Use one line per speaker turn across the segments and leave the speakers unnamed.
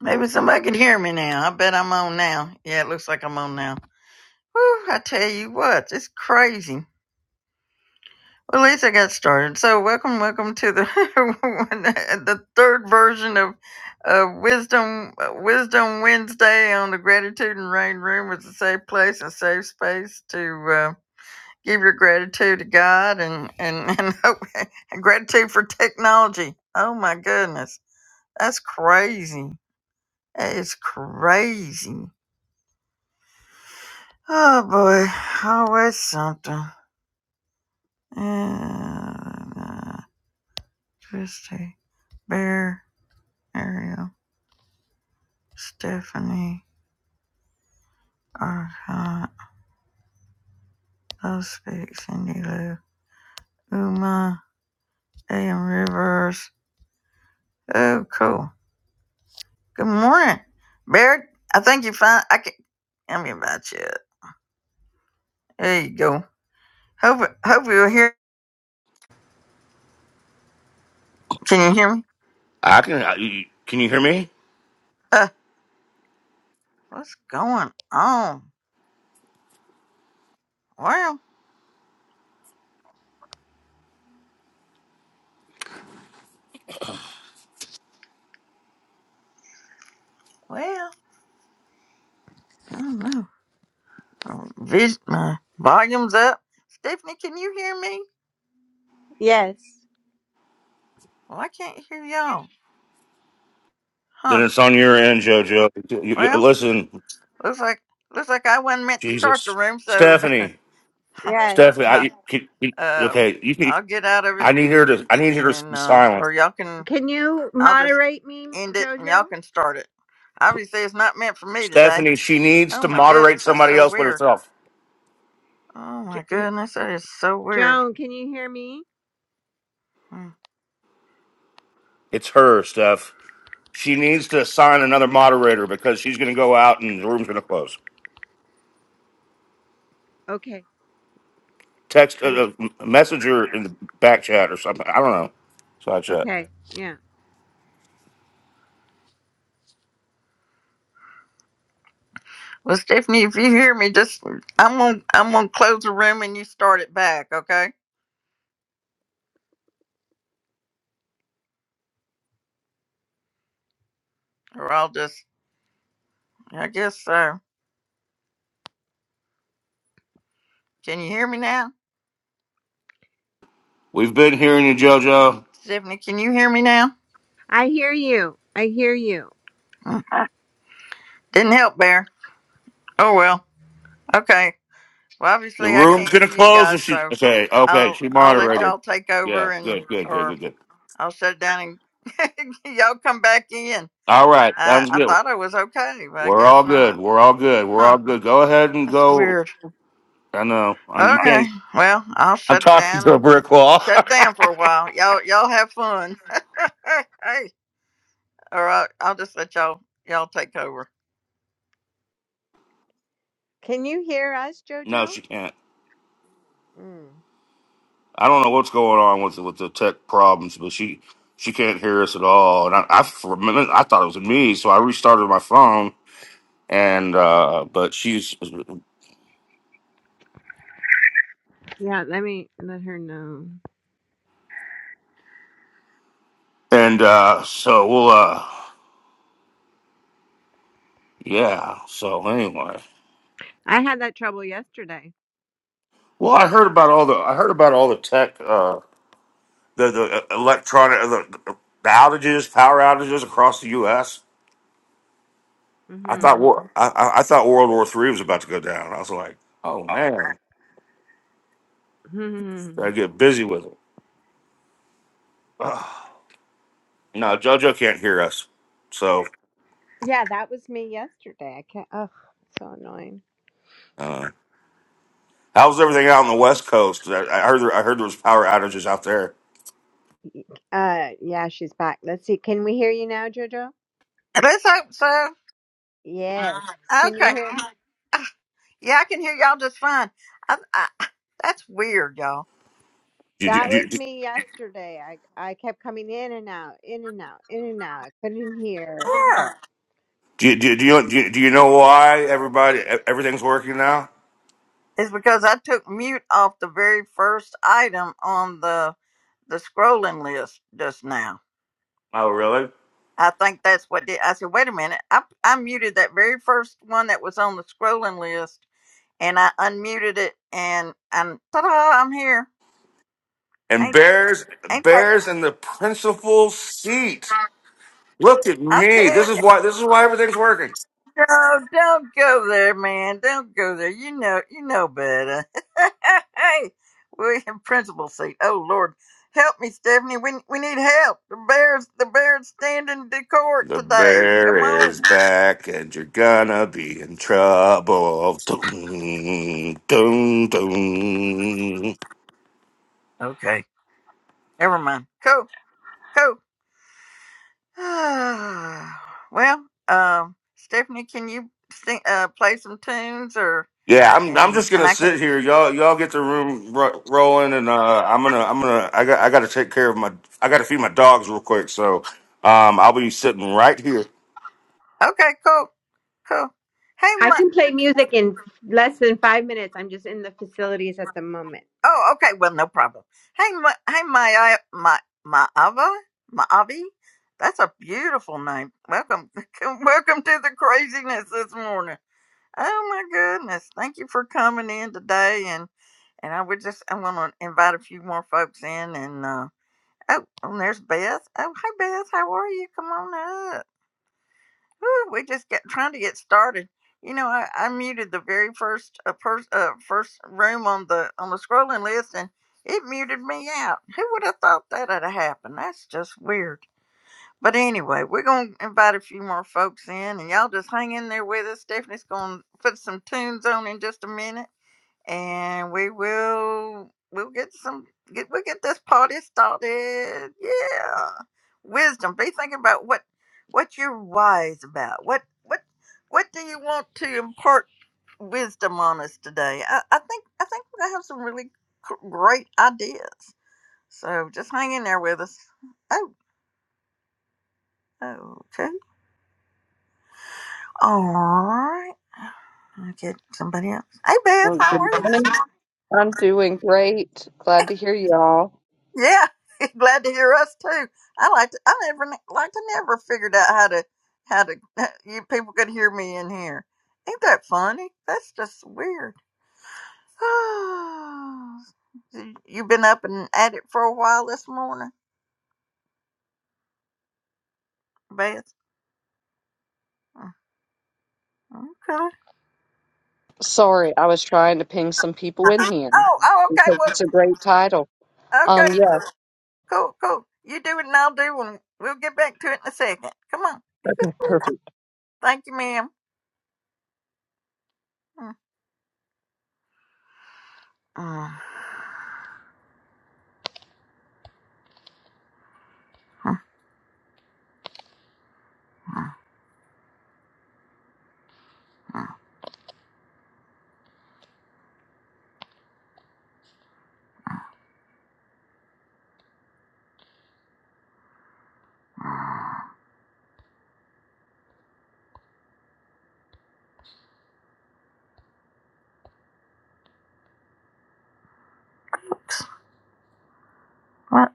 Maybe somebody can hear me now. I bet I'm on now. Yeah, it looks like I'm on now. Whew, I tell you what, it's crazy. Well, at least I got started. So, welcome, welcome to the the third version of uh, Wisdom Wisdom Wednesday on the Gratitude and Rain Room. It's a safe place, a safe space to uh, give your gratitude to God and and and, and gratitude for technology. Oh my goodness, that's crazy. That is crazy. Oh boy, always something. And, uh, Christy, Bear, Ariel, Stephanie, Arcot, Love Speak, Cindy Lou, Uma, A.M. Rivers. Oh, cool. Good morning, Bear. I think you find I can. Tell me about you. There you go. Hope hope you're here. Can you hear me?
I can. I, you- can you hear me?
Uh, what's going on? Well, well, I don't know. Um, vis- my volume's up. Stephanie, can you hear me?
Yes.
Well, I can't hear y'all.
Then
Huh?
it's on your end, JoJo. You- you-
Well,
listen,
looks like looks like I wasn't meant to start the
Jesus,
room, so
Stephanie,
Yes.
Stephanie. I,
huh,
you- can, you-
um,
okay, you can.
I'll get out of it
I need
and
her to. I need her to
and
be
uh,
silent.
or y'all can.
Can you
I'll just
moderate me,
end it and y'all
Jojo?
can start it. Obviously, it's not meant for me today.
Stephanie, she needs
Oh
to
my
moderate
goodness, that's
somebody
so
else but
weird.
herself.
Oh
Jo-
my
Jo-
goodness, that is so weird.
Joan, can you hear me?
Hmm.
It's her, Steph. She needs to assign another moderator because she's going to go out and the room's going to close.
Okay.
Text
Let me.
a, a messenger in the back chat or something. I don't know. Side chat.
Okay. Yeah.
Well, Stephanie, if you hear me, just I'm gonna I'm gonna close the room and you start it back, okay? Or I'll just, I guess, so. can you hear me now?
We've been hearing you, JoJo.
Tiffany? can you hear me now?
I hear you. I hear you.
Mm, Didn't help, Bear. Oh, well. Okay. Well,
The
obviously, I
room's
can't hear
gonna
you
close or
guys,
she
so
okay, okay,
I'll,
she
I'll let
moderated.
y'all take
Yeah,
over and,
good, good, good,
or
good, good.
I'll shut it down and y'all come back in.
All right,
I,
sounds
I
good.
thought I was okay, but I
We're
guess
all good.
not.
We're all good. We're
Huh.
all good. Go ahead and
That's
go.
weird.
I know. I'm, you
Okay.
can't
Well, I'll
I'm
shut it
talking
down
to a
and
brick wall.
shut it down for a while. Y'all, y'all have fun. hey. All right. I'll just let y'all, y'all take over.
Can you hear us,
no,
Jojo?
she can't.
Mm.
I don't know what's going on with the, with the tech problems, but she she can't hear us at all. And I, I for a minute I thought it was me, so I restarted my phone and uh but she's
Yeah. Let me let her know.
and uh so we'll uh yeah, so anyway.
I had that trouble yesterday.
Well, I heard about all the I heard about all the tech, uh, the the uh, electronic, uh, the, the outages, power outages across the U.S. I thought
hmm
war, I, I I thought World War Three was about to go down. I was like, oh man,
hmm
gotta get busy with it. Ugh. No, JoJo can't hear us, so
Yeah, that was me yesterday. I can't. Oh, so annoying.
I How's everything out on the West Coast? I, I heard there, I heard there was power outages out there.
Uh, yeah, she's back. Let's see. Can we hear you now, Jojo?
Let's hope so.
Yes. Can
Okay.
you hear?
Yeah, I can hear y'all just fine. I, I, that's weird, y'all.
Do you,
That
do, you,
was me yesterday. I I kept coming in and out, in and out, in and out. I couldn't hear.
Yeah.
do, you, do, you, do you do you know why everybody e, everything's working now?
It's because I took mute off the very first item on the the scrolling list just now.
Oh, really?
I think that's what did. I said, wait a minute. I, I muted that very first one that was on the scrolling list, and I unmuted it, and and ta-da, I'm here.
and
Ain't
bears
ain't that?
bears in the principal seat. Look at
I tell
me.
you.
This is why this is why everything's working.
No, don't go there, man. Don't go there. You know, you know better. hey, we're in principal seat. Oh Lord, help me, Stephanie. We we need help. The bears, the bears standing to court
The
today. Come
bear is
on.
back and you're gonna be in trouble. Dun, dun, dun.
Okay, never mind. Cool, cool. well, um, Stephanie, can you sing, uh, play some tunes or
Yeah, I'm I'm
and
just
and
gonna
I can.
sit here. Y'all y'all get the room ro- rolling and uh I'm gonna I'm gonna I got I gotta take care of my I gotta feed my dogs real quick. So um I'll be sitting right here.
Okay, cool, cool. Hey,
I can play music in less than five minutes. I'm just in the facilities at the moment.
Oh, okay. Well, no problem. Hey, Ma- hey, my, my, Maava, Maavi. That's a beautiful name. Welcome, welcome to the craziness this morning. Oh my goodness! Thank you for coming in today, and and I would just I want to invite a few more folks in, and uh, oh, and there's Beth. Oh, hey Beth, how are you? Come on Whew, we just get trying to get started. You know, I, I muted the very first uh, pers- uh, first room on the on the scrolling list, and it muted me out. Who would have thought that would have happened? That's just weird. But anyway, we're gonna invite a few more folks in, and y'all just hang in there with us. Stephanie's gonna put some tunes on in just a minute and we will we'll get some get we'll get this party started. Yeah. Wisdom. Be thinking about what what you're wise about. What what what do you want to impart wisdom on us today? I, I think I think we're gonna have some really gr- great ideas. So just hang in there with us. Oh, okay. All right. I'll get somebody else. Hey Beth,
Oh,
how are
good
you? this
morning. I'm doing great. Glad to hear y'all.
Yeah, glad to hear us too. I like to, I never like to never figured out how to how to you people could hear me in here. Ain't that funny? That's just weird. you you been up and at it for a while this morning, Beth. Mm-hmm, Okay.
Sorry, I was trying to ping some people in here
Oh, oh, okay.
because it's a
Well,
great title.
okay.
Um, yeah.
Cool, cool. You do it and I'll do one. We'll get back to it in a second. Come on.
Okay, perfect.
Thank you, ma'am. Mm. Mm. Mm. What?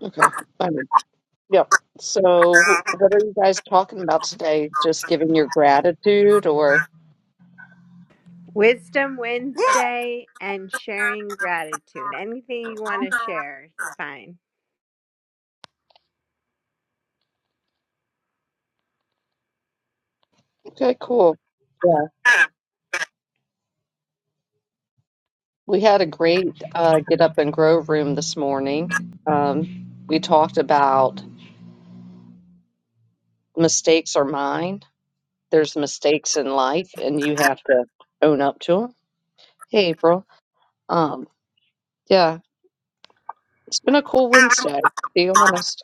Okay. I am in. Yep. So, what are you guys talking about today? Just giving your gratitude or?
Wisdom
Yeah.
Wednesday and sharing gratitude. Anything you want to
Mm-hmm.
share, it's fine.
Okay, cool. Yeah. We had a great uh, Get Up and Grow room this morning. Um, we talked about mistakes are mine. There's mistakes in life, and you have to own up to 'em Hey, April. Um, yeah, it's been a cool Wednesday, to be honest.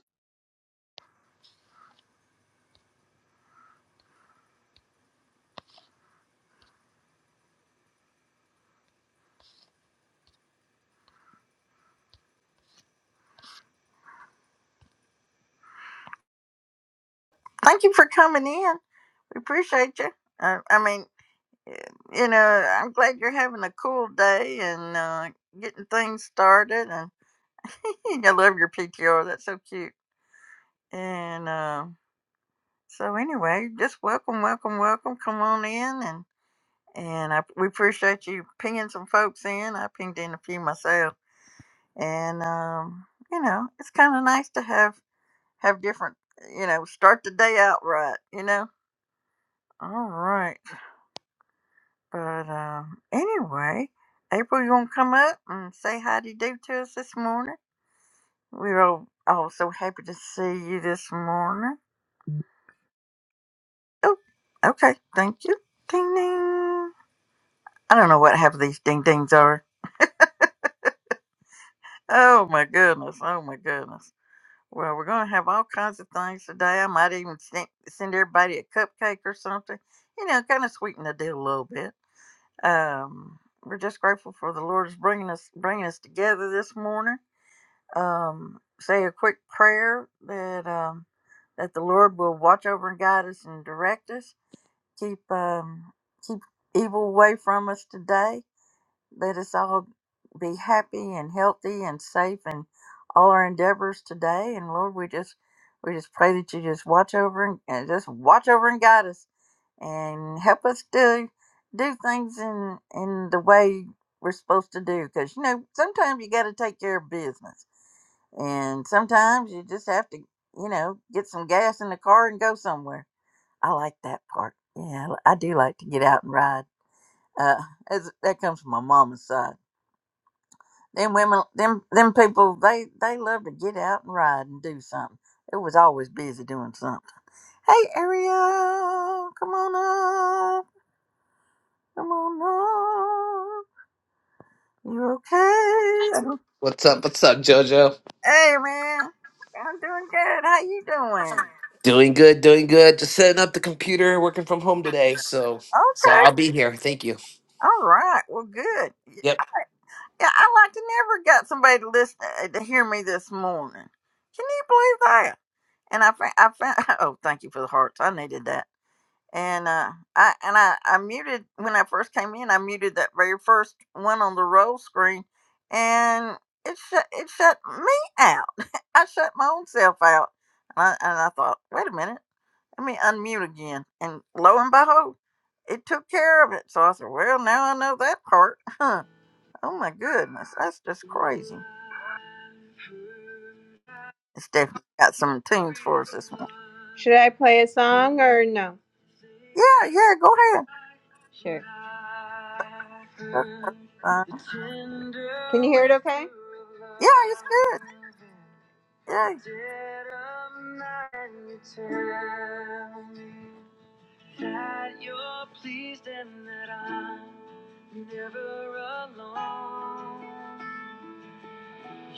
Thank you for coming in. We appreciate you. I, I mean, y- you know, I'm glad you're having a cool day and uh, getting things started. And I love your PTR. That's so cute. And uh, so, anyway, just welcome, welcome, welcome. Come on in, and and I, we appreciate you pinging some folks in. I pinged in a few myself, and um, you know, it's kind of nice to have have different. You know, start the day out right. You know. All right. But um, anyway, April, you want to come up and say hi to do to us this morning? We're all, all so happy to see you this morning. Oh, okay. Thank you. Ding ding. I don't know what half of these ding dings are. Oh my goodness. Oh my goodness. Well, we're going to have all kinds of things today. I might even sen- send everybody a cupcake or something. You know, kind of sweeten the deal a little bit. Um, we're just grateful for the Lord's bringing us bringing us together this morning um, say a quick prayer that um, that the Lord will watch over and guide us and direct us. Keep um, keep evil away from us today. Let us all be happy and healthy and safe in all our endeavors today. And Lord, we just we just pray that you just watch over and, and just watch over and guide us and help us to do things in in the way we're supposed to do. Because you know, sometimes you got to take care of business, and sometimes you just have to, you know, get some gas in the car and go somewhere. I like that part. Yeah, I I do like to get out and ride. Uh, as, that comes from my mama's side. Them women, them them people, they they love to get out and ride and do something. It was always busy doing something. Hey, Ariel, come on Come on up. You okay?
What's up? What's up, Jojo?
Hey man, I'm doing good. How you doing?
Doing good, doing good. Just setting up the computer, working from home today. So, so
Okay.
I'll be here. Thank you.
All right. Well, good. Yeah,
Yep.
I like to never got somebody to listen uh, to hear me this morning. Can you believe that? And I found, I found. Oh, thank you for the hearts. I needed that. and uh, I and I, I muted when I first came in. I muted that very first one on the roll screen, and it shut it shut me out. I shut my own self out, and I, and I thought, wait a minute, let me unmute again. And lo and behold, it took care of it. So I said, well, now I know that part. Huh. Oh my goodness, that's just crazy. Stephanie got some tunes for us this morning.
Should I play a song or no?
Yeah, yeah, go ahead.
Sure.
Uh,
Can
uh,
you hear it okay?
yeah, it's good. Yeah,
Dead of night, you tell me that you're pleased and that I'm never alone.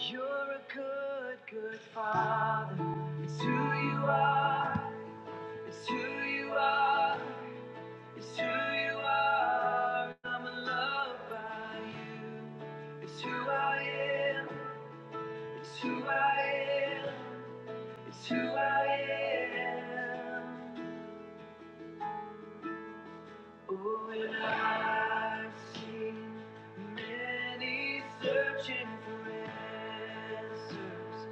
You're a good, good father. It's who you are. It's who you are. It's who you are. I'm in love by you. It's who I am. It's who I am. It's who I am. Oh, and I've seen many searching for answers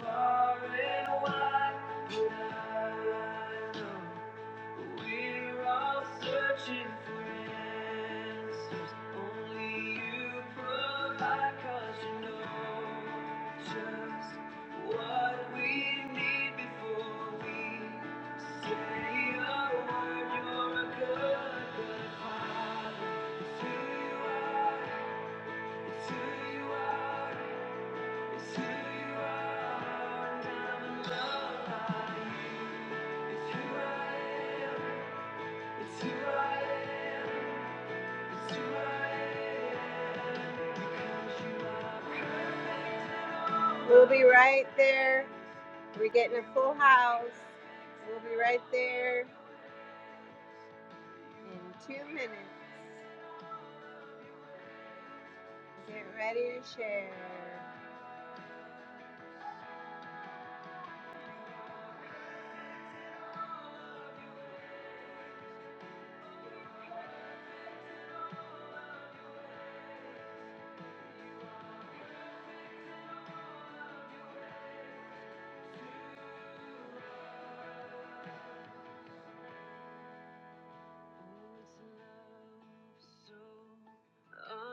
far and wide. But I know we're all searching for answers. Only you provide, 'cause you know just. We'll be right there. We're getting a full house. We'll be right there in two minutes. Get ready to share.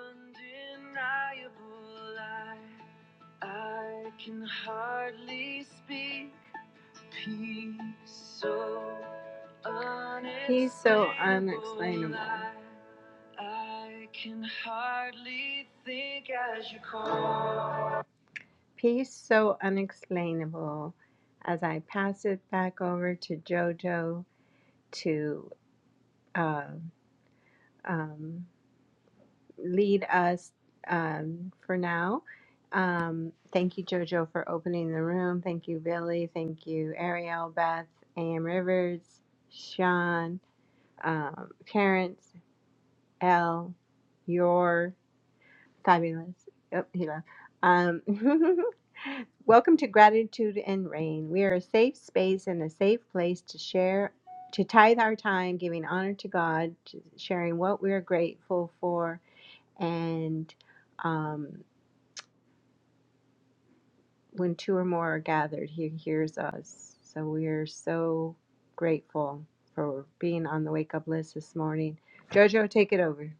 Undeniable, I, I can hardly speak. Peace so unexplainable. He's so unexplainable. I, I can hardly think as you call. Peace so unexplainable as I pass it back over to JoJo to uh, um, lead us um, for now. Um, thank you, JoJo, for opening the room. Thank you, Billy. Thank you, Ariel, Beth, A.M. Rivers, Sean, um, Terrence, L, Your Fabulous. Yep, he left. Um, welcome to Gratitude and Rain. We are a safe space and a safe place to share, to tithe our time, giving honor to God, to sharing what we are grateful for, and um, when two or more are gathered, He hears us. So we are so grateful for being on the wake up list this morning. Jojo, take it over.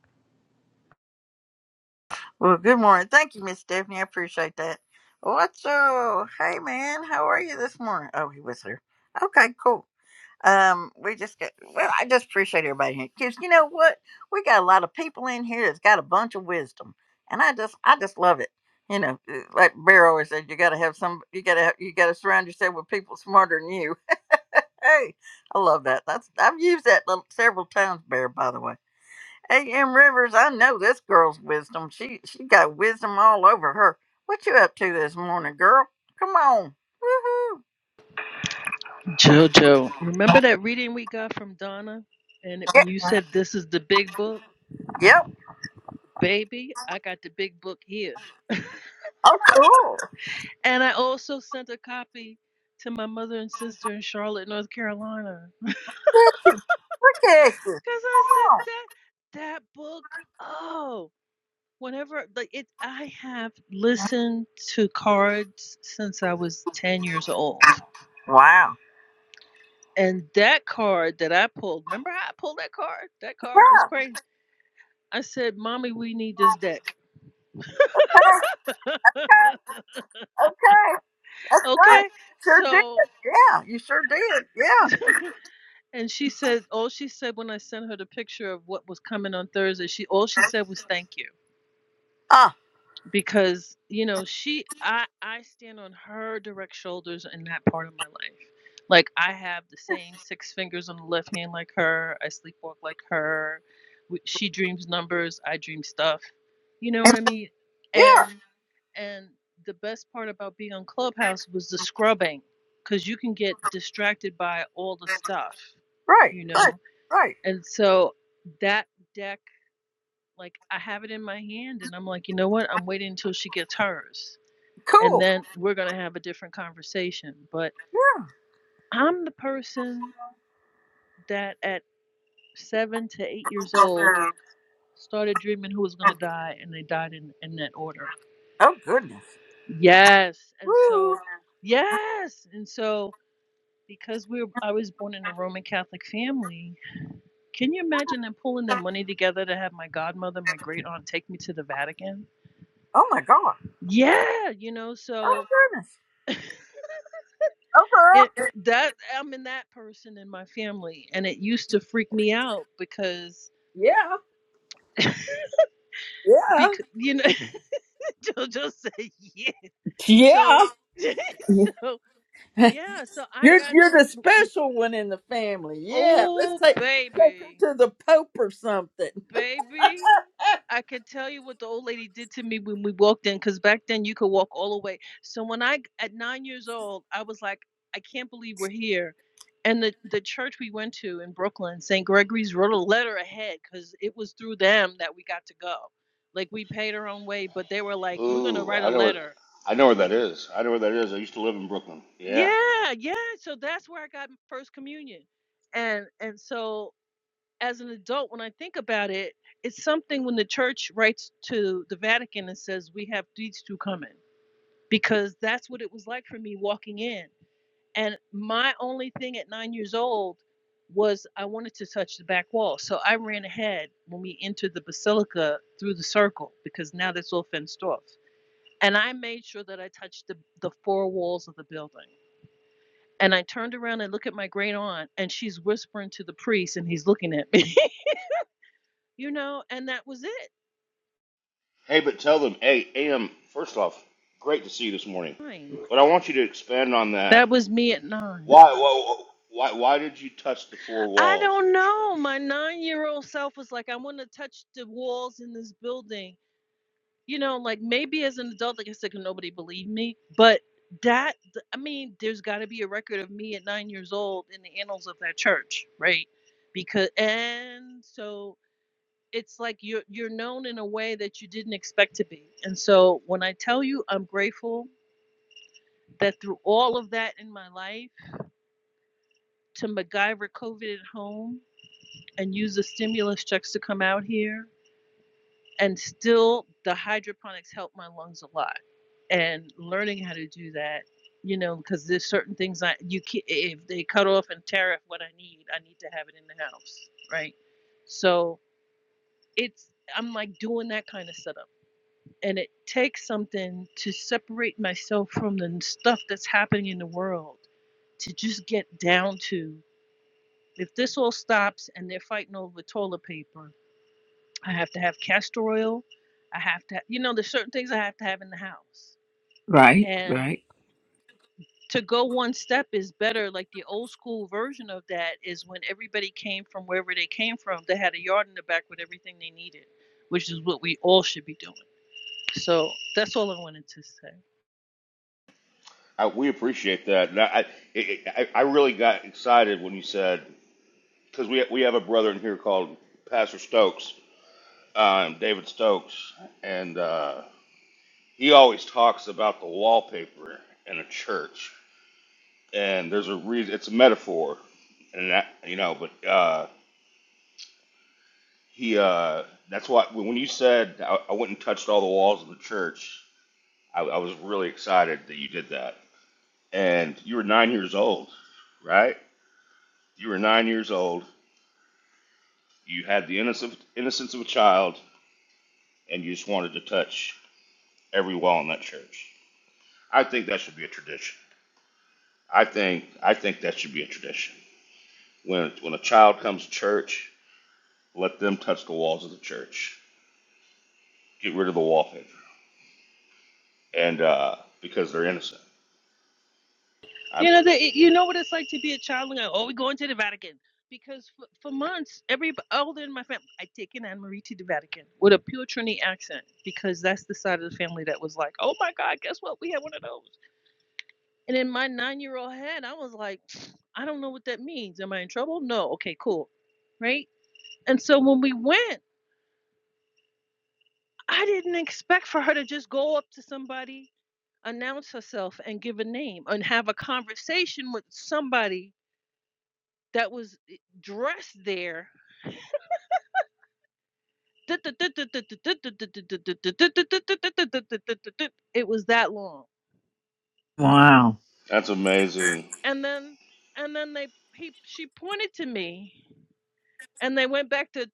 Well, good morning. Thank you, Miss Stephanie. I appreciate that. What's up? Hey, man. How are you this morning? Oh, he was here. Okay, cool. Um, we just got, well, I just appreciate everybody here because you know what? We got a lot of people in here that's got a bunch of wisdom, and I just, I just love it. You know, uh, like Bear always said, you got to have some, you got to, have, you got to surround yourself with people smarter than you. Hey, I love that. That's, I've used that little- several times, Bear, by the way A.M. Rivers, I know this girl's wisdom. She she got wisdom all over her. What you up to this morning, girl? Come on. Woohoo.
Jojo, remember that reading we got from Donna? And it-
Yep.
you said this is the big book?
yep.
Baby, I got the big book here.
Oh, cool.
and I also sent a copy to my mother and sister in Charlotte, North Carolina.
Look at you.
Because I
Come
said
on.
that, that book, oh, whenever, like it, I have listened to cards since I was 10 years old.
Wow.
And that card that I pulled, remember how I pulled that card? That card was
Yeah.
crazy. I said, Mommy, we need this deck.
Okay. Okay. Right.
Okay.
Sure did.
So,
Yeah. You sure did. Yeah.
and she said, all she said when I sent her the picture of what was coming on Thursday, she all she said was thank you
Uh,
because you know she I I stand on her direct shoulders in that part of my life. Like I have the same six fingers on the left hand like her. I sleepwalk like her. We- She dreams numbers. I dream stuff. You know what I mean?
yeah.
And And the best part about being on Clubhouse was the scrubbing, because you can get distracted by all the stuff,
Right.
you
Right.
know?
Right.
And so that deck, like, I have it in my hand, and I'm like, you know what? I'm waiting until she gets hers. And
Cool.
then we're going to have a different conversation. But I'm the person that at seven to eight years old started dreaming who was going to die, and they died in, in that order.
Oh, goodness.
Yes. And
Woo.
so, yes. And so, because we were, I was born in a Roman Catholic family. Can you imagine them pulling their money together to have my godmother, my great aunt, take me to the Vatican?
Oh, my God.
Yeah, you know,
Oh,
so
goodness. Oh, girl.
it that I'm in that person in my family, and it used to freak me out because
Yeah. Yeah.
because you know they'll just say yeah, so
Yeah.
so yeah, so I
You're
got to
you're the special one in the family. Yeah.
oh
Let's take take
baby
her to the Pope or something.
baby I could tell you what the old lady did to me when we walked in, because back then you could walk all the way. So when I, at nine years old, I was like, I can't believe we're here. And the, the church we went to in Brooklyn, St. Gregory's, wrote a letter ahead because it was through them that we got to go. Like we paid our own way, but they were like, we're going to
Ooh,
write a
I know where
letter.
I know where that is. I know where that is. I used to live in Brooklyn. Yeah.
Yeah, yeah. So that's where I got first communion. And and so as an adult, when I think about it, it's something when the church writes to the Vatican and says, We have these two coming, because that's what it was like for me walking in. And my only thing at nine years old was I wanted to touch the back wall. So I ran ahead when we entered the basilica through the circle, because now that's all fenced off. And I made sure that I touched the, the four walls of the building. And I turned around and looked at my great aunt, and she's whispering to the priest, and he's looking at me. you know, and that was it.
Hey, but tell them, hey, AM. First off, great to see you this morning.
Nine.
But I want you to expand on that.
That was me at nine.
Why, why, why, why did you touch the four
I
walls of
don't
the
know.
church?
My nine year old self was like, I want to touch the walls in this building. You know, like maybe as an adult, like I said, nobody believed me. But that, I mean, there's got to be a record of me at nine years old in the annals of that church, right? Because, and so it's like you're, you're known in a way that you didn't expect to be. And so when I tell you I'm grateful that through all of that in my life, to MacGyver COVID at home and use the stimulus checks to come out here. And still, the hydroponics helped my lungs a lot. And learning how to do that, you know, because there's certain things I you can, not if they cut off and tariff what I need, I need to have it in the house, right? So it's I'm like doing that kind of setup, and it takes something to separate myself from the stuff that's happening in the world to just get down to If this all stops and they're fighting over toilet paper, I have to have castor oil. I have to, you know, there's certain things I have to have in the house.
Right,
And
right.
to go one step is better. Like the old school version of that is when everybody came from wherever they came from, they had a yard in the back with everything they needed, which is what we all should be doing. So that's all I wanted to say.
I, we appreciate that. And I, I, it- I I really got excited when you said because we we have a brother in here called Pastor Stokes, um, David Stokes, and uh, he always talks about the wallpaper in a church and there's a reason. It's a metaphor, and that you know. But uh, he, uh, that's why when you said I, I went and touched all the walls of the church, I, I was really excited that you did that. And you were nine years old, right? You were nine years old. You had the innocence innocence of a child, and you just wanted to touch every wall in that church. I think that should be a tradition. I think I think that should be a tradition. When when a child comes to church, let them touch the walls of the church get rid of the wallpaper, and uh, because they're innocent. I'm,
You know, they, you know what it's like to be a child and go, oh, we're going to the Vatican. Because for, for months, every elder in my family, I taken Anne Marie to the Vatican with a pure Trini accent because that's the side of the family that was like, oh my God, guess what? We had one of those. And in my nine year old head, I was like, I don't know what that means. Am I in trouble? No. Okay, cool. Right? And so when we went, I didn't expect for her to just go up to somebody, announce herself, and give a name and have a conversation with somebody that was eh, dressed there. It was that long.
Wow.
that's amazing.
And then and then they he she pointed to me and they went back to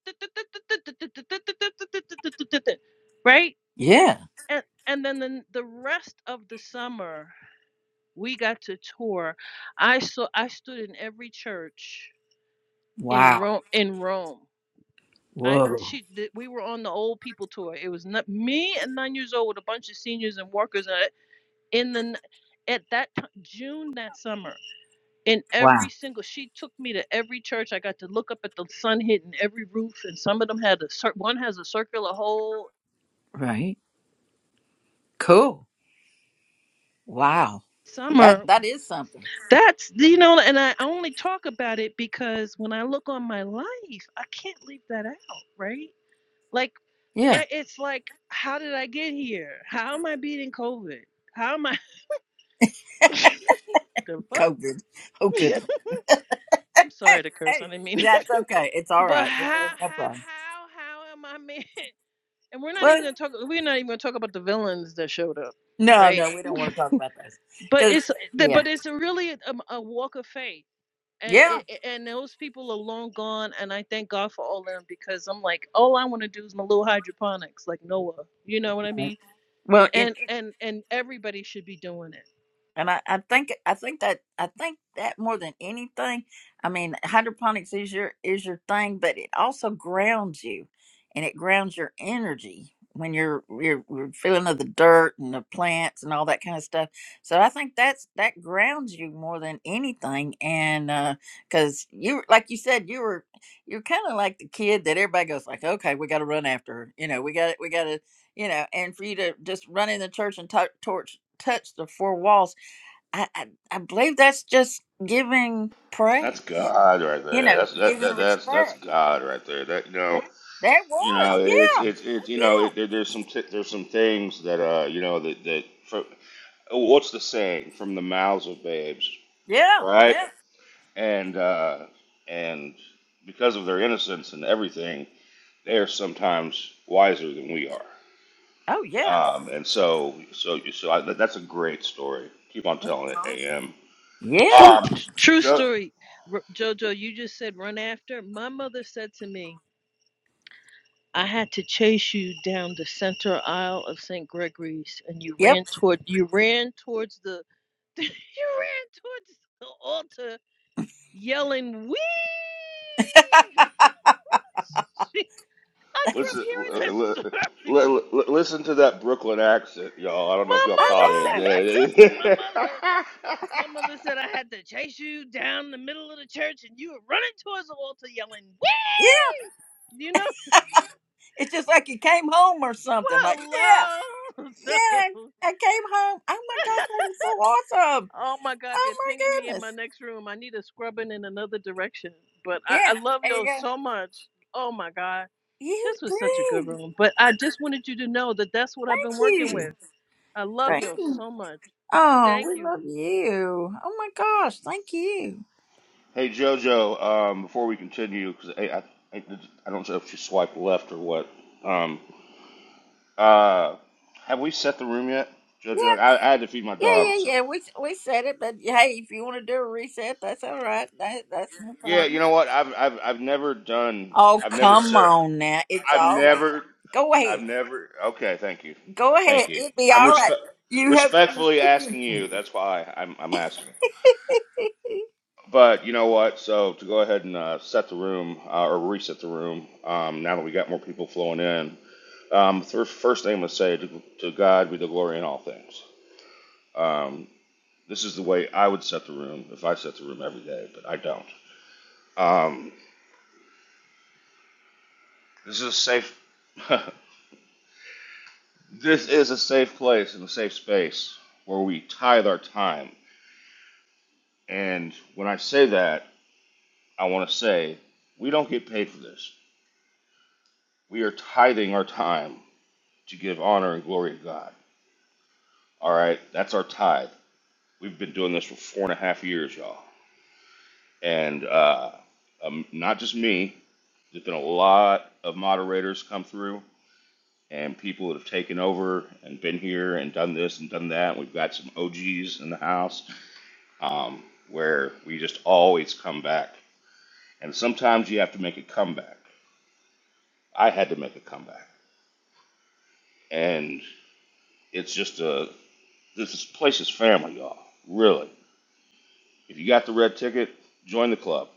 right?
Yeah.
And and then the, the rest of the summer we got to tour. I saw I stood in every church in
Wow.
Rome in Rome I
Whoa.
she th- we were on the old people tour. It was not, me and nine years old with a bunch of seniors and workers uh, in the n- at that time, June that summer. In
Wow.
every single, she took me to every church. I got to look up at the sun hitting every roof, and some of them had a cir- one has a circular hole.
Right. Cool. Wow. That
Summer,
that is something.
that's you know, and I only talk about it because when I look on my life, I can't leave that out, right? Like
Yeah.
it- it's like, how did I get here? How am I beating COVID? How am I? the
COVID. Oh good.
fuck? I'm
Hey,
sorry to curse.
hey,
I didn't mean it.
that's okay. It's all
But
right.
how,
It's No no
how,
problem.
how, how am I man? And we're not
What?
even gonna talk. We're not even gonna talk about the villains that showed up,
No,
right?
no, we don't want to talk about those.
But
Cause
it's,
yeah.
but it's really a, a walk of faith, and
Yeah.
it, and those people are long gone. And I thank God for all of them because I'm like, all I want to do is my little hydroponics, like Noah. You know what I
Right.
mean?
Well,
And and and everybody should be doing it.
And I, I think I think that I think that more than anything, I mean, hydroponics is your is your thing, but it also grounds you, and it grounds your energy when you're you're, you're feeling of the dirt and the plants and all that kind of stuff. So I think that's that grounds you more than anything, and because you like you said you were you're kind of like the kid that everybody goes like, okay, we got to run after, her. you know, we got we got to you know, and for you to just run in the church and tou- torch touch the four walls I, I, I believe that's just giving
That's
praise,
God right
you
there.
know,
That's that,
giving
that that's that's
respect.
God right there. That you know,
That
you know,
was,
it's
yeah,
it's it's you know,
oh,
it, there, there's some t- there's some things that uh you know that that fro- what's the saying from the mouths of babes,
yeah, yeah,
right?
yeah.
And uh and because of their innocence and everything, they are sometimes wiser than we are.
Oh, yeah.
Um, and so, so, so I, that's a great story. Keep on telling it,
Awesome.
AM.
Yeah,
True,
Um,
true
Joe,
story. Jojo, you just said run after. My mother said to me, I had to chase you down the center aisle of St. Gregory's, and you
yep.
ran toward you ran towards the you ran towards the altar, yelling "Wee!"
I
She- I grew up
listen,
hearing this
li-
story.
li- li- listen to that Brooklyn accent, y'all. I don't know if
My
y'all caught it.
mother,
know.
my mother, my mother said I had to chase you down the middle of the church, and you were running towards the altar, yelling "Wee!"
Yeah,
You know,
it's just like you came home or something. Like,
well,
yeah,
hello.
yeah,
So
I came home. Oh my gosh, that is so awesome.
Oh my God,
Oh
they're pinging
my
me in my
goodness.
next room. I need a scrubbing in another direction. But I,
Yeah,
I love
there you
y'all
go.
so much. Oh my God,
You
this was such a good
did.
room. But I just wanted you to know that that's what I've been
Thank
working
you.
with. I love
Thank
y'all
you.
so much.
Oh,
Thank
we
you.
love you. Oh my gosh, thank you.
hey, JoJo, um, before we continue, because I, I, I I don't know if she swiped left or what. Um, uh, have we set the room yet,
Yeah,
JoJo? I, I had to feed my
yeah, yeah,
dog. So.
yeah. We we said it, but hey, if you want to do a reset, that's all right. That, that's no
Yeah, you
problem.
know what? I've, I've, I've never done.
Oh,
I've never
come
set.
on now, it's
I've
all right.
never,
Go
I've
ahead,
never. Okay, thank you,
go
thank
ahead.
you.
It'd be
I'm
all right.
respe-
You have your
respectfully asking you.
permission.
That's why I'm, I'm asking. But you know what? So to go ahead and uh, set the room uh, or reset the room. Um, now that we got more people flowing in, um, th- first thing I'm gonna say to, to God be the glory in all things. Um, this is the way I would set the room if I set the room every day, but I don't. Um, this is a safe. this is a safe place and a safe space where we tithe our time And when I say that, I want to say we don't get paid for this. We are tithing our time to give honor and glory to God. All right, that's our tithe. We've been doing this for four and a half years, y'all. And uh, um, not just me, there's been a lot of moderators come through and people that have taken over and been here and done this and done that. We've got some OGs in the house um, where we just always come back. And sometimes you have to make a comeback. I had to make a comeback. And it's just a this place is family, y'all. Really. If you got the red ticket, join the club.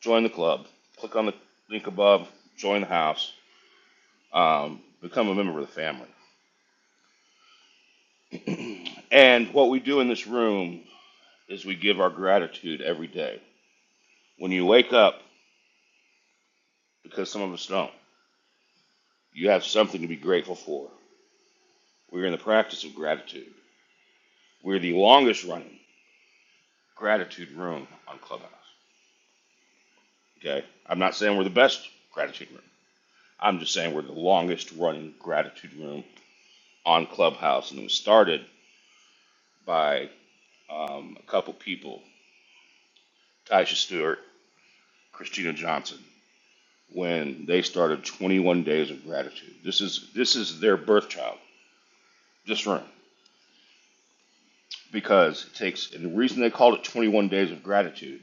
Join the club. Click on the link above. Join the house. Um, become a member of the family. and what we do in this room is we give our gratitude every day. When you wake up, because some of us don't, you have something to be grateful for. We're in the practice of gratitude. We're the longest running gratitude room on Clubhouse. Okay, I'm not saying we're the best gratitude room. I'm just saying we're the longest running gratitude room on Clubhouse, and it was started by um, a couple people, Taisha Stewart, Christina Johnson, when they started 21 Days of Gratitude. This is this is their birth child, this room, because it takes. And the reason they called it 21 Days of Gratitude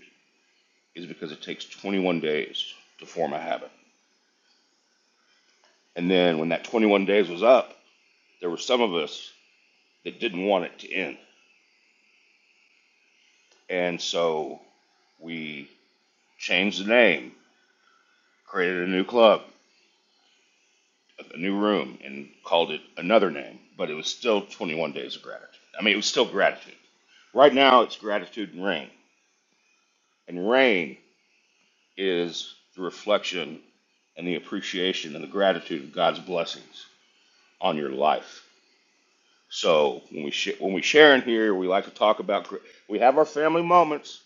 is because it takes 21 days to form a habit. And then when that 21 days was up, there were some of us that didn't want it to end And so we changed the name, created a new club, a new room, and called it another name. But it was still 21 Days of Gratitude. I mean, it was still gratitude. Right now, it's gratitude and rain. And rain is the reflection and the appreciation and the gratitude of God's blessings on your life. So when we sh- when we share in here, we like to talk about. gr- We have our family moments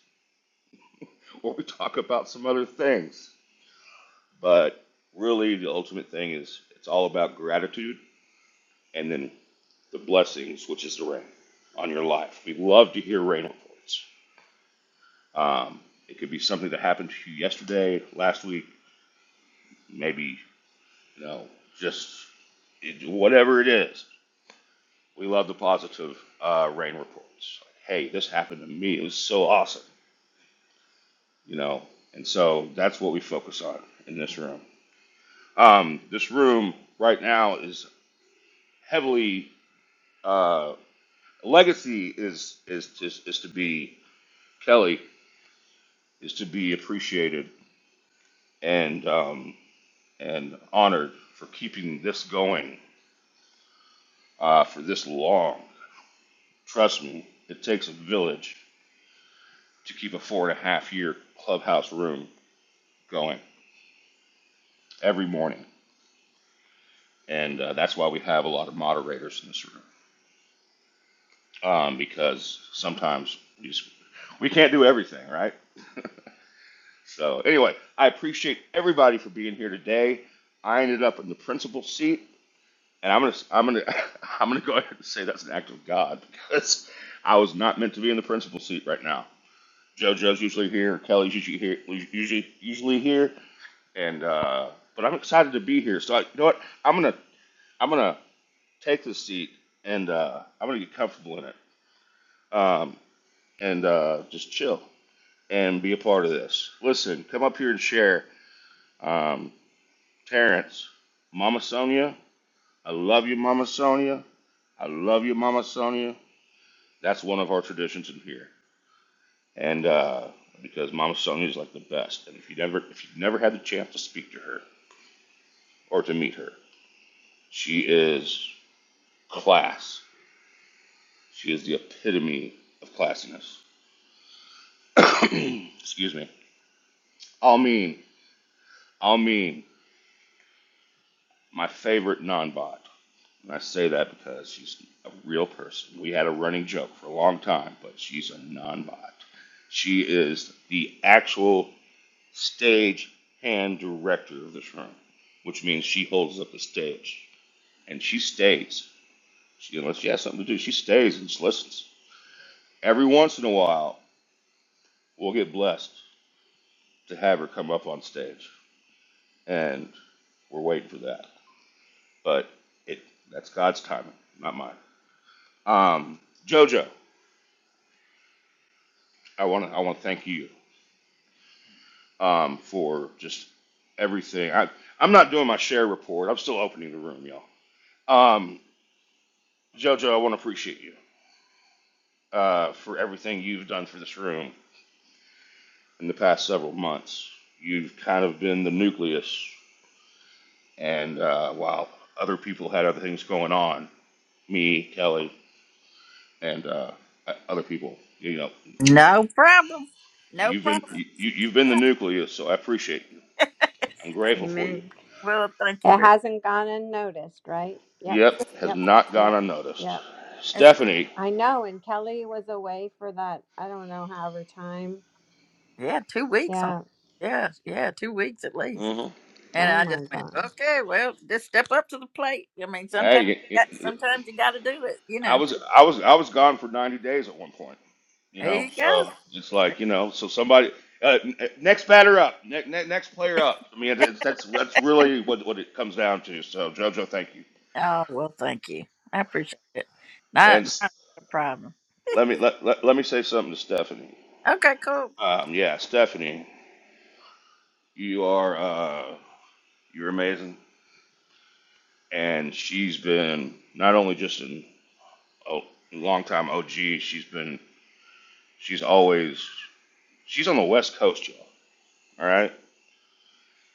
where we talk about some other things But really, the ultimate thing is it's all about gratitude and then the blessings, which is the rain on your life. We love to hear rain reports. Um, it could be something that happened to you yesterday, last week, maybe, you know, just it, whatever it is. We love the positive uh, rain reports. Like, hey, this happened to me. It was so awesome, you know. And so that's what we focus on in this room. Um, this room right now is heavily. Uh, legacy is is is, is to be Kelly is to be appreciated and um, and honored for keeping this going uh, for this long. Trust me, it takes a village to keep a four and a half year clubhouse room going every morning, and uh, that's why we have a lot of moderators in this room um, because sometimes we just we can't do everything, right? So anyway, I appreciate everybody for being here today. I ended up in the principal seat and I'm gonna I'm gonna I'm gonna go ahead and say that's an act of God because I was not meant to be in the principal seat right now. JoJo's usually here, Kelly's usually here, usually usually here, and uh, but I'm excited to be here. So I, you know what? I'm gonna I'm gonna take this seat and uh, I'm gonna get comfortable in it um, and uh, just chill and be a part of this. Listen, come up here and share. Um, Terrence, Mama Sonia, I love you, Mama Sonia. I love you, Mama Sonia. That's one of our traditions in here. And uh, because Mama Sonia is like the best, and if you never if you've never had the chance to speak to her or to meet her, she is class. She is the epitome of classiness. Excuse me. I'll mean, I'll mean my favorite non-bot. And I say that because she's a real person. We had a running joke for a long time, but she's a non-bot. She is the actual stage hand director of this room, which means she holds up the stage and she stays. She, unless she has something to do, she stays and just listens. Every once in a while, we'll get blessed to have her come up on stage, and we're waiting for that. But it that's God's timing, not mine. Um, Jojo, I want to I want to thank you um, for just everything. I I'm not doing my share report. I'm still opening the room, y'all. Um, Jojo, I want to appreciate you. uh, for everything you've done for this room in the past several months. You've kind of been the nucleus, and uh, while other people had other things going on, me, Kelly, and uh, other people, you know,
no problem. No
you've been
problem.
you, you've been the nucleus. So I appreciate you. I'm grateful for you.
Amen.
Well, thank you
It
very. much.
hasn't gone unnoticed, right? Yep,
Yep, has
yep,
not gone
yep,
unnoticed.
yep.
That's
Stephanie,
I know. And Kelly was away for that, I don't know, however time.
right. Yeah, two weeks on.
Yeah.
Yeah, yeah, two weeks at least.
Mm-hmm.
And
Oh
I just
my
went,
God.
okay, well, just step up to the plate. I mean,
hey,
sometimes,
it, it,
sometimes you got to do it. You
I
know.
was I was I was gone for 90 days at one point. You
There
know,
you
so
go.
it's like you know, so somebody uh, n- uh, next batter up, ne- ne- next player up. I mean, it's, that's that's really what what it comes down to. So JoJo, thank you.
Oh, well, thank you. I appreciate it. Not,
And
not
s-
a problem.
let me let, let, let me say something to Stephanie.
Okay, cool.
Um, yeah, Stephanie, you are uh, you're amazing, and she's been not only just an oh, long time OG, she's been she's always she's on the West Coast, y'all. All right?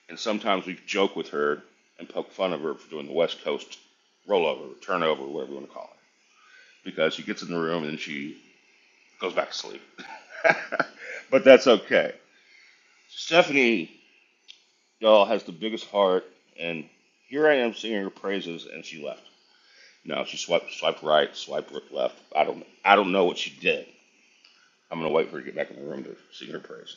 And sometimes we joke with her and poke fun of her for doing the West Coast rollover, turnover, whatever you want to call it. Because she gets in the room and she goes back to sleep. but that's okay. Stephanie, y'all, has the biggest heart, and here I am singing her praises, and she left. No, she swiped, swiped right, swiped left. I don't, I don't know what she did. I'm gonna wait for her to get back in the room to sing her praises.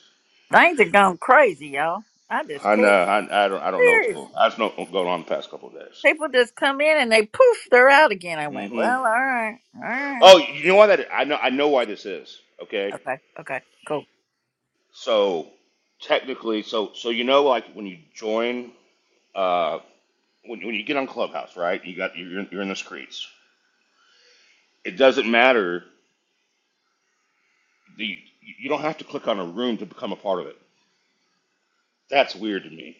Things are going crazy, y'all. I just
I
tell
know,
you.
I, I don't, I don't know what's going. on.
Seriously.
I just know what's going on the past couple of days.
People just come in and they poof, they're out again. I went,
Mm-hmm.
well, all right, all right.
Oh, you know why that? I know. I know why this is. Okay.
Okay, okay, cool.
So technically, so so you know, like when you join, uh, when when you get on Clubhouse, right? You got you're in- you're in the streets. It doesn't matter. The you don't have to click on a room to become a part of it. That's weird to me.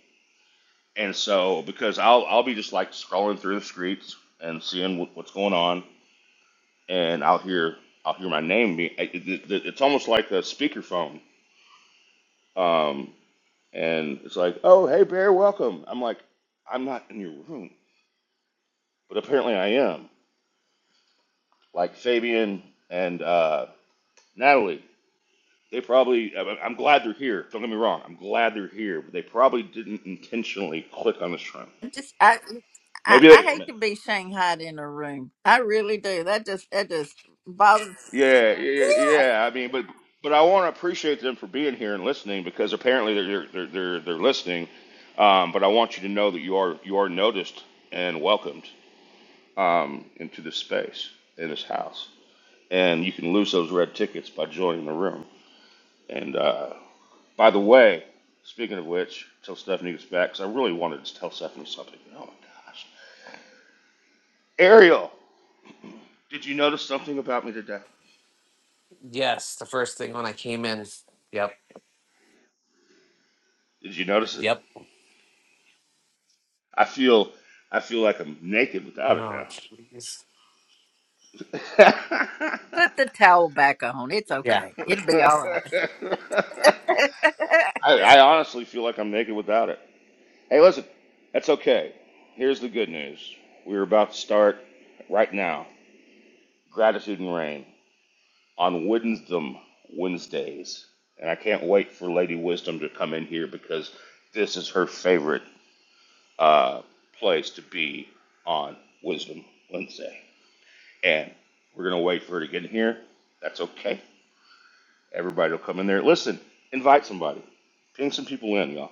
And so because I'll I'll be just like scrolling through the streets and seeing what, what's going on, and I'll hear I'll hear my name. Be, it, it, it's almost like a speakerphone. Um, And it's like, oh, hey, Bear, welcome. I'm like, I'm not in your room, but apparently I am. Like Fabian and uh, Natalie, they probably, I- am glad they're here. Don't get me wrong, I'm glad they're here, but they probably didn't intentionally click on the stream.
Just, I, I,
Maybe
I
they,
hate to be shanghaied in a room. I really do. That just, that just bothers
yeah, yeah,
Yeah.
yeah. yeah, I mean, but but I want to appreciate them for being here and listening because apparently they're they're they're, they're listening. Um, but I want you to know that you are you are noticed and welcomed um, into this space in this house. and you can lose those red tickets by joining the room. And uh, by the way, speaking of which, till Stephanie gets back, because I really wanted to tell Stephanie something. Oh my gosh, Ariel, did you notice something about me today?
Yes, the first thing when I came in. Yep.
Did you notice it?
Yep.
I feel, I feel like I'm naked without it
Oh,
now.
jeez.
Put the towel back on. It's
Yeah,
okay. It'll be all
I,
right.
I honestly feel like I'm naked without it. Hey, listen, that's okay. Here's the good news. We're about to start right now. Gratitude and rain. on Wisdom Wednesdays, and I can't wait for Lady Wisdom to come in here because this is her favorite uh, place to be on Wisdom Wednesday. And we're gonna wait for her to get in here. That's okay. Everybody will come in there. Listen, invite somebody, ping some people in, y'all.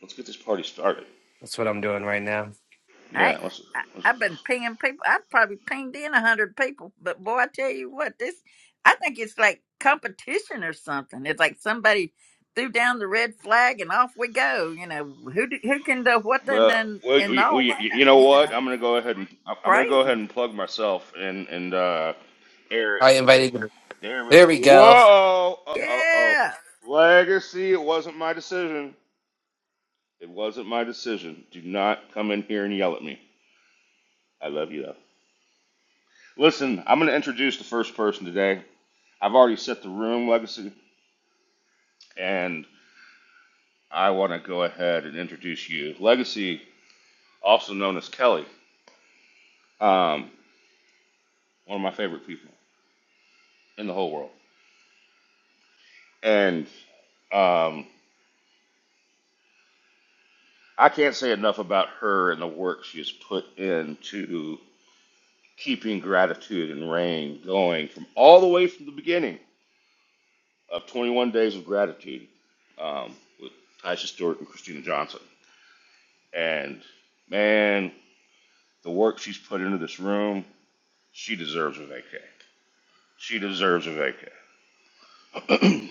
Let's get this party started.
that's what I'm doing right now.
I,
Yeah, let's.
I
let's
I've been pinging people. I've probably pinged in a hundred people, but boy, I tell you what, this I think it's like competition or something. It's like somebody threw down the red flag and off we go. You know who do, who can do what and
well,
and
well,
and
we,
all
we, you
that.
know
You know,
what? I'm gonna go ahead and I'm gonna go
crazy.
ahead and plug myself and and uh, Eric.
I invited you.
There we
There we
go.
go.
Whoa! Uh oh oh.
Yeah.
Legacy, it wasn't my decision. It wasn't my decision. Do not come in here and yell at me. I love you though. Listen, I'm going to introduce the first person today. I've already set the room, Legacy, and I want to go ahead and introduce you. Legacy, also known as Kelly, um, one of my favorite people in the whole world. And um, I can't say enough about her and the work she has put into keeping gratitude and rain going from all the way from the beginning of 21 Days of Gratitude um, with Taisha Stewart and Christina Johnson. And man, the work she's put into this room, she deserves a vacay. She deserves a vacay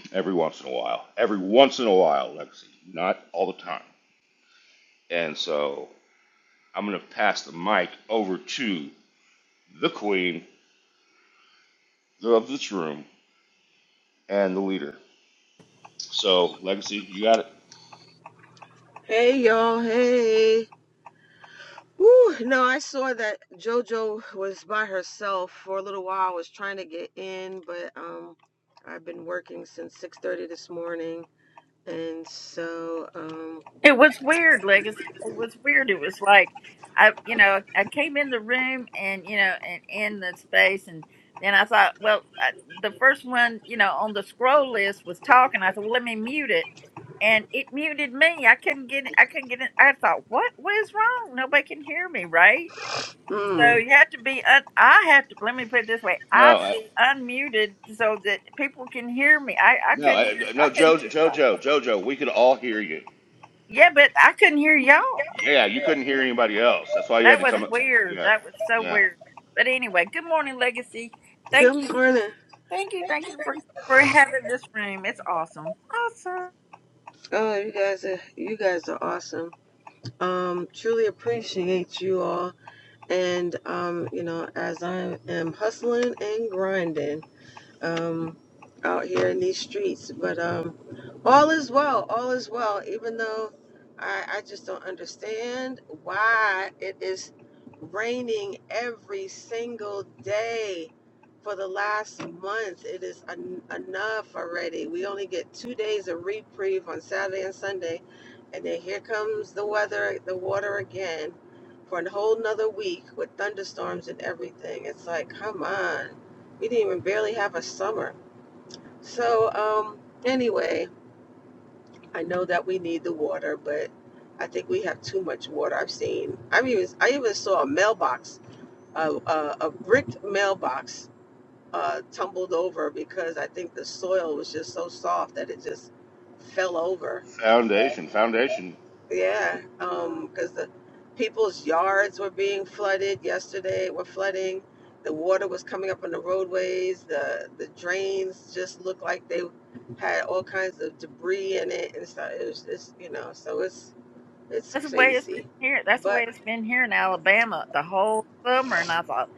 every once in a while. Every once in a while, Lexi, not all the time. And so I'm going to pass the mic over to the queen of this room and the leader. So, Legacy, you got it.
Hey y'all, hey. Woo, no, I saw that JoJo was by herself for a little while. I was trying to get in, but um I've been working since 6:30 this morning. And so um
It was weird, Legacy. It was weird. It was like I, you know, I came in the room and you know, and in the space, and then I thought, well, I, the first one, you know, on the scroll list was talking. I thought, well, let me mute it, and it muted me. I couldn't get, I couldn't get it. I thought, what was wrong? Nobody can hear me, right? So
mm,
you have to be. Un- I have to. Let me put it this way: I
No,
have to
I.
be unmuted so that people can hear me. I, I
No,
couldn't hear.
I-
I
no,
couldn't hear
Jojo,
anybody.
Jojo, Jojo. We could all hear you.
Yeah, but I couldn't hear
You-
y'all.
Yeah, you couldn't hear anybody else. That's why you had
That
to
was
come up.
weird.
Yeah,
That was so
yeah.
weird. But anyway, good morning, Legacy. Thank you,
good morning.
thank you, thank you for for having this room. It's awesome, awesome.
Oh, you guys are you guys are awesome. Um truly appreciate you all and um you know, as I am hustling and grinding um, out here in these streets. But um, all is well, all is well, even though I, I just don't understand why it is raining every single day for the last month. It is en- enough already. We only get two days of reprieve on Saturday and Sunday, and then here comes the weather, the water again. For a whole nother week with thunderstorms and everything. It's like, come on we didn't even barely have a summer. So, um, anyway, I know that we need the water, but I think we have too much water. I've seen, I even, I even saw a mailbox, a, a, a bricked mailbox, uh, tumbled over because I think the soil was just so soft that it just fell over
Foundation, foundation.
Yeah, um, because the people's yards were being flooded yesterday, were flooding. The water was coming up on the roadways. The the drains just looked like they had all kinds of debris in it and stuff. It was just, you know, so it's it's
That's the way it's been
crazy.
here. That's the
But
way it's been here in Alabama the whole summer. And I thought,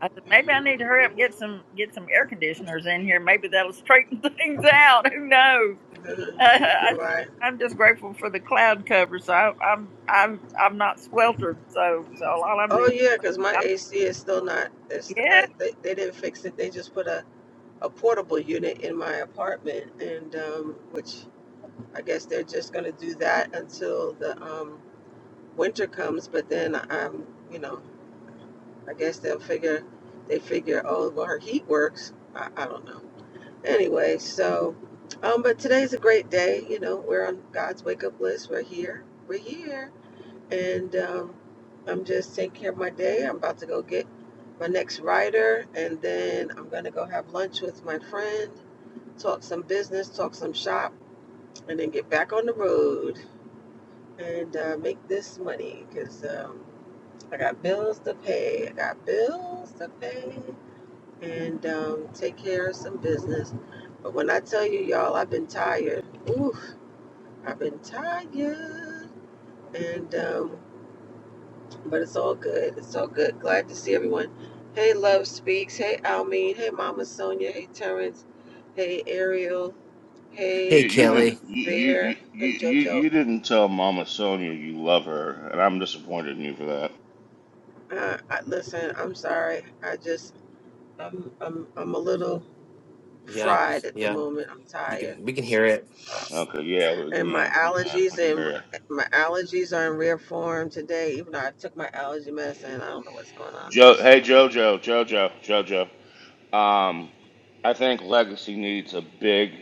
I said maybe I need to hurry up and get
Mhm.
some get some air conditioners in here. Maybe that'll straighten things out. Who knows? Uh, I just,
right.
I'm just grateful for the cloud cover, so I, I'm I'm I'm not sweltered. So so all I'm
Oh
doing,
yeah, because my AC is still not. It's,
yeah.
uh, they they didn't fix it. They just put a a portable unit in my apartment, and um, which I guess they're just going to do that until the um, winter comes. But then um, you know, I guess they'll figure they figure, oh, well, her heat works. I, I don't know. Anyway, so um, but today's a great day. You know, we're on God's wake up list. We're here. We're here, and um, I'm just taking care of my day. I'm about to go get my next rider, and then I'm gonna go have lunch with my friend, talk some business, talk some shop, and then get back on the road. and uh, make this money because um, I got bills to pay. I got bills to pay and um, take care of some business. But when I tell you, y'all, I've been tired. Oof, I've been tired. And um, but it's all good. It's all good. Glad to see everyone. Hey, Love Speaks. Hey, Almeen. Hey, Mama Sonia. Hey, Terrence. Hey, Ariel.
Hey,
You,
Hey,
you
um,
didn't
Kelly.
you,
Bear.
you you
Hey,
you
JoJo.
you didn't tell Mama Sonia you love her, and I'm disappointed in you for that.
Uh, I, listen, I'm sorry. I just I'm, I'm, I'm a little
Yeah,
fried at the
yeah.
moment. I'm
You
tired.
can we can hear it
Okay, yeah, we
And my
can we can
allergies
we can
and
hear it.
my allergies are in rare form today, even though I took my allergy medicine. I don't know what's going on. I'm
Jo,
just
hey Jojo, Jojo, Jojo. Um, I think Legacy needs a big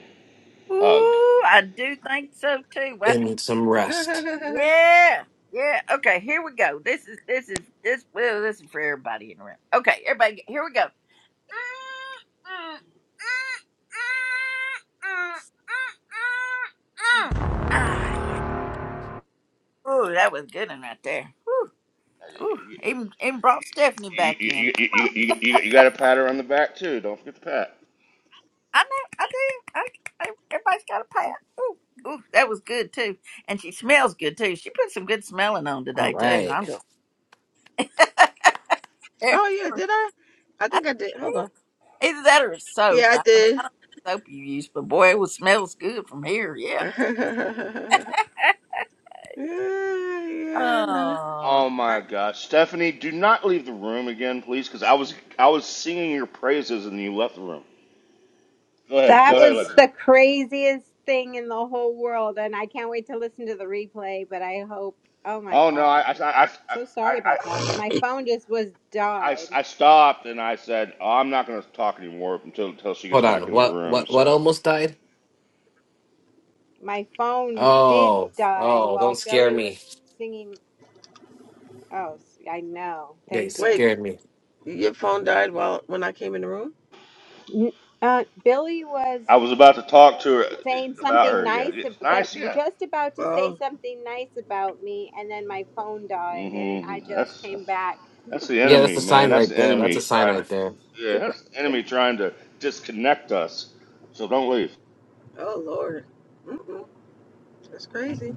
hug.
Ooh, I do think so too. That's,
in some rest.
yeah, yeah. Okay, here we go. This is this is this. Well, this is for everybody in the room. Okay, everybody, here we go. Ah, yeah. Ooh, that was a good one right there. Ooh, ooh. Even even brought Stephanie
You,
back
you,
in.
you,
Come
you,
on,
you, you got to pat her on the back too. Don't forget the pat.
I know, I do. I, I, everybody's got a pat. Ooh, ooh, that was good too. And she smells good too. She put some good smelling on
All
today too.
right.
I'm doing.
Oh yeah, did I? I think I did. Hold on.
Either that or soap.
Yeah, I
I don't,
did.
I don't know what soap you use, but boy, it was, smells good from here. Yeah.
yeah, yeah, no.
Oh,
Oh
I,
my gosh, Stephanie, do not leave the room again, please, because I was I was singing your praises and you left the room. Go ahead, go
That
ahead.
was
Alexis.
the craziest thing in the whole world. And I can't wait to listen to the replay, but I hope, oh my
Oh no, I I
God.
I I I,
So
I,
sorry
I-
about that. My phone just was died.
stopped and I said oh, I'm not going to talk anymore until until she gets
Hold
back
on.
in the
What
room.
what what
So
almost died?
My phone did
Oh,
die
oh, don't
while
scare
Billy was
me.
singing. Oh, s- I know.
Yeah, you
Thank you.
wait,
scared me.
your phone died while when I came in the room?
N- Uh, Billy was.
I was about to talk to her
saying
about
something
her. Yeah,
nice ab-
it's
got-
nice. Yeah.
just about to say
Oh,
something nice about me and then my phone died and it, i
mm hmm
just
That's, that's
came back
That's the
Yeah, that's
enemy,
a sign
man. That's
right
the
there. That's a
enemy
sign
trying
right
to.
there.
Yeah, that's the enemy trying to disconnect us. So don't leave.
oh Lord. Mm-mm, that's crazy.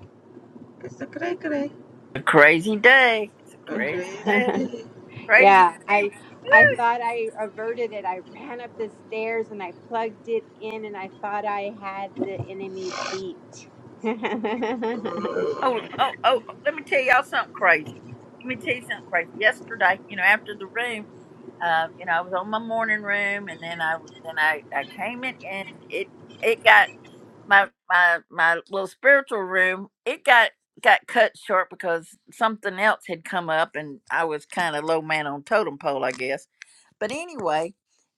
It's a cray cray.
a crazy day. It's a
A
crazy
crazy
day.
day.
Crazy
yeah i
week.
i
Woo.
thought i averted it i ran up the stairs and i plugged it in and i thought i had the enemy beat
That's
Mm.
Oh, oh,
funny.
oh, oh, let me tell y'all something crazy. Let me tell you something crazy. Yesterday, you know, after the room, uh, you know, I was on my morning room and then I, was- then I, I came in and it, it got my my my little spiritual room it got got cut short because something else had come up and i was kind of low man on totem pole i guess but anyway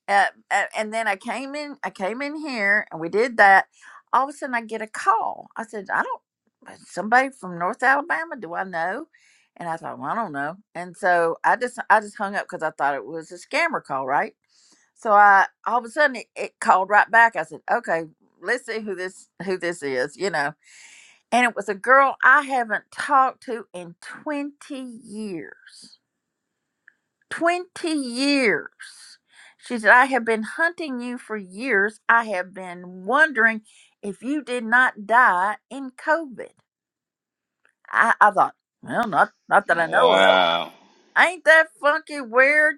uh, uh, and then i came in i came in here and we did that all of a sudden i get a call i said i don't uh, somebody from north alabama do i know and i thought well i don't know and so i just i just hung up because i thought it was a scammer call right so I all of a sudden it, it called right back. I said, "Okay, let's see who this who this is, you know. And it was a girl I haven't talked to in 20 years. 20 years. She said, I have been hunting you for years. I have been wondering if you did not die in COVID. I, I thought, well, not not that I know of.
Wow.
Ain't that fucking weird?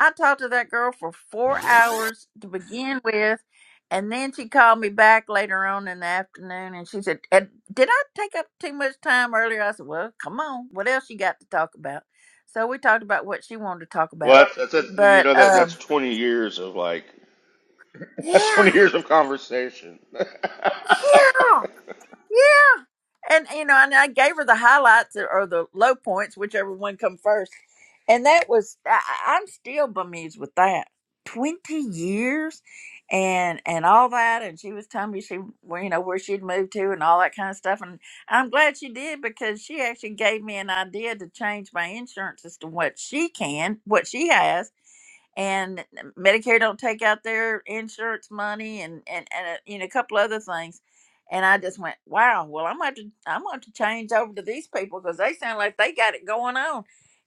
I talked to that girl for four hours to begin with, and then she called me back later on in the afternoon and she said, "Ed, Did I take up too much time earlier? I said, Well, come on. What else you got to talk about? So we talked about what she wanted to talk about.
Well, that's, that's that's- you
But,
know that
um,
that's twenty years of like that's twenty
yeah,
years of conversation.
yeah. Yeah. And you know, and I gave her the highlights or the low points, whichever one come first. And that was I, I- I'm still bemused with that. Twenty years and and all that and she was telling me she where you know where she'd moved to and all that kind of stuff and I'm glad she did because she actually gave me an idea to change my insurance as to what she can what she has and um, Medicare don't take out their insurance money and and and uh, you know a couple other things. And I just went, wow. Well, I'm going to I'm going to change over to these people because they sound like they got it going on.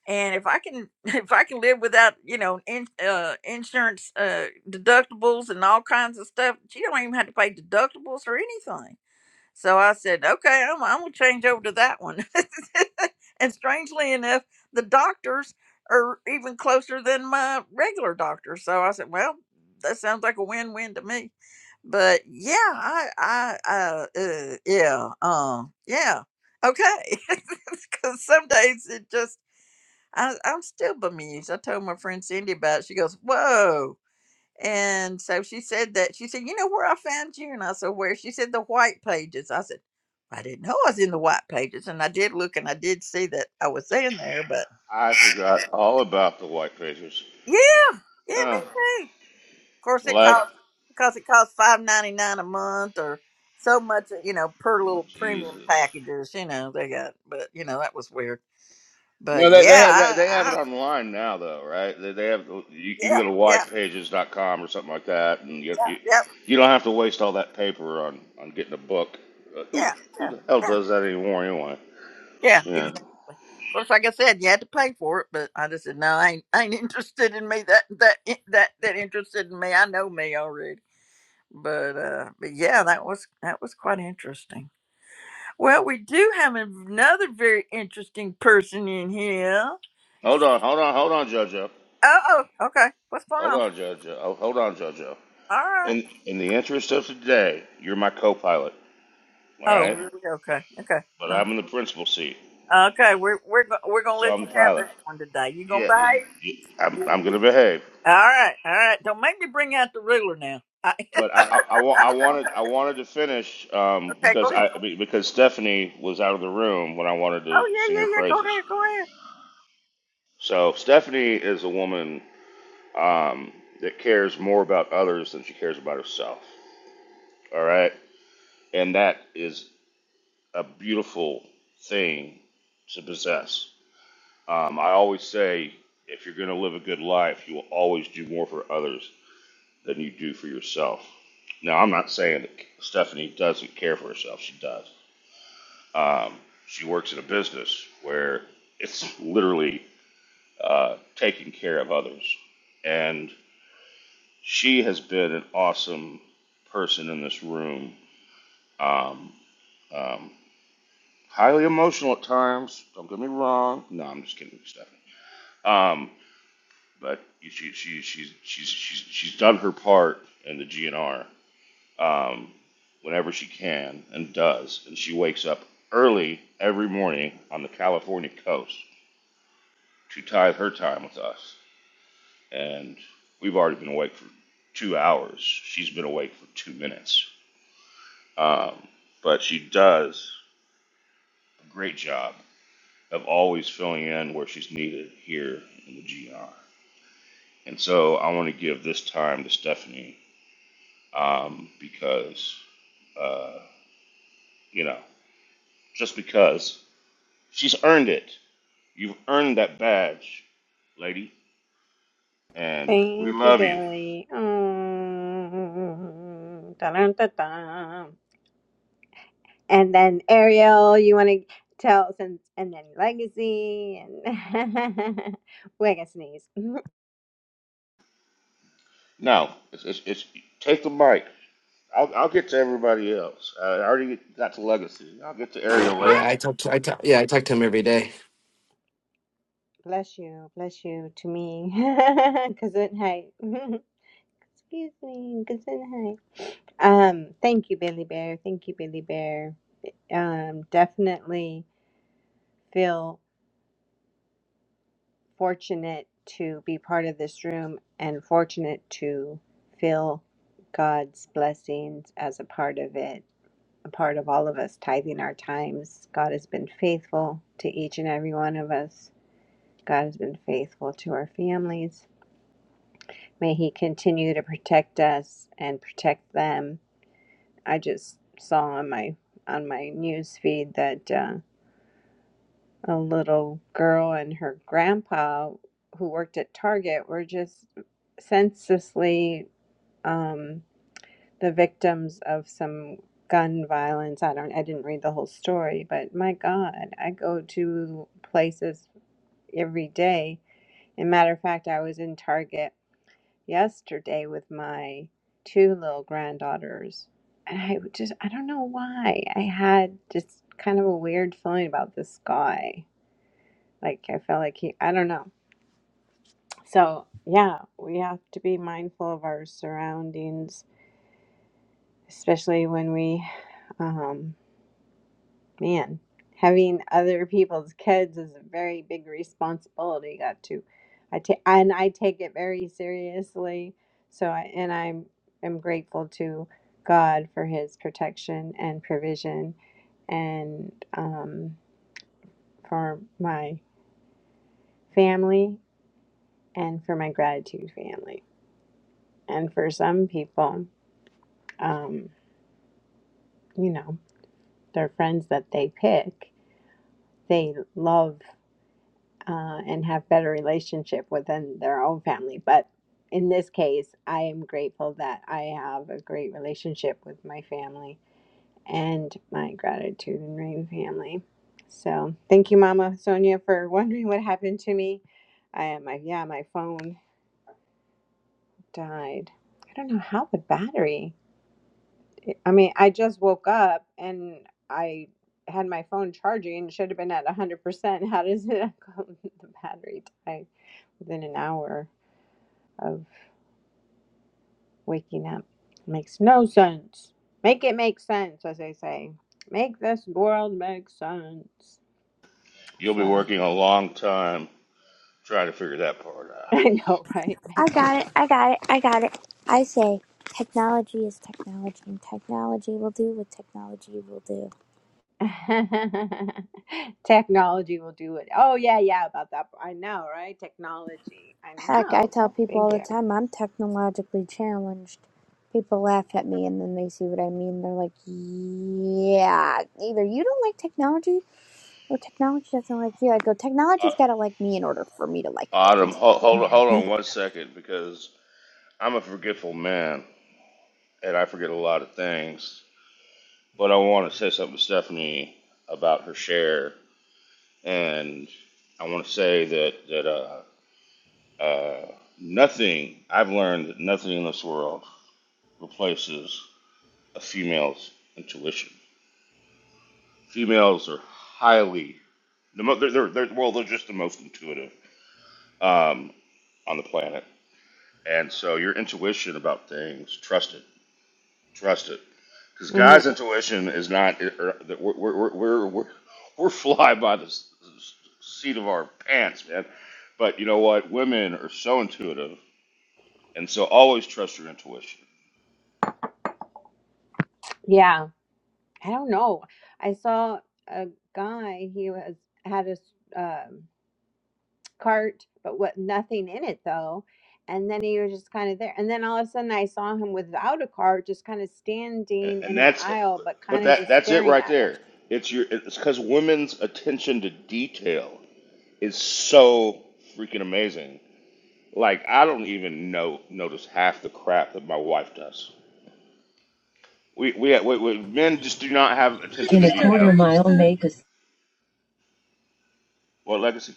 And if I can if I can live without you know in, uh, insurance uh, deductibles and all kinds of stuff, you don't even have to pay deductibles or anything so I said, okay, I'm, I'm going to change over to that one. and strangely enough, the doctors are even closer than my regular doctor. So I said, well, that sounds like a win-win to me. But yeah, I, I, uh, uh yeah, uh, yeah, okay. Because some days it just, I, I'm still bemused. I told my friend Cindy about it. She goes, whoa and so she said that she said, You know where I found you? And I said, Where? She said, The white pages. I said, I didn't know I was in the white pages. And I did look and I did see that I was in there, but
I forgot all about the white pages.
yeah, yeah, me
Oh,
too. Of course
the
it
last
costs because it costs five ninety nine a month or so much, you know, per
oh,
little premium
Jesus.
packages, you know, they got but you know, that was weird.
You
But
know, they they
yeah,
have that
I,
they have it
I
online now though, right? They, they have you can
yeah,
go to
yeah,
whitepages.com or something like that, and you, you
yeah, yeah,
you don't have to waste all that paper on on getting a book. Uh, who
yeah,
who the hell
yeah,
does that anymore anyway?
yeah, yeah,
Yeah.
course, like I said, you had to pay for it, but I just said, no, I ain't, I ain't interested in me. That that eh, that that interested in me. I know me already. But uh, but yeah, that was that was quite interesting. Well, we do have another very interesting person in here.
Hold on, hold on, hold on, JoJo.
Oh, oh, okay. What's going
Hold
on?
on, JoJo. Oh, hold on, JoJo.
All right.
In in the interest of today, you're my co-pilot, all
Oh,
right?
really? okay, okay,
But I'm in the principal seat,
uh, okay. We're we're go- we're gonna
so
let
I'm
you
the
have
pilot.
this one today. You gonna
Yeah, you,
behave?
you, I'm
You-
I'm gonna behave.
All right, all right. Don't make me bring out the ruler now. I,
But I, I, I, wa- I wanted I wanted to finish um,
okay, go
because
ahead.
I be- because Stephanie was out of the room when I wanted to
Oh yeah,
sing
yeah,
her
yeah. Go
praises.
ahead, go ahead.
So Stephanie is a woman um, that cares more about others than she cares about herself. All right, and that is a beautiful thing to possess. Um, I always say if you're going to live a good life, you will always do more for others than you do for yourself. Now I'm not saying that Stephanie doesn't care for herself; she does. Um, she works in a business where it's literally uh, taking care of others. And she has been an awesome person in this room. Um, um, highly emotional at times. Don't get me wrong. No, I'm just kidding, Stephanie. Um, but she, she, she's, she's, she's, she's done her part in the GNR um, whenever she can and does. And she wakes up early every morning on the California coast to tithe her time with us. And we've already been awake for two hours. She's been awake for two minutes. Um, but she does a great job of always filling in where she's needed here in the GR. And so I want to give this time to Stephanie um, because, uh, you know, just because she's earned it. You've earned that badge, lady, and we
thank you
love you.
billy Mm. Dun-dun-dun-dun. and then Ariel, you want to tell since, and and then legacy, and wait, I sneeze.
Now, it's, it's, it's take the mic. I'll, I'll get to everybody else. I already got to Legacy. I'll get to Ariel
Yeah,
later.
I talk. To, I talk, yeah, I talk to him every day.
Bless you, bless you to me, Gesundheit. Excuse me, Gesundheit. Um, thank you, Billy Bear. Thank you, Billy Bear. Um, definitely feel fortunate to be part of this room and fortunate to feel God's blessings as a part of it a part of all of us tithing our times. God has been faithful to each and every one of us. God has been faithful to our families. May He continue to protect us and protect them. I just saw on my on my news feed that uh, a little girl and her grandpa, who worked at Target, were just senselessly. Um, the victims of some gun violence. I don't I didn't read the whole story, but my God, I go to places every day. And matter of fact, I was in Target yesterday with my two little granddaughters. And I would just I don't know why. I had just kind of a weird feeling about this guy. Like I felt like he I don't know. So yeah, we have to be mindful of our surroundings, especially when we um, Man, having other people's kids is a very big responsibility. Got to, I take and I take it very seriously. So I, and I'm am grateful to God for His protection and provision, and um, for my family and for my gratitude family. And for some people, um, you know, their friends that they pick, they love uh, and have better relationship within their own family. But in this case, I am grateful that I have a great relationship with my family and my gratitude and rain family. So thank you, Mama Sonia, for wondering what happened to me. I my yeah, my phone died. I don't know how the battery. I mean, I just woke up and I had my phone charging. Should have been at one hundred percent. How does it the battery die? within an hour. of waking up. Makes no sense. Make it make sense, as they say. Make this world make sense.
You'll be
So
working a long time trying to figure that part out.
I know, right?
I
Make
got it. I got it. I got it. I say technology is technology, and technology will do what technology will do.
Technology will do it. Oh yeah, yeah, about that. I know, right? Technology. I
Heck, I
know.
tell
Go
people all the
figure.
time I'm technologically challenged. People laugh at me and then they see what I mean. They're like, yeah, either you don't like technology or technology doesn't like you. I go, technology's
Uh,
got to like me in order for me to like
Autumn,
it.
hold, hold, hold on one second because I'm a forgetful man and I forget a lot of things. But I want to say something to Stephanie about her share. And I want to say that, that uh, uh, nothing, I've learned that nothing in this world replaces a female's intuition Females are highly the mo- they're, they're, they're well they're just the most intuitive um, on the planet, and so your intuition about things, trust it, trust it, because
hmm
guys' intuition is not er, er, we're we're we're we're, we're fly by the s- s- seat of our pants, man. But you know what? Women are so intuitive, and so always trust your intuition,
Yeah, I don't know. I saw a guy. He was had a s- um cart, but what nothing in it though. And then he was just kind of there. And then all of a sudden I saw him without a cart, just kind of
and,
standing in
and
an
that's
aisle, but
but
kind of
that
just
that's it
staring
right
at us.
there. It's your it's because women's attention to detail is so freaking amazing. Like I don't even know notice half the crap that my wife does. We we, we, we men just do not have attention to detail. Well, legacy,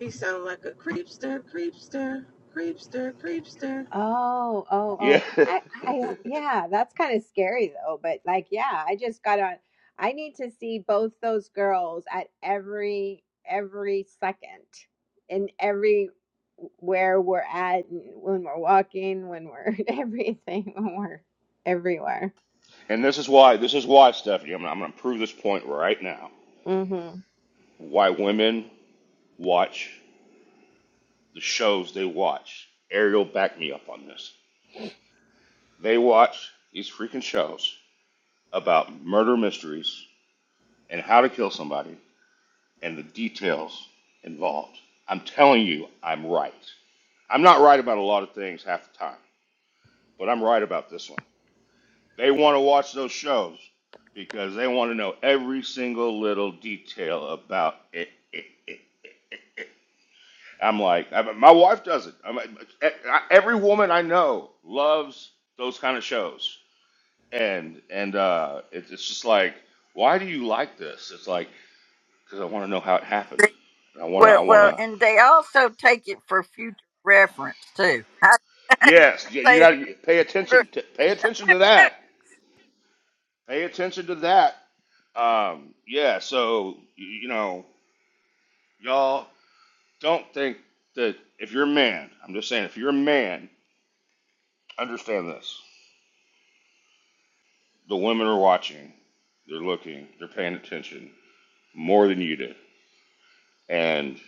He sound like a creepster, creepster, creepster, creepster.
Oh, oh, oh.
yeah.
I, I, uh, yeah, that's kind of scary though. But like, yeah, I just got on. I need to see both those girls at every, every second in every where we're at and when we're walking, when we're everything, when we're everywhere.
and this is why this is why Stephanie. I'm, I'm going to prove this point right now.
Mm-hmm.
Why women watch the shows they watch. Ariel, back me up on this. They watch these freaking shows about murder mysteries and how to kill somebody and the details involved. I'm telling you, I'm right. I'm not right about a lot of things half the time, but I'm right about this one. They want to watch those shows because they want to know every single little detail about it. it, it, it, it, it. I'm like, I, my wife does it. I'm, I, every woman I know loves those kind of shows, and and uh, it, it's just like, why do you like this? It's like because I want to know how it happened. And I want to, I
Well,
want
well,
to.
and they also take it for future reference too. I
Yes, you, you
say
got to pay
that.
attention. To, pay attention to that. Pay attention to that. Um, yeah. So you, you know, y'all don't think that if you're a man, I'm just saying, if you're a man, understand this: the women are watching, they're looking, they're paying attention more than you do, and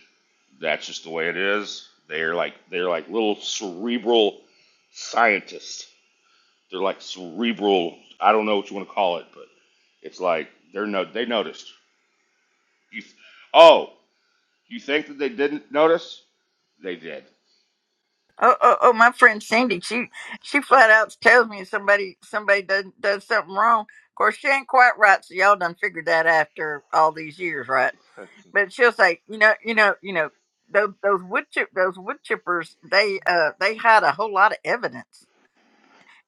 that's just the way it is. They're like they're like little cerebral scientists. They're like cerebral. I don't know what you want to call it, but it's like they're no they noticed. You, oh, you think that they didn't notice? They did.
Oh, oh, oh, my friend Cindy, she she flat out tells me somebody somebody does does something wrong. Of course, she ain't quite right, so y'all done figured that after all these years, right? But she'll say, you know, you know, you know, those those wood chip those wood chippers, they uh they hide a whole lot of evidence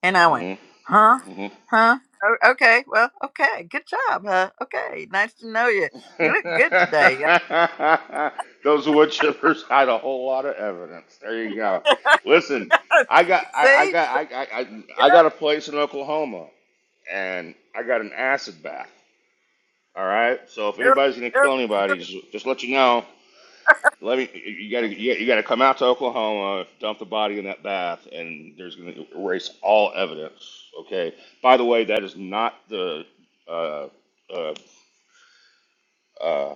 And I went,
hmm
huh?
hmm
Huh? Oh, okay. Well, okay. Good job. Huh? Okay. Nice to know you. You look good today.
Those wood chippers hide a whole lot of evidence. There you go. Listen, I got, I, I
See?
got, I, I, I I got a place in Oklahoma, and I got an acid bath. All right. So if
No,
anybody's gonna
no,
kill anybody, just, just let you know. Let me. You gotta. You gotta you gotta come out to Oklahoma, dump the body in that bath, and there's gonna erase all evidence. Okay. By the way, that is not the. Uh, uh, uh,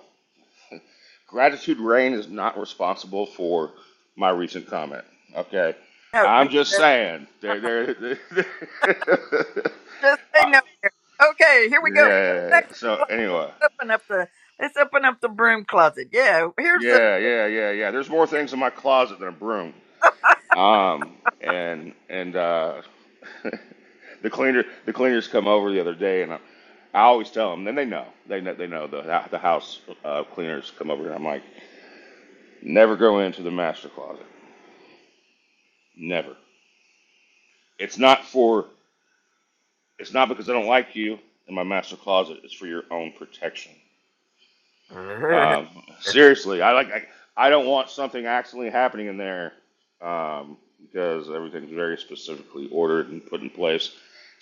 gratitude rain is not responsible for my recent comment. Okay.
no, no,
I'm just
no.
saying. There. There. there-
Just say
Uh,
no. Okay. Here we
yeah. yeah,
go.
yeah, yeah.
Let's
So anyway.
open up the. Let's open up the broom closet. Yeah. Here's the.
Yeah. Yeah. Yeah. Yeah. There's more things in my closet than a broom. Um, and and uh, the cleaner the cleaners come over the other day, and I, I always tell them. Then they know they know they know the the house uh, cleaners come over, and I'm like, never go into the master closet, never. It's not for it's not because I don't like you in my master closet. It's for your own protection. Um, seriously, I like. I, I don't want something actually happening in there um, because everything's very specifically ordered and put in place.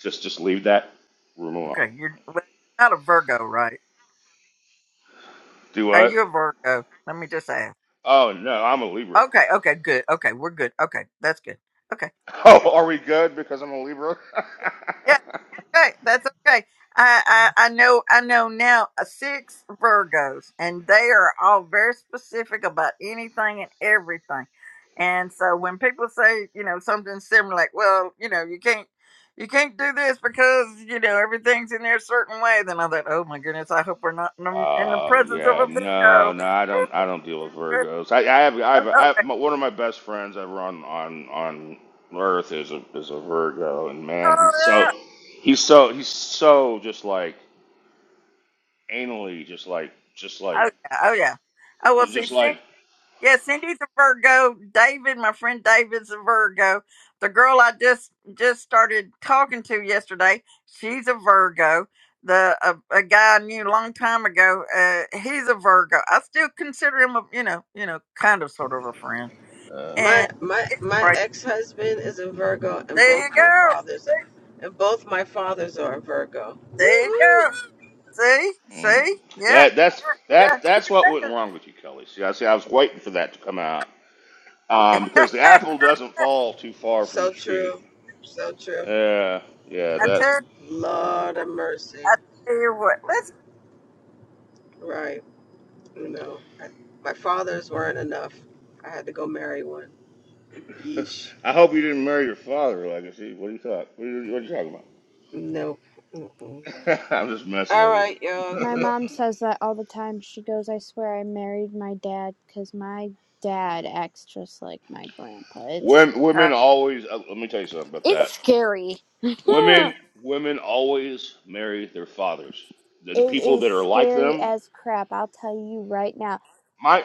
Just just leave that room alone.
Okay. You're, well, you're not a Virgo, right?
Do
Are
what?
you a Virgo? Let me just ask.
Oh no, I'm a Libra.
Okay. Okay. Good. Okay. We're good. Okay. That's good. Okay.
Oh, are we good because I'm a Libra?
okay. That's okay. I, I I know I know now uh, six Virgos, and they are all very specific about anything and everything. And so when people say you know something similar, like well you know you can't you can't do this because you know everything's in there a certain way, then I thought oh my goodness I hope we're not in the, in the
Uh,
presence of a
yeah, no,
Virgo.
no, I don't, I don't deal with Virgos. I, I have, I have, I have,
okay.
my- one of my best friends ever on, on, on Earth is a, is a Virgo, and man,
Oh
he's so,
yeah.
he's so, he's so just like anally, just like, just
Oh
like,
yeah. Oh yeah. Oh well.
just
See.
like,
Yeah, Cindy's a Virgo. David, my friend David's a Virgo. The girl I just just started talking to yesterday, she's a Virgo. The a, a guy I knew a long time ago, uh, he's a Virgo. I still consider him a you know you know kind of sort of a friend.
uh,
And
My my
it's
my
crazy.
ex husband is a Virgo, and
There you
both my
go.
fathers, and both my fathers are a Virgo.
There you
Woohoo!
go. See,
mm.
see, yeah,
that, that's, that,
yeah.
that's what went wrong with you, Kelly. See, I see, I was waiting for that to come out, um,
yeah.
because the apple doesn't fall too far from the
So
tree.
true, so true.
Yeah, yeah,
I
that.
tell,
Lord of mercy,
I tell you what. Let's.
right? You know, I, my fathers weren't enough. I had to go marry one. Yeesh.
I hope you didn't marry your father, Legacy. What are you talking? What are you, what are you talking
Nope. Mm-mm.
about? I'm just messing
All
with you.
right, y'all.
My
Go,
mom says that all the time. She goes, I swear I married my dad because my dad acts just like my grandpa. It's
Women, women always. Uh, let me tell you something about
It's
that.
scary. it
Women, women always marry their fathers. The, the people
is
that are like
scary
them.
as crap. I'll tell you right now.
My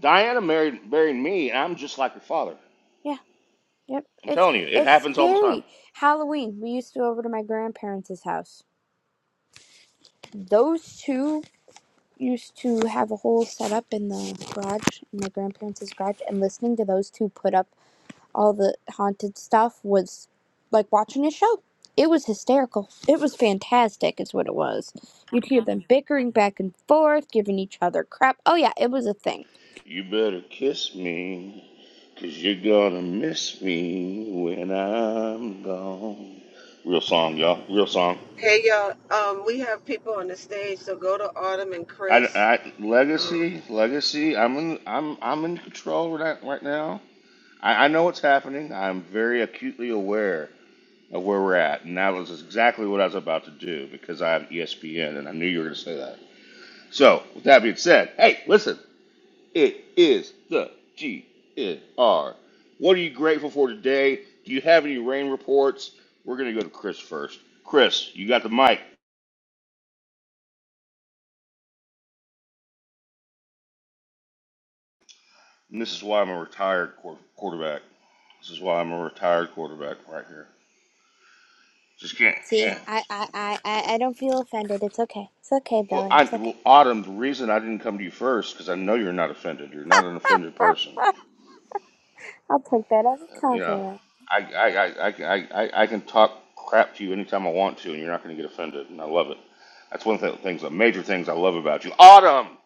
Diana married married me, and I'm just like her father.
Yeah, yep.
I'm
It's
telling you, it
it's
happens all the time.
scary. Halloween, we used to go over to my grandparents' house. Those two used to have a whole setup in the garage, in my grandparents' garage, and listening to those two put up all the haunted stuff was like watching a show. It was hysterical. It was fantastic, is what it was. You'd hear them bickering back and forth, giving each other crap. Oh, yeah, it was a thing.
You better kiss me, cause you're gonna miss me when I'm gone. Real song, y'all. Real song.
Hey y'all, um, we have people on the stage, so go to Autumn and
I,
Chris.
I-
Um,
legacy, legacy. I'm in, I'm, I'm in control right, right now. I, I know what's happening. I'm very acutely aware of where we're at, and that was exactly what I was about to do because I have ESPN, and I knew you were going to say that. So, with that being said, hey, listen, it is the G N R. What are you grateful for today? Do you have any rain reports? We're going to go to Chris first. Chris, you got the mic. And this is why I'm a retired quarterback. This is why I'm a retired quarterback right here. Just can't,
See,
can't.
I, I, I, I I don't feel offended. It's okay. It's okay,
Well,
Billy.
I,
It's okay.
well, Autumn, the reason I didn't come to you first because I know you're not offended. You're not an offended person.
I'll take that as a
You know,
compliment.
I, I, I, I, I, I can talk crap to you anytime I want to, and you're not going to get offended, and I love it. That's one of the things, the major things I love about you. Autumn,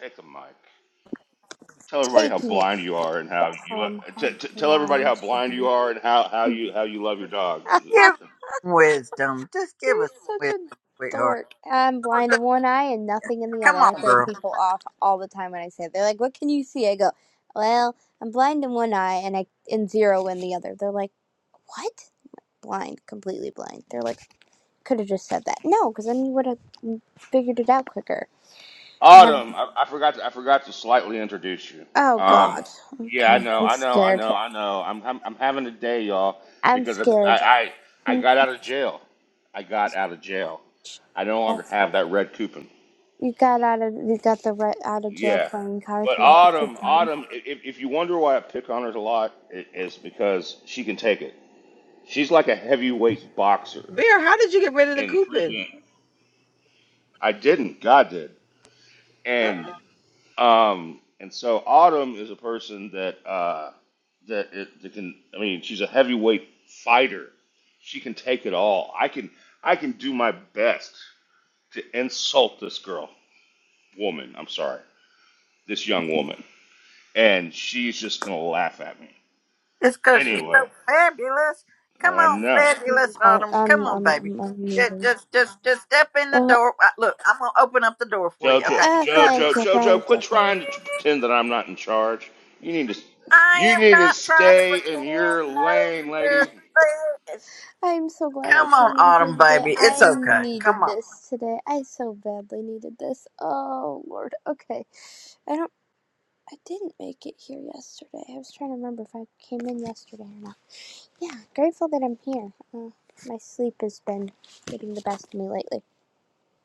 take the mic. Tell everybody how
Taking it.
blind you are and how you
Tell
lo-
him
t-
how
t- tell everybody how
blind you
blind you are and how,
are.
how you how you love your dog.
Give wisdom. Just give
You're
us
such a
wisdom, sweetheart.
dork. I'm
Oh,
blind
no.
in one eye and nothing in the other.
Come
I
on,
throw
girl.
people off all the time when I say it. They're like, "What can you see?" I go, "Well, I'm blind in one eye and I and zero in the other." They're like, "What?" Blind, completely blind. They're like, "Could have just said that." No, because then you would have figured it out quicker. I have.
Autumn, I, I forgot to I forgot to slightly introduce you.
Oh
Um,
God.
yeah, I
Okay,
know,
I'm
I know, I
scared.
know, I know. I'm I'm, I'm having a day, y'all,
I'm
because I,
scared.
I I
Hmm,
got out of jail. I got out of jail. I no longer
That's,
have that red coupon.
you got out of you got the right out of jail
Yeah,
playing card
but
Yeah, It's your
Autumn,
time.
Autumn, i- if if you wonder why I pick on her a lot, it, it's because she can take it. She's like a heavyweight boxer.
Bear, how did you get rid of the
And
coupon?
freaking, I didn't. God did.
Uh,
And. Um, and so Autumn is a person that uh, that, it, that can. I mean, she's a heavyweight fighter. She can take it all. I can I can do my best to insult this girl, woman. I'm sorry, this young woman, and she's just gonna laugh at me
Just because she's so
anyway.
fabulous. Come
Uh,
on,
no,
I'm
fabulous
in card.
Autumn. Come
I'm
on,
I'm
baby.
I'm, I'm
Just,
muting.
just, just, just step in the
Oh,
door. Uh, Look, I'm gonna open up the door for you.
Jojo,
Okay.
uh,
Jojo,
thank you,
Jojo,
thank
quit
you, thank
trying
you.
to pretend that I'm not in charge. You need to
I
you
am
need to
not trying to
stay in
pretend.
your
No,
lane, lady.
just-
I'm so glad I
Come on,
came in here
Autumn,
today.
baby. It's
I
okay. Come
needed
on.
this today. I so badly needed this. Oh Lord. Okay. I don't. I didn't make it here yesterday. I was trying to remember if I came in yesterday or not. Yeah, grateful that I'm here. Uh, my sleep has been getting the best of me lately.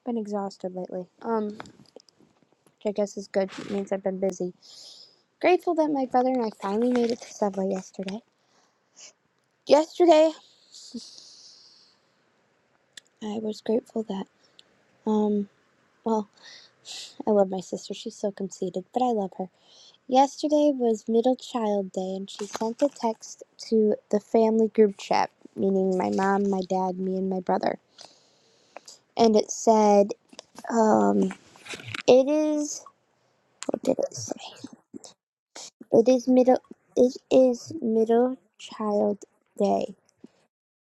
Been exhausted lately. Um, which I guess is good. It means I've been busy. Grateful that my brother and I finally made it to Subway yesterday. Yesterday, I was grateful that, um, well, I love my sister. She's so conceited, but I love her. Yesterday was Middle Child Day, and she sent a text to the family group chat, meaning my mom, my dad, me, and my brother. And it said, um, it is What did it say? It is middle. It is middle child day.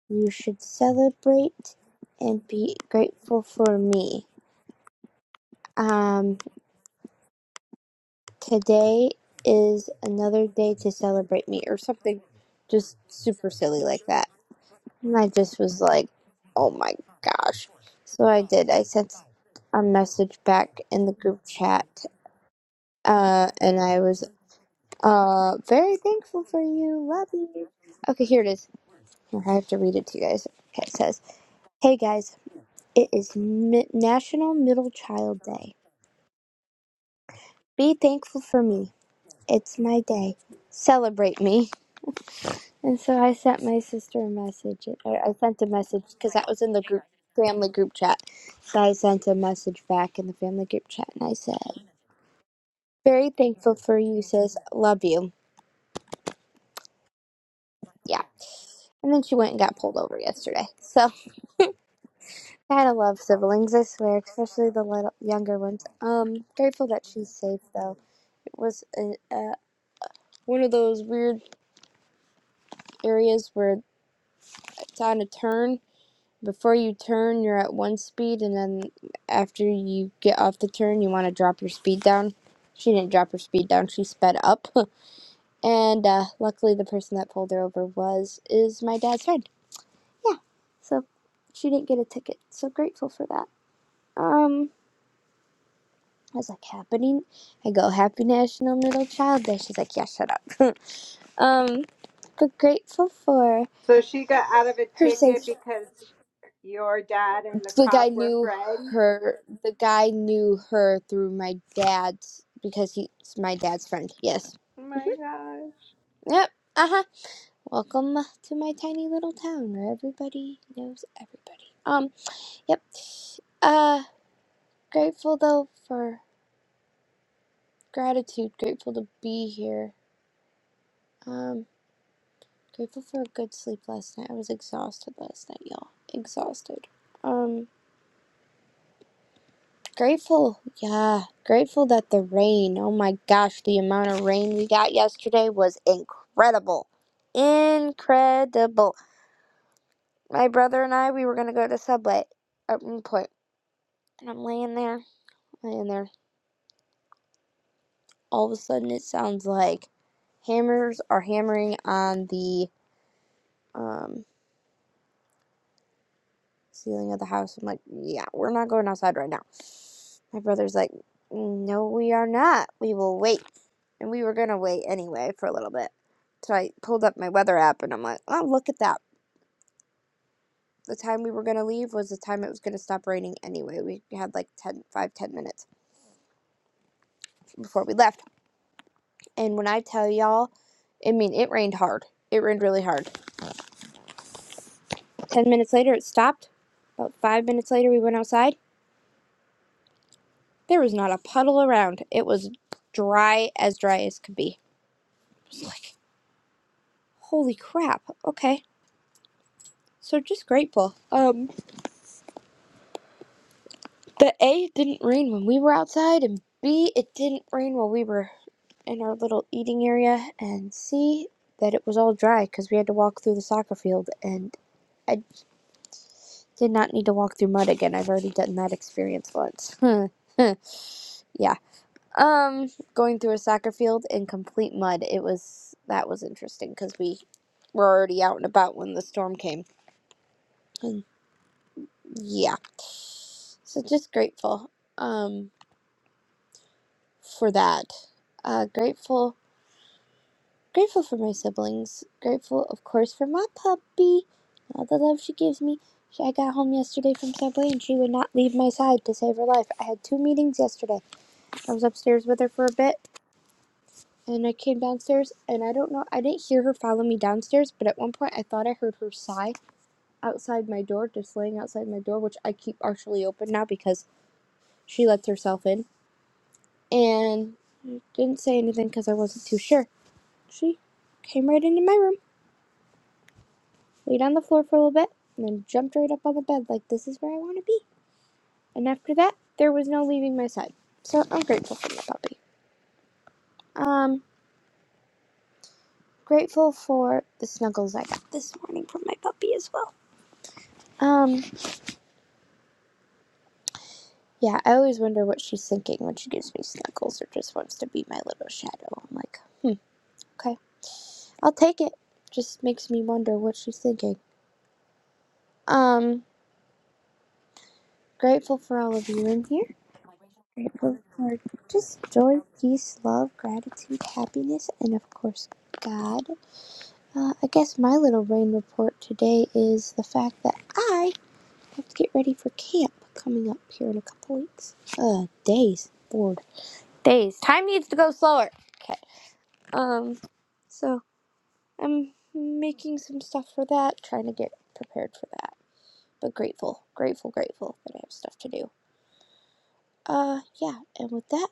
You should celebrate and be grateful for me. Um, today is another day to celebrate me, or something, just super silly like that. And I just was like, oh my gosh. So I did. I sent a message back in the group chat, uh, and I was uh very thankful for you. Love you. Okay, here it is. I have to read it to you guys. Okay, it says, Hey guys, it is Mi- National Middle Child Day. Be thankful for me. It's my day. Celebrate me. And so I sent my sister a message. Or I sent a message because that was in the group family group chat. So I sent a message back in the family group chat and I said, Very thankful for you, sis. Love you. Yeah. And then she went and got pulled over yesterday. So kind of love siblings, I swear, especially the little younger ones. Um, grateful that she's safe though. was a, uh, one of those weird areas where it's on a turn. Before you turn, you're at one speed, and then after you get off the turn, you want to drop your speed down. She didn't drop her speed down; she sped up. and uh, luckily, the person that pulled her over was is my dad's friend, so she didn't get a ticket. So grateful for that. Um, I was like, happening. I go, happy National Middle Child Day. She's like, yeah, shut up. um, but grateful for
So she got out of a
her
ticket
safe.
because your dad and the
The guy
cop were
knew
friends.
her. The guy knew her through my dad's because he's my dad's friend. Yes.
Oh my
Mm-hmm.
gosh.
Yep. Uh huh. Welcome to my tiny little town where everybody knows everybody. Um. Yep. Uh. Grateful though for gratitude. Grateful to be here. Um. Grateful for a good sleep last night. I was exhausted last night, y'all. Exhausted. Um. Grateful, yeah, grateful that the rain, oh my gosh, the amount of rain we got yesterday was incredible. Incredible. My brother and I, we were gonna go to Subway at one point, and I'm laying there, laying there. All of a sudden, it sounds like hammers are hammering on the um, ceiling of the house. I'm like, yeah, we're not going outside right now. My brother's like, no, we are not. We will wait. and we were gonna wait anyway for a little bit. So I pulled up my weather app and I'm like, oh, look at that. The time we were gonna leave was the time it was gonna stop raining anyway. We had like ten, five, ten minutes before we left. And when I tell y'all, I mean, it rained hard. It rained really hard. 10 minutes later, it stopped. About five minutes later, we went outside. There was not a puddle around. It was dry as dry as could be. Holy crap. Okay. So just grateful. Um, The A it didn't rain when we were outside, and B it didn't rain while we were in our little eating area, and C that it was all dry because we had to walk through the soccer field, and I did not need to walk through mud again. I've already done that experience once. yeah. Um, going through a soccer field in complete mud. It was that was interesting because we were already out and about when the storm came. And yeah. So just grateful um for that. Uh, grateful Grateful for my siblings. Grateful, of course, for my puppy. All the love she gives me. She- I got home yesterday from Subway and she would not leave my side to save her life. I had two meetings yesterday. I was upstairs with her for a bit and I came downstairs and I don't know, I didn't hear her follow me downstairs, but at one point I thought I heard her sigh outside my door, just laying outside my door, which I keep partially open now because she lets herself in. And didn't say anything because I wasn't too sure. She came right into my room laid on the floor for a little bit, and then jumped right up on the bed like this is where I want to be. And after that, there was no leaving my side. So I'm grateful for my puppy. Um, grateful for the snuggles I got this morning from my puppy as well. Um, yeah, I always wonder what she's thinking when she gives me snuggles or just wants to be my little shadow. I'm like, hmm, okay, I'll take it. Just makes me wonder what she's thinking. Um, grateful for all of you in here grateful for just joy, peace, love, gratitude, happiness, and of course, God. Uh, I guess my little rain report today is the fact that I have to get ready for camp coming up here in a couple weeks. Uh, days. Bored. Days. Time needs to go slower. Okay. Um, so I'm making some stuff for that, trying to get prepared for that. But grateful, grateful, grateful that I have stuff to do. Uh, yeah, and with that,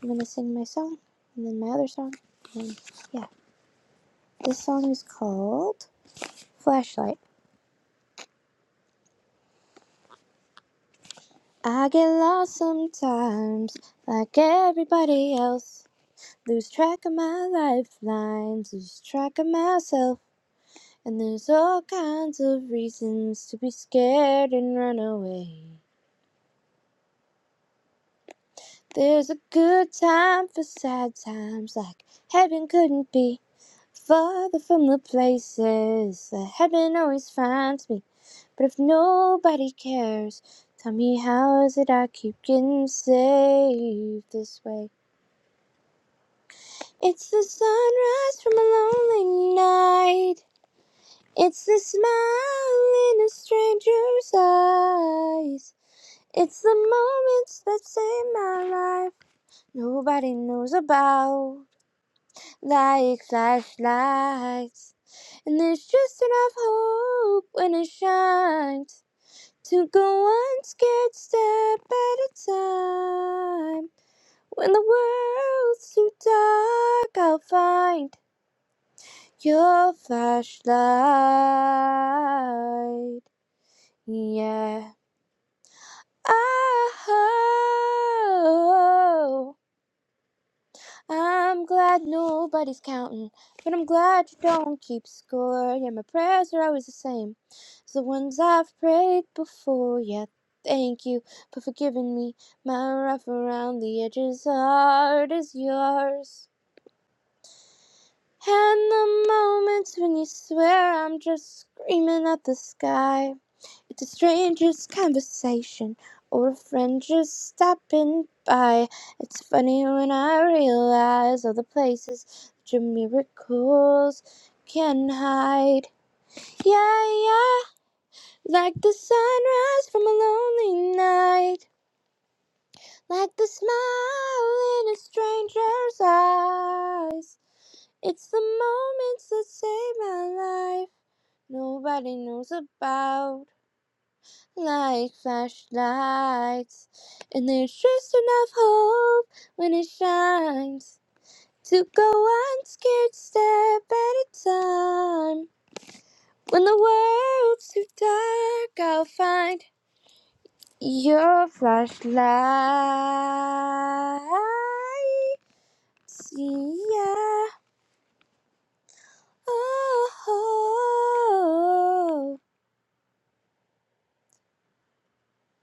I'm gonna sing my song and then my other song. And yeah, this song is called Flashlight. I get lost sometimes, like everybody else. Lose track of my lifelines, lose track of myself. And there's all kinds of reasons to be scared and run away. There's a good time for sad times, like heaven couldn't be. Farther from the places that heaven always finds me. But if nobody cares, tell me how is it I keep getting saved this way? It's the sunrise from a lonely night. It's the smile in a stranger's eyes. It's the moments that save my life. Nobody knows about. like flashlights. And there's just enough hope when it shines to go one scared step at a time. When the world's too dark, I'll find your flashlight. Yeah. Ah, Oh. I'm glad nobody's counting, but I'm glad you don't keep score. Yeah, my prayers are always the same. It's the ones I've prayed before. Yeah, thank you for forgiving me. My rough around the edges heart is yours. And the moments when you swear I'm just screaming at the sky. It's a stranger's conversation or a friend just stopping by. It's funny when I realize all the places that your miracles can hide. Yeah, yeah, like the sunrise from a lonely night, like the smile in a stranger's eyes. It's the moments that save my life, nobody knows about. like flashlights. And there's just enough hope when it shines to go one scared step at a time. When the world's too dark, I'll find your flashlight. Yeah. Oh, oh, oh.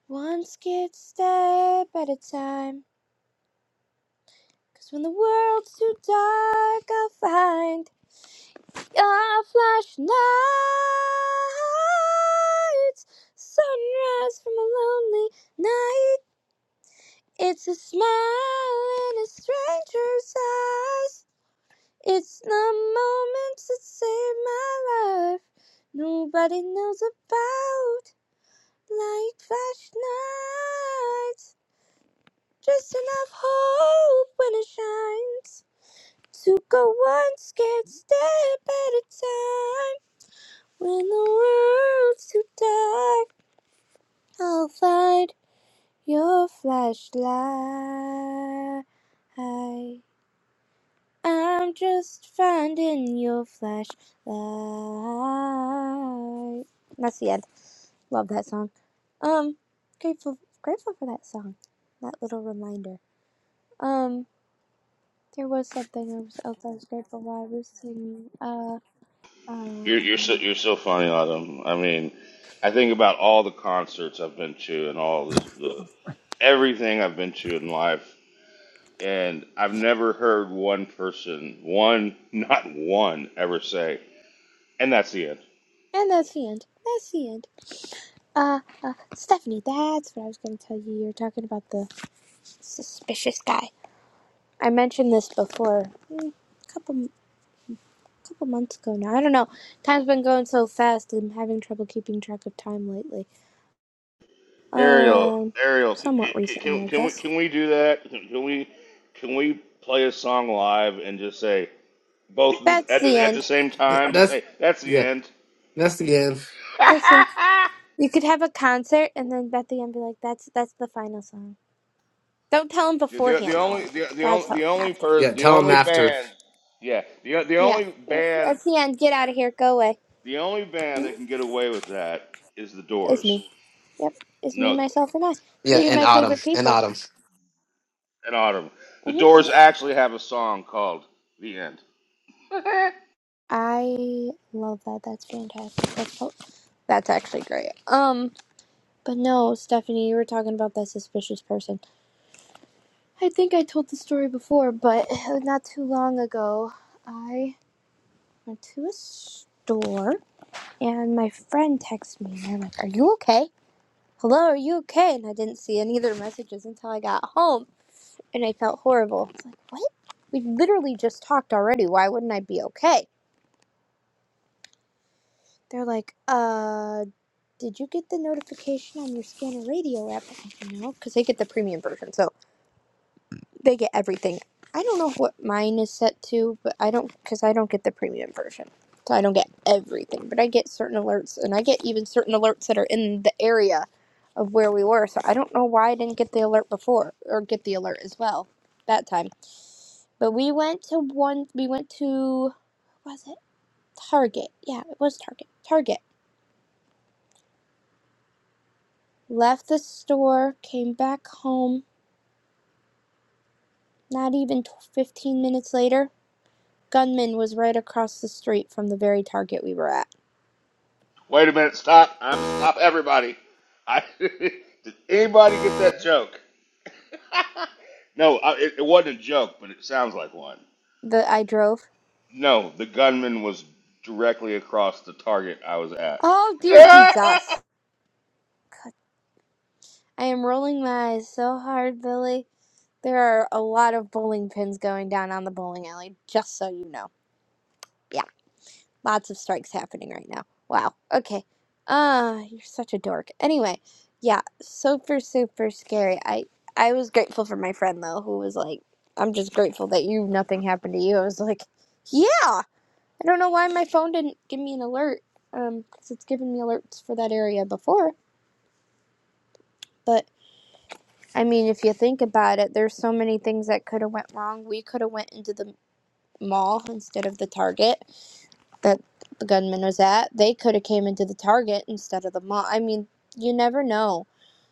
one scared step at a time. Cause when the world's too dark, I'll find your flashlight. Sunrise from a lonely night. It's a smile in a stranger's eyes. It's the moments that save my life. Nobody knows about light flashlights. Just enough hope when it shines. To go one scared step at a time. When the world's too dark, I'll find your flashlight. I'm just finding your flashlight. That's the end. Love that song. Um, grateful, grateful for that song. That little reminder. Um, there was something else I was grateful for. while I was singing. Uh,
You're you're so
uh.
you're so funny, Autumn. I mean, I think about all the concerts I've been to and all the, the everything I've been to in life, and I've never heard one person, one not one, ever say, "And that's the end."
And that's the end. That's the end. Uh, uh, Stephanie, that's what I was going to tell you. You're talking about the suspicious guy. I mentioned this before, a couple couple months ago now. I don't know. Time's been going so fast. I'm having trouble keeping track of time lately.
Ariel,
Um,
Ariel, can,
somewhat recently,
can,
I
can we
guess.
can we do that? Can, can we can we play a song live and just say both
That's
at
the
the, at
end.
the same
Th-
time? Just
That's
say that's the
yeah.
end.
That's the end.
That's the end. You could have a concert and then at the end be like, "That's that's the final song." Don't tell him
The, the, the
beforehand though.
only the the
That's
only
how
the only
after.
per
Yeah,
the
tell him
only
after.
band yeah the the
Yeah,
only
yeah.
band
that's the end. Get out of here. Go away.
the only band that can get away with that is the
It's
Doors.
me. Yep, it's me,
No,
myself, and I.
Yeah,
Three of
in
my
autumn.
favorite
In
people.
autumn.
in autumn, the
hmm
Doors actually have a song called "The End."
I love that. That's fantastic. That's oh, that's actually great. Um, but no, Stephanie, you were talking about that suspicious person. I think I told the story before, but not too long ago, I went to a store and my friend texted me and I'm like, "Are you okay? Hello, are you okay?" And I didn't see any of their messages until I got home. and I felt horrible. It's like, what? We literally just talked already. Why wouldn't I be okay? They're like, uh, did you get the notification on your Scanner Radio app? You know, because they get the premium version, so they get everything. I don't know what mine is set to, but I don't, because I don't get the premium version. So I don't get everything, but I get certain alerts, and I get even certain alerts that are in the area of where we were. So I don't know why I didn't get the alert before, or get the alert as well that time. But we went to one. We went to what was it Target? Yeah, it was Target. Target. Left the store, came back home. Not even 15 minutes later, gunman was right across the street from the very Target we were at.
Wait a minute, stop! I have to stop everybody. I did anybody get that joke? no, I, it, it wasn't a joke, but it sounds like one.
That I drove.
No, the gunman was directly across the target I was at.
Oh dear Jesus! God, I am rolling my eyes so hard, Billy. There are a lot of bowling pins going down on the bowling alley. Just so you know. Yeah. Lots of strikes happening right now. Wow. Okay. Ah, uh, you're such a dork. Anyway, yeah, super super scary. I I was grateful for my friend though, who was like, "I'm just grateful that you nothing happened to you." I was like, "Yeah." I don't know why my phone didn't give me an alert. Um, because it's given me alerts for that area before, but I mean, if you think about it, there's so many things that could have went wrong. We could have went into the mall instead of the Target that the gunman was at, they could have came into the target instead of the mall. I mean, you never know.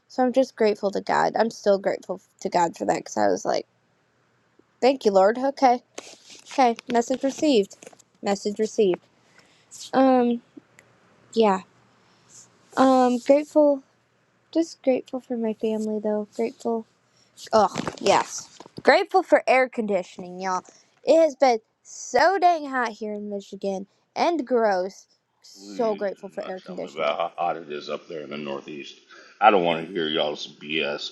So I'm just grateful to God. I'm still grateful to God for that because I was like, "Thank you, Lord." Okay, okay. Message received. Message received. Um, yeah. Um, grateful. Just grateful for my family, though. Grateful. Oh yes. Grateful for air conditioning, y'all. It has been so dang hot here in Michigan and gross. So
Please
grateful
do
for
not
air
tell me
conditioning
about how hot it is up there in the Northeast. I don't want to hear y'all's BS.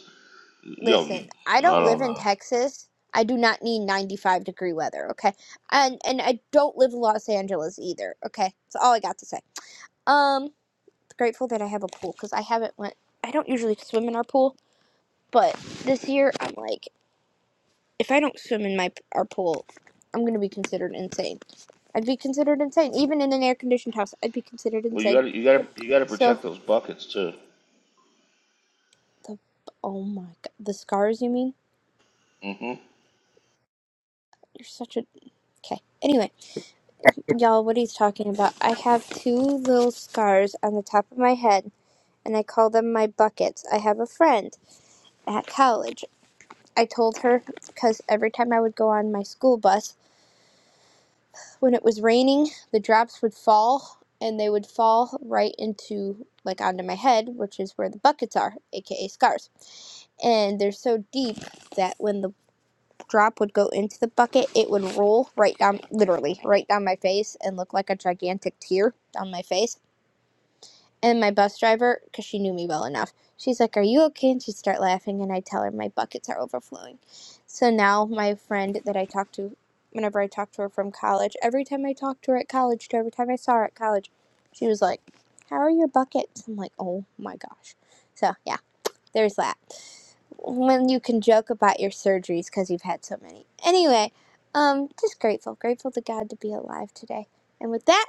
Yo,
listen, I
I
don't live
don't
in
know.
Texas. I do not need 95 degree weather, okay? And and I don't live in Los Angeles either, okay? That's all I got to say. Um grateful that I have a pool cuz I haven't went I don't usually swim in our pool, but this year I'm like if I don't swim in my our pool, I'm going to be considered insane. I'd be considered insane even in an air conditioned house. I'd be considered
Well, you
insane.
gotta, you gotta, you gotta protect
So
those buckets too.
the oh my god, the scars you mean?
hmm
You're such a okay. Anyway, Y'all, what he's talking about. I have two little scars on the top of my head, and I call them my buckets. I have a friend at college. I told her because every time I would go on my school bus, when it was raining, the drops would fall, and they would fall right into, like, onto my head, which is where the buckets are, aka scars. And they're so deep that when the drop would go into the bucket, it would roll right down, literally, right down my face and look like a gigantic tear down my face And my bus driver, because she knew me well enough, she's like, Are you okay? And she'd start laughing, and I tell her my buckets are overflowing. So now my friend that I talk to, whenever I talk to her from college, every time I talked to her at college, to every time I saw her at college, she was like, How are your buckets? I'm like, Oh my gosh. So yeah, there's that. When you can joke about your surgeries because you've had so many. Anyway, um, just grateful, grateful to God to be alive today. And with that,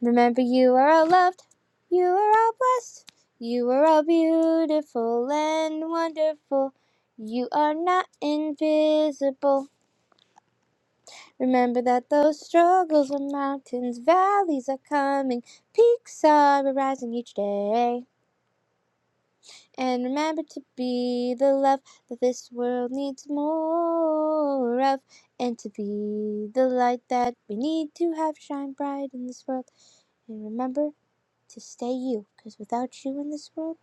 Remember, you are all loved, you are all blessed, you are all beautiful and wonderful. You are not invisible. Remember that those struggles are mountains, valleys are coming, peaks are arising each day. And remember to be the love that this world needs more of, and to be the light that we need to have shine bright in this world. And remember. to stay you, because without you in this world,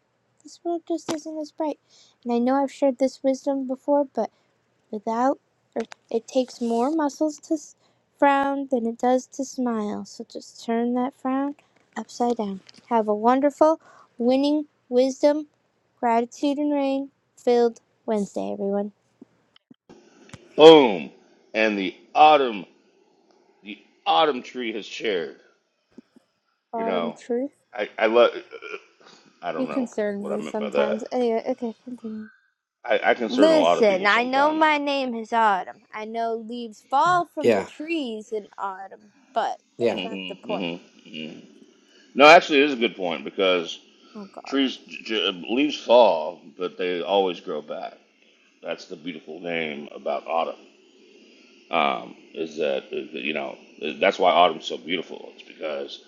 this world just isn't as bright. And I know I've shared this wisdom before, but without, or it takes more muscles to s- frown than it does to smile. So just turn that frown upside down. Have a wonderful, winning, wisdom, gratitude, and rain filled Wednesday, everyone.
Boom, and the autumn, the autumn tree has shared. You
Autumn
know,
truth.
I, I love. I
You
don't know
concern
what I
me
meant by that.
sometimes. Anyway, okay, continue.
I, I concern a lot of
Listen,
people
I know
sometimes.
my name is Autumn. I know leaves fall from the
Yeah,
trees in autumn, but
yeah,
that's not
hmm
the point.
hmm hmm No, actually, it is a good point because
Oh god.
trees j- j- leaves fall, but they always grow back. That's the beautiful name about autumn. Um, is that uh, you know that's why autumn's so beautiful. It's because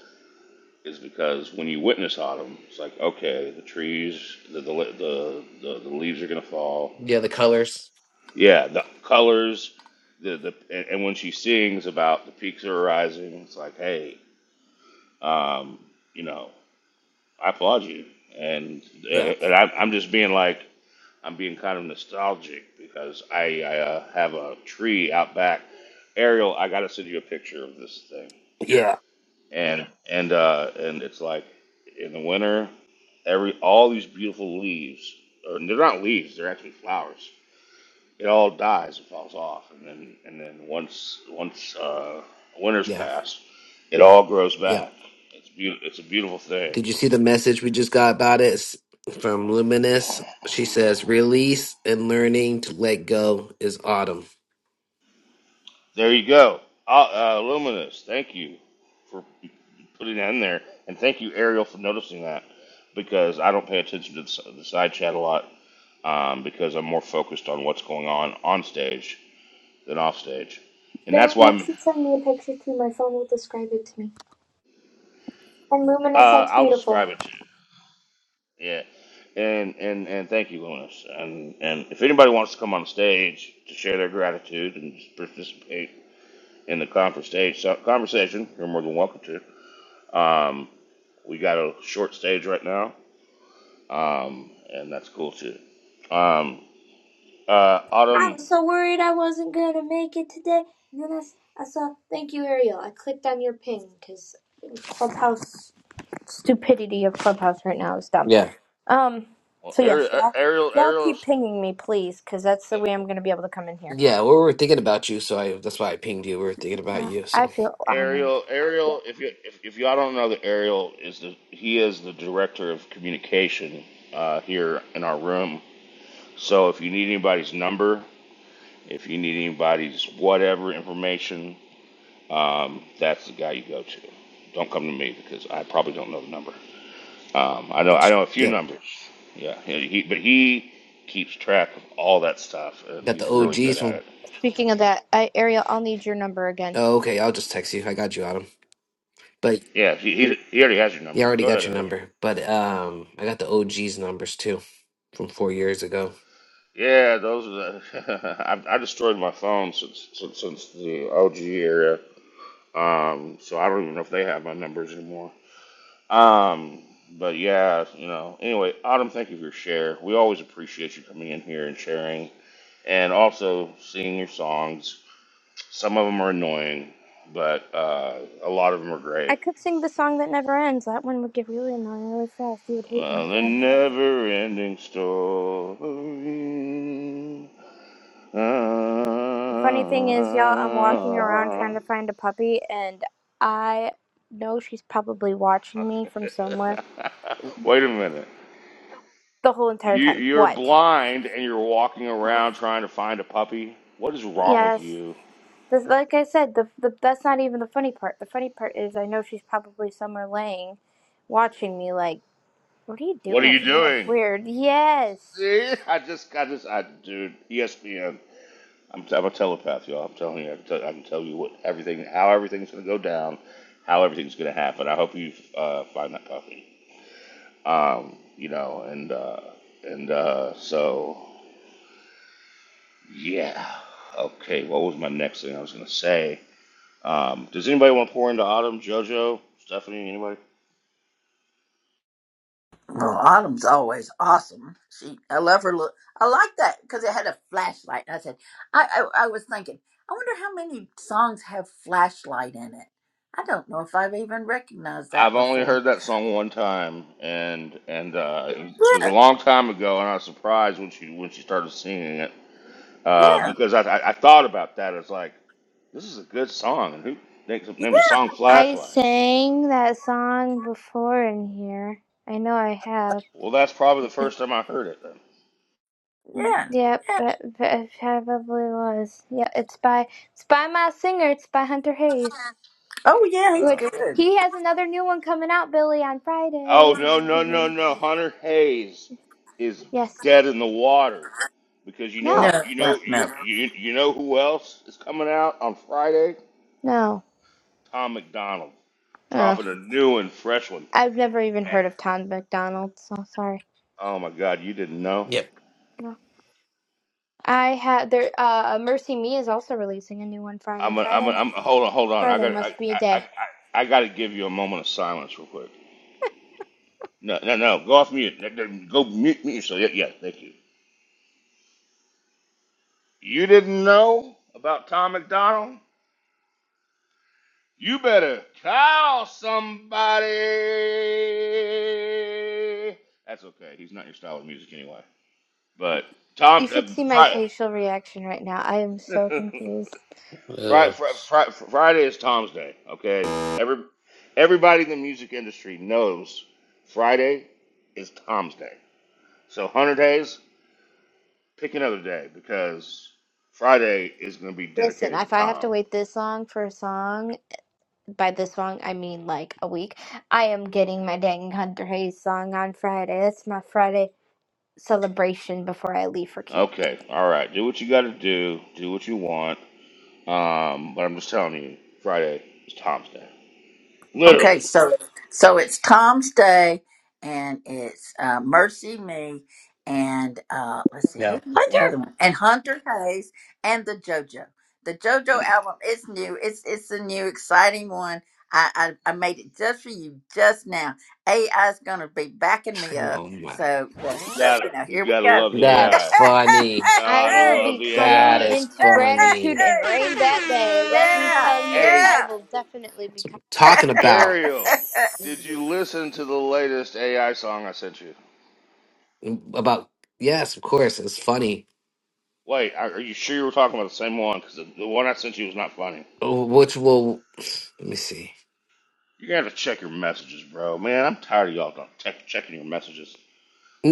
is because when you witness autumn, it's like okay, the trees, the the the, the, the leaves are gonna fall.
yeah. The colors.
Yeah, the colors, the the and, and when she sings about the peaks are rising, it's like hey, um, you know, I applaud you, and
Yeah,
and I, I'm just being like I'm being kind of nostalgic because I, I uh, have a tree out back. Ariel, I gotta send you a picture of this thing.
yeah,
And and uh, and it's like in the winter, every all these beautiful leaves, or they're not leaves, they're actually flowers. It all dies and falls off, and then and then once once uh, winter's
yeah,
passed, it all grows
yeah.
back. It's beautiful. It's a beautiful
Did
thing.
you see the message we just got about it It's from Luminous? She says release and learning to let go is autumn.
There you go. Uh, uh, Luminous, thank you for putting that in there. And thank you, Ariel, for noticing that because I don't pay attention to the, side chat a lot um, because I'm more focused on what's going on on stage than off stage, and
Billy,
that's why
you
I'm.
can send me a picture too. My phone will describe it to me. And
Uh,
Luminous, that's
I'll
beautiful.
describe it to you. Yeah. And, and, and thank you, Lunas. And, and if anybody wants to come on stage to share their gratitude and participate in the conference stage so, conversation, you're more than welcome to. Um, we got a short stage right now, um, and that's cool too. Um, uh,
I
Autumn
was so worried I wasn't going to make it today. And then I, s- I saw, thank you, Ariel. I clicked on your ping because Clubhouse, stupidity of Clubhouse right now is dumb.
Yeah,
Um,
Well,
so
Ariel,
yes, y'all,
Ariel,
y'all keep
Ariel's,
pinging me, please, because that's the way I'm going to be able to come in here.
yeah. Well, We were thinking about you, so I that's why I pinged you. We were thinking about
Uh,
you,
I
so
feel honored.
Ariel, Ariel. If you if, if y'all don't know, that Ariel is the he is the director of communication uh, here in our room. So if you need anybody's number, if you need anybody's whatever information, um, that's the guy you go to. Don't come to me because I probably don't know the number. Um, I know I
it's-
know a few
yep.
numbers. Yeah, he, he- but he keeps track of all that stuff, and
Got the
he's really good
OGs
at it.
Speaking of that, I, Ariel, I'll need your number again.
Oh, okay, I'll just text you. I got you, Adam. But
Yeah, he, he, he already has your
yeah,
number.
I already
Go
got
ahead,
your
Ariel.
number. But um, I got the OG's numbers too from four years ago.
Yeah, those are the. I, I destroyed my phone since, since since the OG era, um, so I don't even know if they have my numbers anymore. Um, but yeah, you know. Anyway, Autumn, thank you for your share. We always appreciate you coming in here and sharing, and also singing your songs. Some of them are annoying, but uh, a lot of them are great.
I could sing the song that never ends. That one would get really annoying really fast. You would hate me
Uh, the
forever.
never-ending story.
The funny thing is, y'all, I'm walking around
Ah,
trying to find a puppy, and I know she's probably watching me from somewhere
Wait a minute.
the whole entire
You,
time.
you're
What?
blind and you're walking
Uh-huh.
around trying to find a puppy. What is wrong with
Yes.
you?
This, like I said, the, the that's not even the funny part. The funny part is I know she's probably somewhere laying, watching me. Like, what are you
What are you
doing? You're
doing?
Weird. Yes.
See, I just got this. I, dude, ESPN. I'm, I'm a telepath, y'all. I'm telling you, I can tell, I can tell you what everything, how everything's gonna go down, how everything's gonna happen. I hope you uh, find that puppy. Um, you know, and uh, and uh, so yeah. Okay, what was my next thing I was gonna say? Um, does anybody want to pour into Autumn, JoJo, Stephanie, anybody?
Well, Autumn's always awesome. She, I love her look. I like that because it had a flashlight. And I said, I, I, I was thinking, I wonder how many songs have flashlight in it. I don't know if I've even recognized that
I've only
before.
heard that song one time, and and uh, it was a
Yeah,
long time ago, and I was surprised when she when she started singing it uh,
yeah,
because I, I I thought about that. It's like this is a good song, and who names, names a song
I
Flashlight?
sang that song before in here. I know I have.
Well, that's probably the first time I heard it. Then.
yeah,
Yep,
yeah.
that, that probably was. Yeah, it's by it's by my singer. It's by Hunter Hayes,
Oh yeah, he's
Uh,
which
good.
he has another new one coming out, Billy, on
oh
Friday.
no no no no! Hunter Hayes is
yes.
dead in the water because you know
No.
No,
you
no,
know you
no.
you you know who else is coming out on Friday?
No.
Tom McDonald
Ugh.
dropping a new and fresh one.
I've never even
And
heard of Tom McDonald, so sorry.
oh my God, you didn't know?
Yep.
No. I had there. Uh, Mercy Me is also releasing a new one Friday.
I'm a, I'm a,
Friday.
I'm a, hold on hold on. I
Friday
got I
must be a
I,
day.
I, I got to give you a moment of silence real quick. No no no, go off mute. No, no, Go mute mute yourself. Yeah yeah, thank you. You didn't know about Tom McDonald? You better call somebody. That's okay. He's not your style of music anyway. But
You
Tom, uh,
should see my
Friday.
facial reaction right now. I am so confused.
Uh,
Friday, Friday, is Tom's day. Okay, every everybody in the music industry knows Friday is Tom's day. So one hundred days, pick another day because Friday is going to be
Listen,
dedicated
if
to
I have to
Tom.
wait this long for a song, by this long I mean like a week, I am getting my dang Hunter Hayes song on Friday. That's my Friday celebration before I leave for camp.
Okay, all right, do what you got to do, do what you want. Um, but I'm just telling you, Friday is Tom's day.
Okay,
Literally,
so so it's Tom's Day, and it's uh, Mercy Me, and uh, let's see
yeah.
who's the other
Hunter!
one, and Hunter Hayes, and the JoJo. The JoJo album is new. It's it's a new exciting one. I I, I made it just for you just now. AI's gonna be backing me up.
Oh my,
So so,
you
so you
gotta
know
you
here we
gotta
go.
love the
that's
AI.
funny.
I
Gotta
will
Hey,
love
be
the
That
coming
AI.
is
into
hey, hey,
funny.
gratitude and
hey,
rain
That's
that day. Let me tell
hey.
you, I
yeah
will definitely be
what
coming.
I'm talking about.
Ariel,
that day.
yeah.
did you listen to the latest AI song I sent you?
About yes, of course, it's funny.
Wait, are are you sure you were talking about the same one? Because the, the one I sent you was not funny.
Which will let me see.
You're gonna have to check your messages, bro. Man, I'm tired of y'all not tech checking your messages.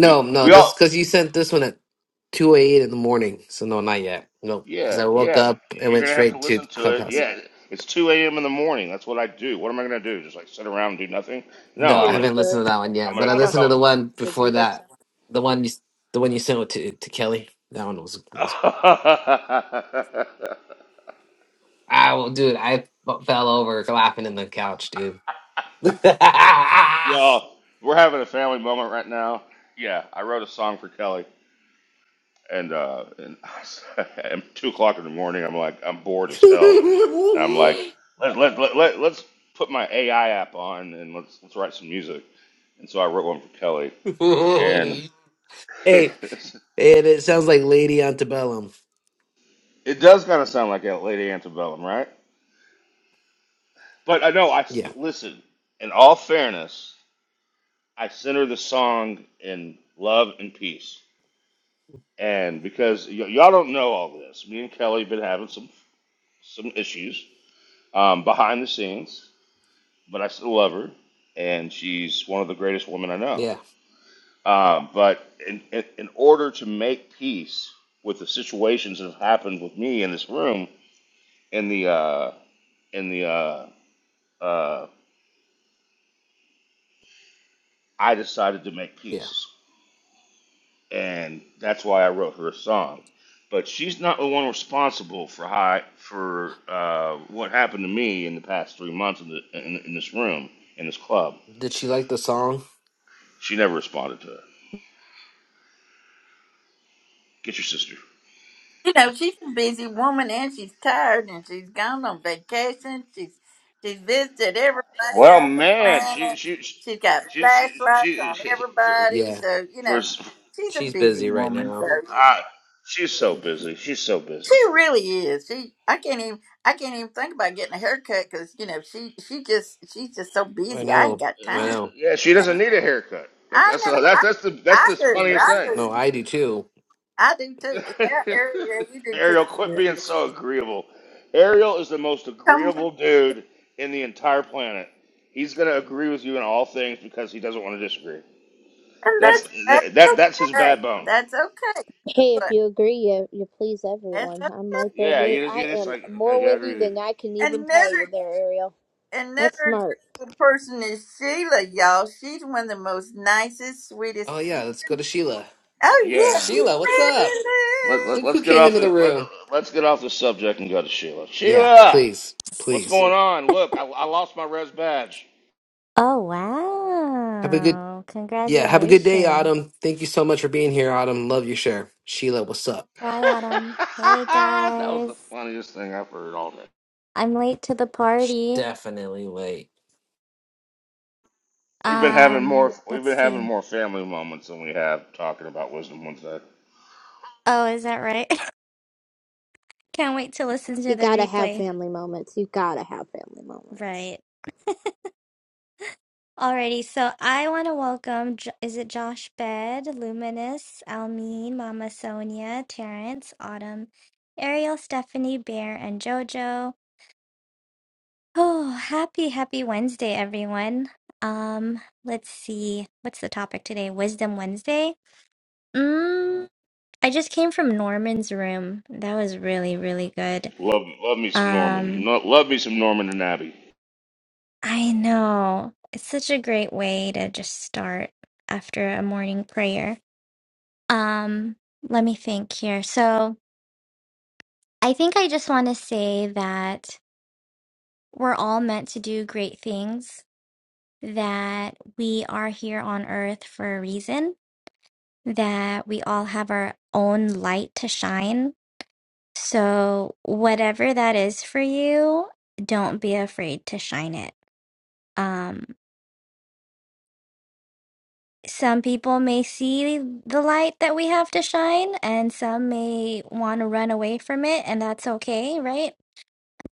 We
no,
we
this
all
because you sent this one at two eight in the morning. So no, not yet. No, because
yeah
I woke
yeah.
up and
You're
went
gonna have to
straight to
listen to it.
Clubhouse.
Yeah, it's 2 a.m. in the morning. That's what I do. What am I gonna do? Just like sit around and do nothing?
I
No,
No,
feel
I'm
I
gonna
you,
haven't
Billy.
listened to
I feel
that
you.
one
I'm
yet, but
gonna
I
But I don't
click
listened
check
to
on.
the
my
one
messages
before
either,
that.
so.
The one you, the one you sent to to Kelly. That one was that was. I will, dude. I f- fell over laughing in the couch, dude. hey,
y'all, we're having a family moment right now. Yeah, I wrote a song for Kelly. and uh, and at two o'clock in the morning, I'm like, I'm bored as hell. And I'm like, let let let, let let's put my AI app on and let's let's write some music. And so I wrote one for Kelly, and it
and it sounds like Lady Antebellum.
does kind of sound like a Lady Antebellum, right? But I know I
Yeah,
listen. In all fairness, I sent her the song in love and peace, and because y- y'all don't know all this, me and Kelly been having some some issues um, behind the scenes but I still love her, and she's one of the greatest women I know.
yeah,
Um, but in, in, in order to make peace with the situations that have happened with me in this room, in the uh, in the uh, uh, I decided to make
yeah.
peace, and that's why I wrote her a song. But she's not the one responsible for how I- for uh, what happened to me in the past three months in, the, in, in this room in this club.
Did she like the song?
She never responded to it. Get your sister.
You know, she's a busy woman and she's tired and she's gone on vacation. She's she's visited everybody
Well,
on the
man, she
planet.
she
She's got
she she
flashlights
she,
on
she for,
everybody.
Yeah.
So, you know,
for
she's a
She's
busy
busy right
woman. So
now.
uh, she's so busy. She's so
she
busy.
really is. She I can't even I can't even think about getting a haircut because, you know, she she just she's just so
I
busy. I ain't
know.
got
I
time.
Uh,
know.
yeah, she doesn't need a haircut. That's
I
that's
know.
that's
I
that's the that's
I
the
do.
funniest
I
thing.
No,
do.
I do too.
I do too. Yeah, Ariel, you do
Ariel, quit being
too.
so agreeable. Ariel is the most
Come.
agreeable dude in the entire planet. He's gonna agree with you in all things because he doesn't want to disagree.
And
That's
that's that's
that that's his bad
okay.
bone.
That's okay.
Hey, if
But
you agree, you, you please
that's
everyone.
o-
I'm right there
Yeah,
with.
you just you
I
just
am
like
more
okay, yeah, I
with you
agree with
than I can even tell you.
another
There, Ariel. That's
another
smart.
beautiful person is Sheila, y'all. She's one of the most nicest,
Oh
sweetest.
yeah, let's go to Sheila.
you.
Oh yeah,
Yeah.
Sheila, what's
she's
up?
Let,
fabulous.
let,
Look
us
who
get
came
off
into the
the let,
room.
let's get off the subject and go to Sheila.
Yeah,
Sheila,
please,
what's
please.
going on? Look, I, I lost my res badge.
Oh
Have a good
wow.
yeah, have a good day,
Congratulations.
Autumn. Thank you so much for being here, Autumn. Love your share. Sheila, what's up?
Hi Autumn. Hey
that was the
guys.
funniest thing I've heard all day.
I'm late to the
She's
party.
definitely late.
We've been having more
Um,
we've
let's
been having
see.
more family moments than we have talking about Wisdom Wednesday.
Oh, is that right? Can't wait to listen to
You
the
gotta have
replay.
family moments. You gotta have family moments.
Right. Alrighty, so I want to welcome, Jo- is it Josh Bed, Luminous, Almeen, Mama Sonia, Terrence, Autumn, Ariel, Stephanie, Bear, and Jojo. Oh, happy, happy Wednesday, everyone. Um, let's see. What's the topic today? Wisdom Wednesday? Mm, I just came from Norman's room. That was really, really good.
Love love me some Norman.
Um,
No, love me some Norman and Abby.
I know. It's such a great way to just start after a morning prayer. Um, let me think here. So, I think I just want to say that we're all meant to do great things, that we are here on earth for a reason that we all have our own light to shine. So, whatever that is for you, don't be afraid to shine it. Um, some people may see the light that we have to shine, and some may want to run away from it, and that's okay, right?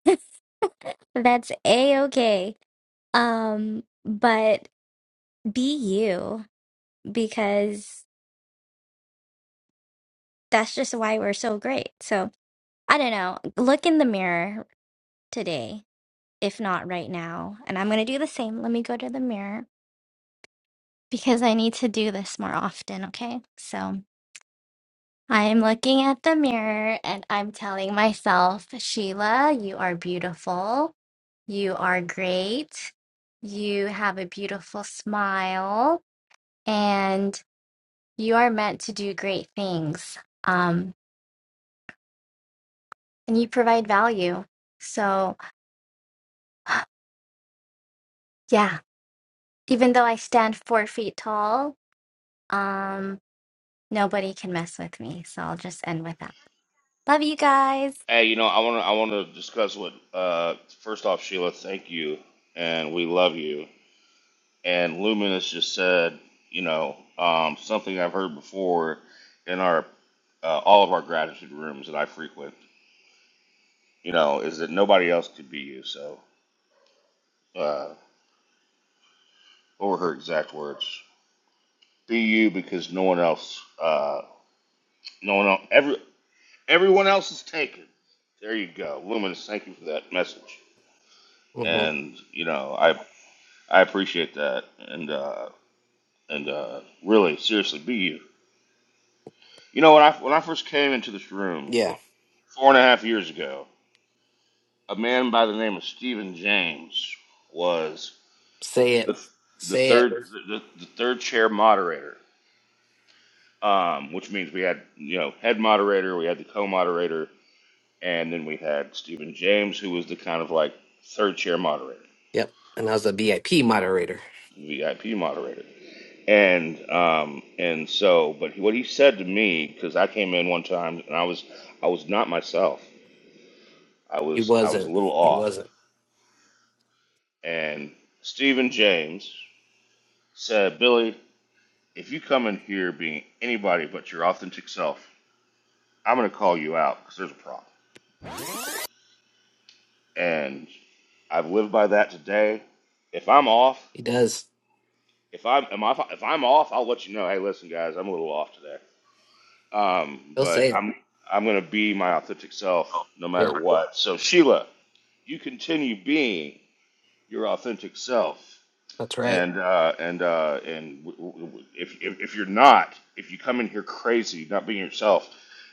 That's a okay. Um, but be you because that's just why we're so great. So, I don't know. Look in the mirror today if not right now. And I'm going to do the same. Let me go to the mirror because I need to do this more often, okay? So I'm looking at the mirror and I'm telling myself, Sheila, you are beautiful. You are great. You have a beautiful smile and you are meant to do great things. Um, and you provide value. So, yeah, even though I stand four feet tall, um, Nobody can mess with me, so I'll just end with that. Love you guys.
Hey, you know I want to I want to discuss what. Uh, first off, Sheila, thank you, and we love you. and Luminous just said, you know, um, something I've heard before in our uh, all of our gratitude rooms that I frequent, you know, is that nobody else could be you. So, uh, what were her exact words? Be you because no one else, uh, no one else, every, everyone else is taken. There you go, Luminous. Thank you for that message,
hmm
and you know, I I appreciate that, and uh, and uh, really seriously, be you. You know, when I when I first came into this room
Yeah.
four and a half years ago, a man by the name of Stephen James was
Say it.
the the
Say it.
third the, the third chair moderator, um, which means we had you know head moderator, we had the co-moderator, and then we had Stephen James, who was the kind of like third chair moderator,
Yep. And I was a VIP moderator.
VIP moderator, and um, and so but what he said to me because I came in one time and I was I was not myself, I
He
was I was a
wasn't.
little
He
off,
wasn't.
and Stephen James said, Billy If you come in here being anybody but your authentic self, I'm going to call you out because there's a problem. And I've lived by that today. If I'm off,
He does.
if I'm if I'm off, I'll let you know. Hey, listen, guys, I'm a little off today. Um,
He'll
but
say it.
I'm I'm going to be my authentic self no
Yeah.
matter what. So Sheila, you continue being your authentic self
That's right.
and uh, and uh, and w- w- w- if, if if you're not, if you come in here crazy, not being yourself,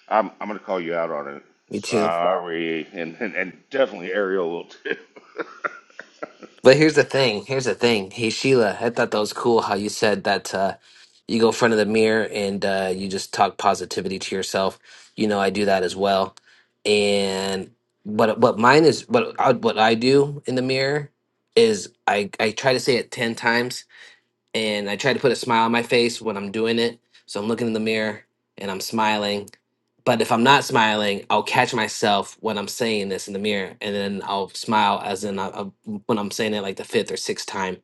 I'm I'm gonna call you out on it.
Me too.
Sorry, and and, and definitely Ariel will too.
But here's the thing. Here's the thing. Hey Sheila, I thought that was cool how you said that uh, you go in front of the mirror and uh, you just talk positivity to yourself. You know, I do that as well. And but what mine is what I, what I do in the mirror is I I try to say it ten times and I try to put a smile on my face when I'm doing it. So I'm looking in the mirror and I'm smiling. But if I'm not smiling, I'll catch myself when I'm saying this in the mirror, and then I'll smile as in I, I- when I'm saying it like the fifth or sixth time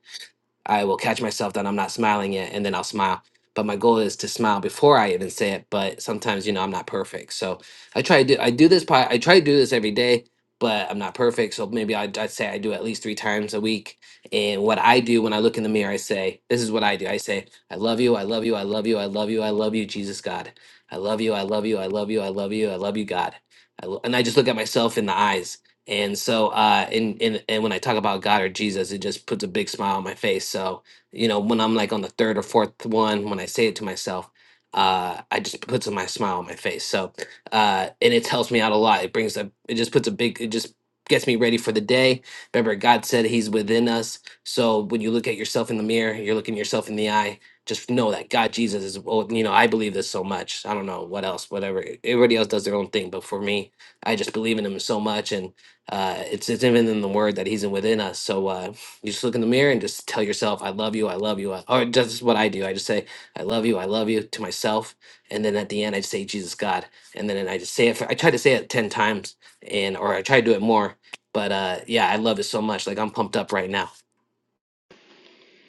I will catch myself that I'm not smiling yet, and then I'll smile. But my goal is to smile before I even say it. But sometimes, you know, I'm not perfect, so I try to do. I do this. po- I try to do this every day, but I'm not perfect. So maybe I, I'd say I do at least three times a week. And what I do when I look in the mirror, I say, "This is what I do." I say, "I love you. I love you. I love you. I love you. I love you, Jesus God. I love you. I love you. I love you. I love you. I love you, God." I lo- and I just look at myself in the eyes and so, uh, and, and and when I talk about God or Jesus, it just puts a big smile on my face. So, you know, when I'm like on the third or fourth one, when I say it to myself, uh, I just puts my smile on my face. So, uh, and it helps me out a lot. It brings a, it just puts a big, it just gets me ready for the day. Remember, God said He's within us. So when you look at yourself in the mirror, you're looking yourself in the eye. Just know that God, Jesus is. Well, you know, I believe this so much. I don't know what else, whatever. Everybody else does their own thing, but for me, I just believe in Him so much, and uh, it's, it's even in the word that he's in within us. So uh, you just look in the mirror and just tell yourself, I love you, I love you. I, or that's just what I do. I just say, I love you, I love you to myself. And then at the end, I just say, Jesus, God. And then I just say it. For, I try to say it 10 times and, or I try to do it more. But uh, yeah, I love it so much. Like I'm pumped up right now.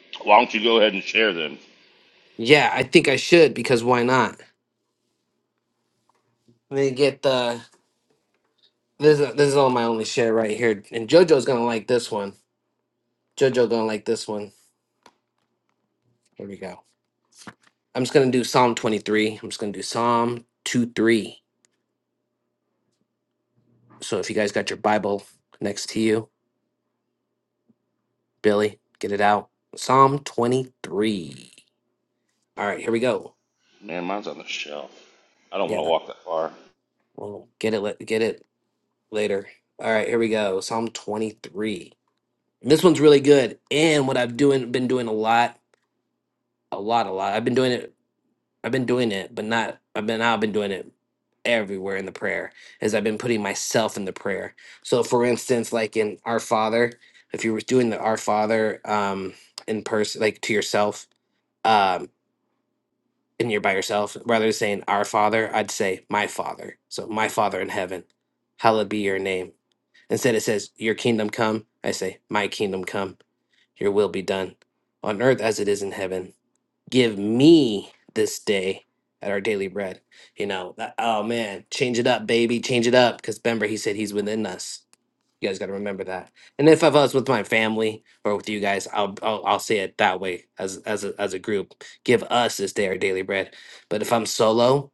Why don't you go ahead and share them?
Yeah, I think I should because why not? Let me get the, this, is- this is all my only share right here. And JoJo's going to like this one. JoJo going to like this one. Here we go. I'm just gonna do Psalm 23. I'm just gonna do Psalm 2 3. So if you guys got your Bible next to you, Billy, get it out. Psalm 23. All right, here we go.
Man, mine's on the shelf. I don't
Yeah,
want to
that-
walk that far.
we'll get it. la- Get it later. All right, here we go. Psalm 23. This one's really good. And what I've doing been doing a lot, a lot, a lot. I've been doing it I've been doing it, but not I've been I've been doing it everywhere in the prayer as I've been putting myself in the prayer. So for instance, like in Our Father, if you were doing the Our Father um in person like to yourself, um and you're by yourself, rather than saying our father, I'd say my father. So my father in heaven, hallowed be your name. Instead it says your kingdom come, I say my kingdom come, your will be done on earth as it is in heaven give me this day at our daily bread. You know, that, oh man, change it up, baby, change it up. Because remember, he said he's within us. You guys got to remember that. And if I was with my family or with you guys, I'll, I'll I'll say it that way as as a, as a group. Give us this day our daily bread. But if I'm solo,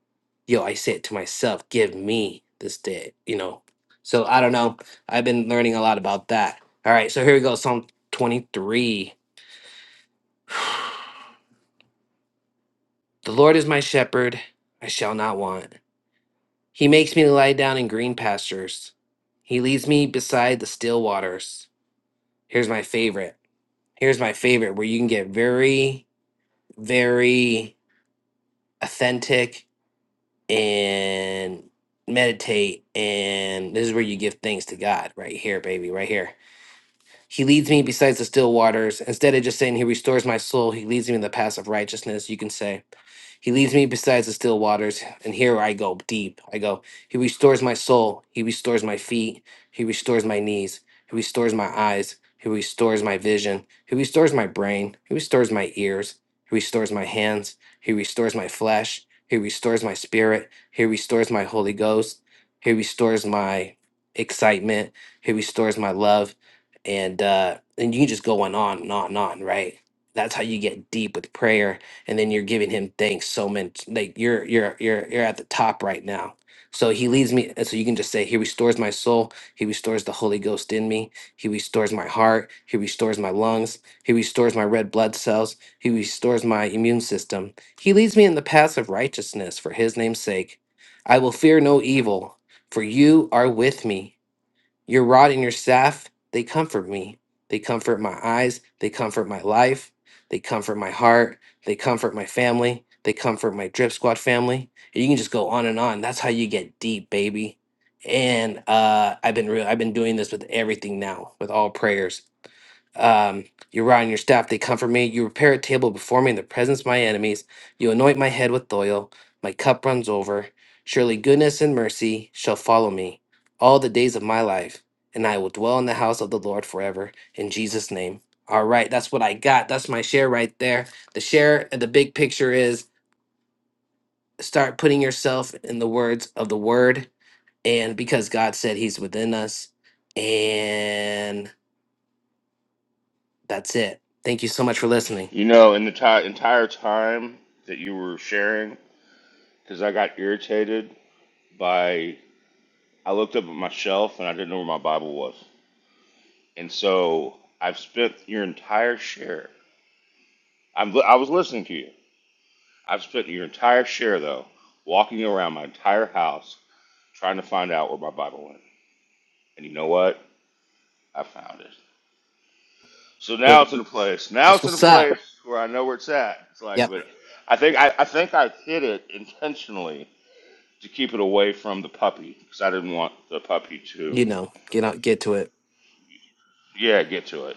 yo, I say it to myself. Give me this day. You know. So I don't know. I've been learning a lot about that. All right. So here we go. Psalm 23. The Lord is my shepherd, I shall not want. He makes me lie down in green pastures. He leads me beside the still waters. Here's my favorite. Here's my favorite where you can get very, very authentic and meditate. And this is where you give thanks to God right here, baby, right here. He leads me besides the still waters. Instead of just saying he restores my soul, he leads me in the paths of righteousness. You can say, He leads me besides the still waters, and here I go deep. I go, He restores my soul. He restores my feet. He restores my knees. He restores my eyes. He restores my vision. He restores my brain. He restores my ears. He restores my hands. He restores my flesh. He restores my spirit. He restores my Holy Ghost. He restores my excitement. He restores my love and uh and you can just go on on and on and on right that's how you get deep with prayer and then you're giving him thanks so much like you're you're you're you're at the top right now so he leads me and so you can just say he restores my soul he restores the holy ghost in me he restores my heart he restores my lungs he restores my red blood cells he restores my immune system he leads me in the paths of righteousness for his name's sake i will fear no evil for you are with me your rod and your staff, they comfort me. They comfort my eyes. They comfort my life. They comfort my heart. They comfort my family. They comfort my drip squad family. And you can just go on and on. That's how you get deep, baby. And uh, I've been real. I've been doing this with everything now, with all prayers um, your rod and your staff, they comfort me. You prepare a table before me in the presence of my enemies. You anoint my head with oil. My cup runs over. Surely goodness and mercy shall follow me all the days of my life, and I will dwell in the house of the Lord forever. In Jesus' name. All right, that's what I got. That's my share right there. The share, the big picture is start putting yourself in the words of the word and because God said He's within us. And that's it. Thank you so much for listening.
You know, in the ti entire time that you were sharing, because I got irritated by I looked up at my shelf and I didn't know where my Bible was, and so I've spent your entire share. I'm I was listening to you I've spent your entire share, though, walking around my entire house trying to find out where my Bible went. And you know what? I found it. So now it's in a place. Now
That's
it's in a
what's up.
place where I know where it's at. It's like,
Yep.
but I think I, I think I hid it intentionally to keep it away from the puppy because I didn't want the puppy to,
You know, get out, get to it.
yeah, get to it.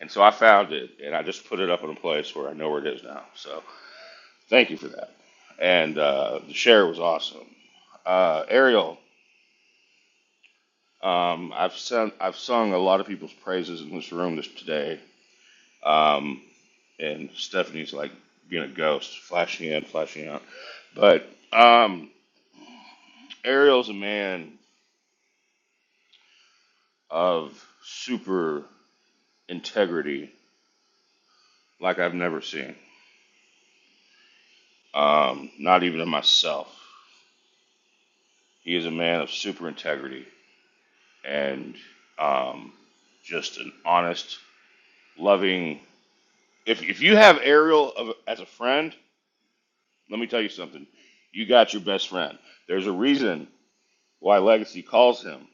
And so I found it, and I just put it up in a place where I know where it is now. So thank you for that. And uh, the share was awesome. Uh, Ariel, Um, I've sung I've sung a lot of people's praises in this room this today. Um, and Stephanie's like being a ghost, flashing in, flashing out. But um, Ariel's a man of super integrity, like I've never seen. Um, not even in myself. He is a man of super integrity and um, just an honest, loving. If if you have Ariel of, as a friend, Let me tell you something. You got your best friend. There's a reason why Legacy calls him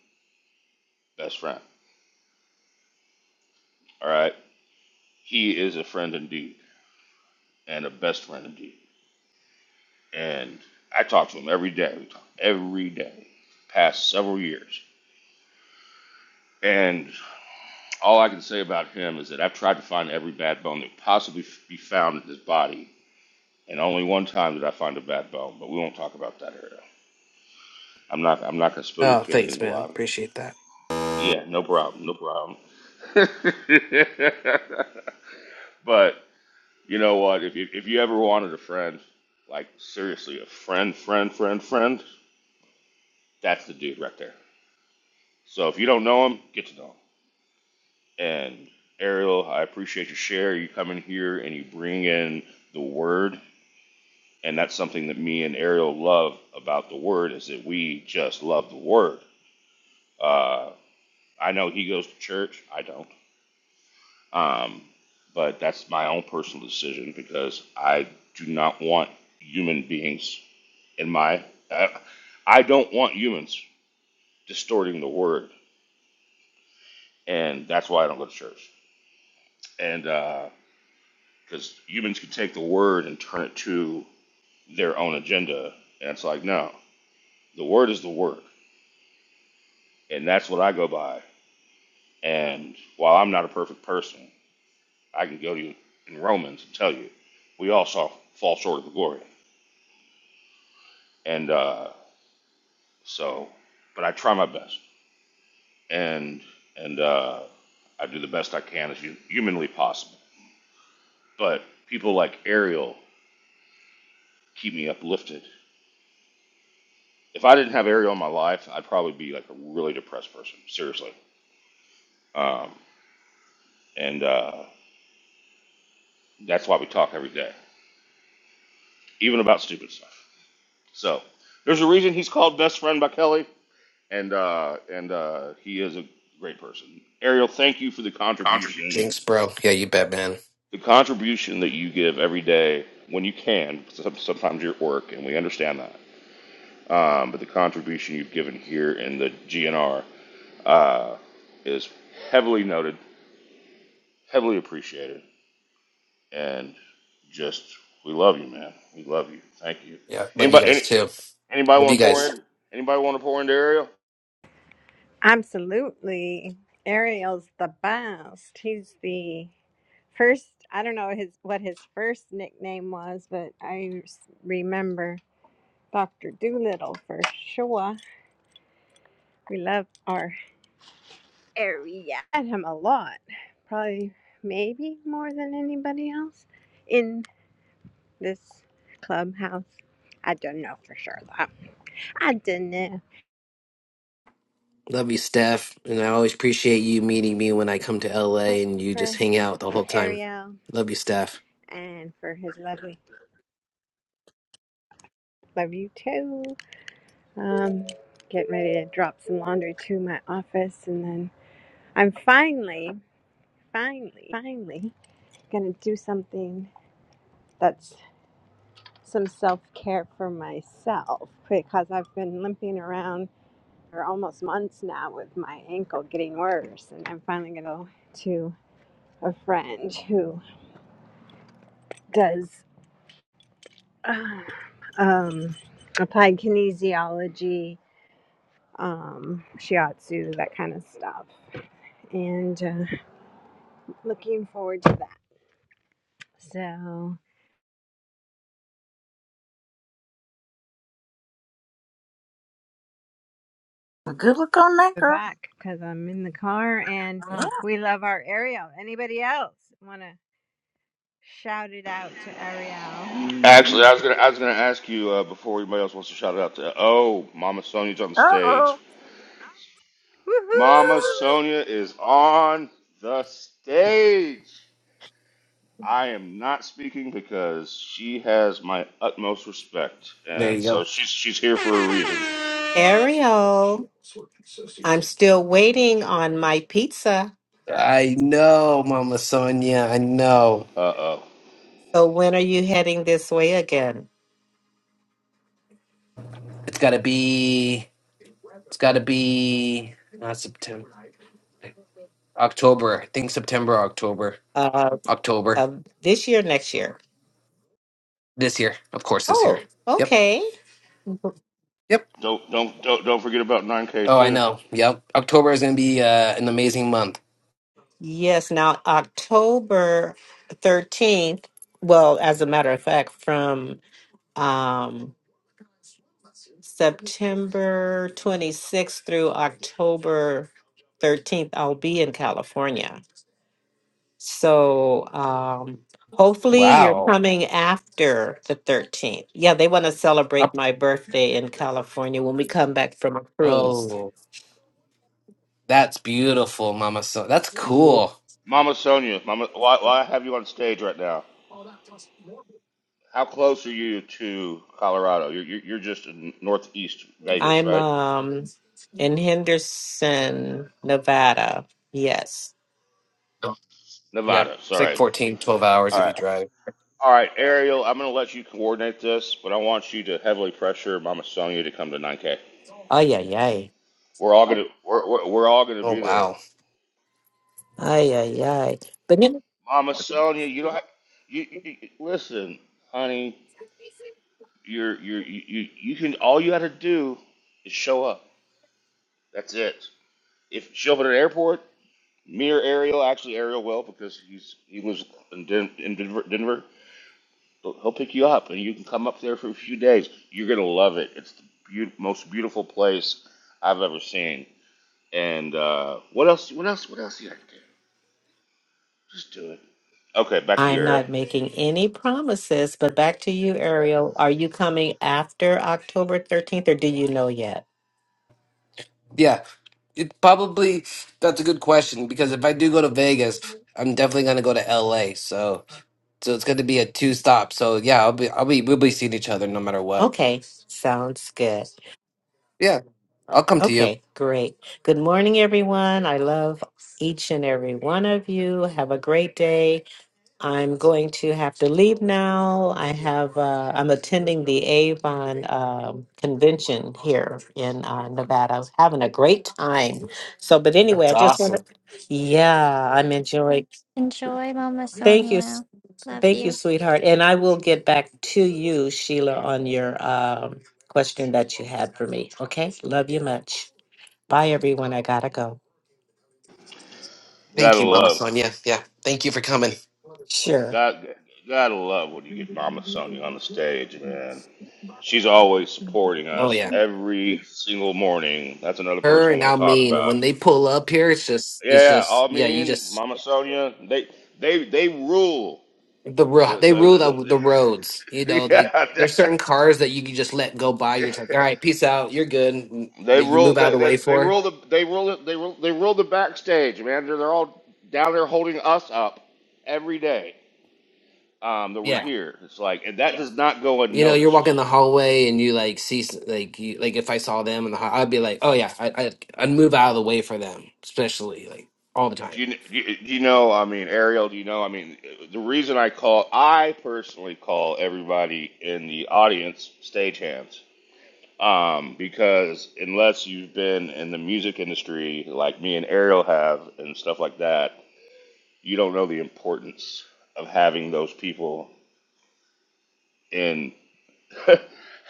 best friend. All right. He is a friend indeed and a best friend indeed. And I talk to him every day. We talk every day, past several years. And all I can say about him is that I've tried to find every bad bone that could possibly be found in his body. And only one time did I find a bad bone, but we won't talk about that area. I'm not, I'm not going to spill your
Oh,
candy in
thanks,
the
man.
lobby.
Appreciate that.
Yeah, no problem, no problem. but you know what? If you if you ever wanted a friend, like seriously, a friend, friend, friend, friend, that's the dude right there. So if you don't know him, get to know him. And Ariel, I appreciate your share. You come in here and you bring in the word, and that's something that me and Ariel love about the word is that we just love the word. Uh, I know he goes to church. I don't. Um, but that's my own personal decision because I do not want human beings in my. I, I don't want humans distorting the word, and that's why I don't go to church. And because uh, humans can take the word and turn it to their own agenda, and it's like no, the word is the word, and that's what I go by. And while I'm not a perfect person, I can go to you in Romans and tell you we all saw fall short of the glory. And uh, So, but I try my best, and and uh, I do the best I can as humanly possible. But people like Ariel keep me uplifted. If I didn't have Ariel in my life, I'd probably be like a really depressed person, seriously. Um, and uh, that's why we talk every day, even about stupid stuff. So there's a reason he's called Best Friend by Kelly, and uh, and uh, he is a great person. Ariel, thank you for the contribution
Thanks, bro. Yeah, you bet, man.
the contribution that you give every day when you can, some- sometimes you're at work, and we understand that. Um, but the contribution you've given here in the GNR uh, is heavily noted, heavily appreciated, and just we love you, man. We love you. Thank you.
Yeah, love you
anybody
guys
any,
too.
anybody
Love you
want to pour
guys.
in? Anybody want to pour into Ariel?
Absolutely. Ariel's the best. He's the first, I don't know his what his first nickname was, but I s- remember Dr. Doolittle for sure. We loved our area. I had him a lot, probably maybe more than anybody else in this clubhouse. I don't know for sure I don't know.
Love you, Steph. And I always appreciate you meeting me when I come to LA and you just
For
hang out the whole time.
Ariel
Love you, Steph.
and for his lovely, love you too. Um, getting ready to drop some laundry to my office, and then I'm finally, finally, finally gonna do something that's some self care for myself because I've been limping around for almost months now with my ankle getting worse, and I'm finally gonna go to a friend who does Uh, um, applied kinesiology, um, shiatsu, that kind of stuff. And uh, looking forward to that. So
Well, good look on that
we're
girl.
back because I'm in the car and
Uh
we love our Ariel. Anybody else want to shout it out to Ariel?
Actually, I was gonna I was gonna ask you uh, before anybody else wants to shout it out to. Oh, Mama Sonia's on the stage.
oh.
Woohoo!
Mama Sonia is on the stage. I am not speaking because she has my utmost respect,
There
and
you
so
go.
she's she's here for a reason.
Ariel, I'm still waiting on my pizza.
I know, Mama Sonia. I know.
Uh oh.
So when are you heading this way again?
It's gotta be. It's gotta be. Not September. October. I think September, or October,
Uh,
October
uh this year, next year?
this year. Of course, this year.
Oh,
Yep.
okay.
Yep.
Don't don't don't don't forget about 9K
Oh, I
too.
know. Yep. October is going to be uh, an amazing month.
Yes, now October 13th. Well, as a matter of fact, from um September 26th through October 13th, I'll be in California. So um, hopefully you're
Wow.
coming after the 13th. Yeah, they want to celebrate
Up.
my birthday in California when we come back from a cruise.
Oh, that's beautiful, Mama. So that's
Yeah,
cool.
Mama Sonia, Mama, why why have you on stage right now? How close are you to Colorado? You're you're, you're just in northeast Vegas,
I'm
right?
um, in Henderson, Nevada. Yes.
Oh, Yep.
Nevada.
It's like
Sorry.
fourteen twelve hours
All
if you
right.
drive.
All right, Ariel, I'm going to let you coordinate this, but I want you to heavily pressure Mama Sonia to come to 9K.
Oh, yeah, yeah. Ay,
We're all gonna we're we're, we're all gonna
Oh,
be there.
wow.
ay, ay. But you know,
Mama Sonia, you don't have, you, you, you listen, honey. You're you're you, you you can all you gotta do is show up. That's it. If show up at an airport, me or Ariel, actually Ariel will because he's he lives in, Den, in Denver, Denver. He'll he'll pick you up and you can come up there for a few days. You're gonna love it. It's the beau- most beautiful place I've ever seen. And uh, what else? What else? What else you gotta do? Just do it. Okay, back to you,
I'm
Ariel.
not making any promises. But back to you, Ariel. Are you coming after October 13th or do you know yet?
Yeah. It probably that's a good question because if I do go to Vegas, I'm definitely going to go to LA. So so it's going to be a two stop. So yeah, I'll be I'll be we'll be seeing each other no matter what.
Okay, sounds good.
Yeah, I'll come to you.
Okay, great. Good morning, everyone. I love each and every one of you. Have a great day. I'm going to have to leave now. I have uh, I'm attending the Avon um, convention here in uh, Nevada. I was having a great time. So, but anyway,
That's
I just want
awesome.
to. Yeah, I'm enjoying.
Enjoy, Mama
Thank you, s-
Sonia. Love
thank you,
you.
sweetheart. And I will get back to you, Sheila, on your um, question that you had for me. Okay, love you much. Bye, everyone. I gotta go.
Thank
Gotta
you, Mama
love,
Sonia. Yeah, thank you for coming.
Sure.
God, gotta love when you get Mama Sonia on the stage, man. She's always supporting
Oh
us
yeah,
every single morning. That's another
her
person I
and
want
I
to talk
mean
about.
when they pull up here, it's just it's
Yeah, yeah,
just
I
yeah, you
mean,
just
Mama Sonia, they they they rule.
the ro-
The
they
the,
rule the,
the,
the roads. You
the
know, they
yeah,
there's certain cars that you can just let go by. You're just like, all right, peace out, you're good. and
they they
That you
rule.
move out of
They,
the
they
way
they
for.
rule the they rule it- they rule they rule the backstage, man. They're, they're all down there holding us up every day um, that we're
Yeah,
here. It's like, and that does not go
you know, you're
unnoticed.
walking the hallway and you like see s- like you like if I saw them in the hall, I'd be like, oh yeah, I, I I'd move out of the way for them, especially like all the time.
Do you, do you do you know? I mean, Ariel, do you know? I mean, the reason I call, I personally call everybody in the audience stagehands. Um, because unless you've been in the music industry like me and Ariel have and stuff like that, you don't know the importance of having those people in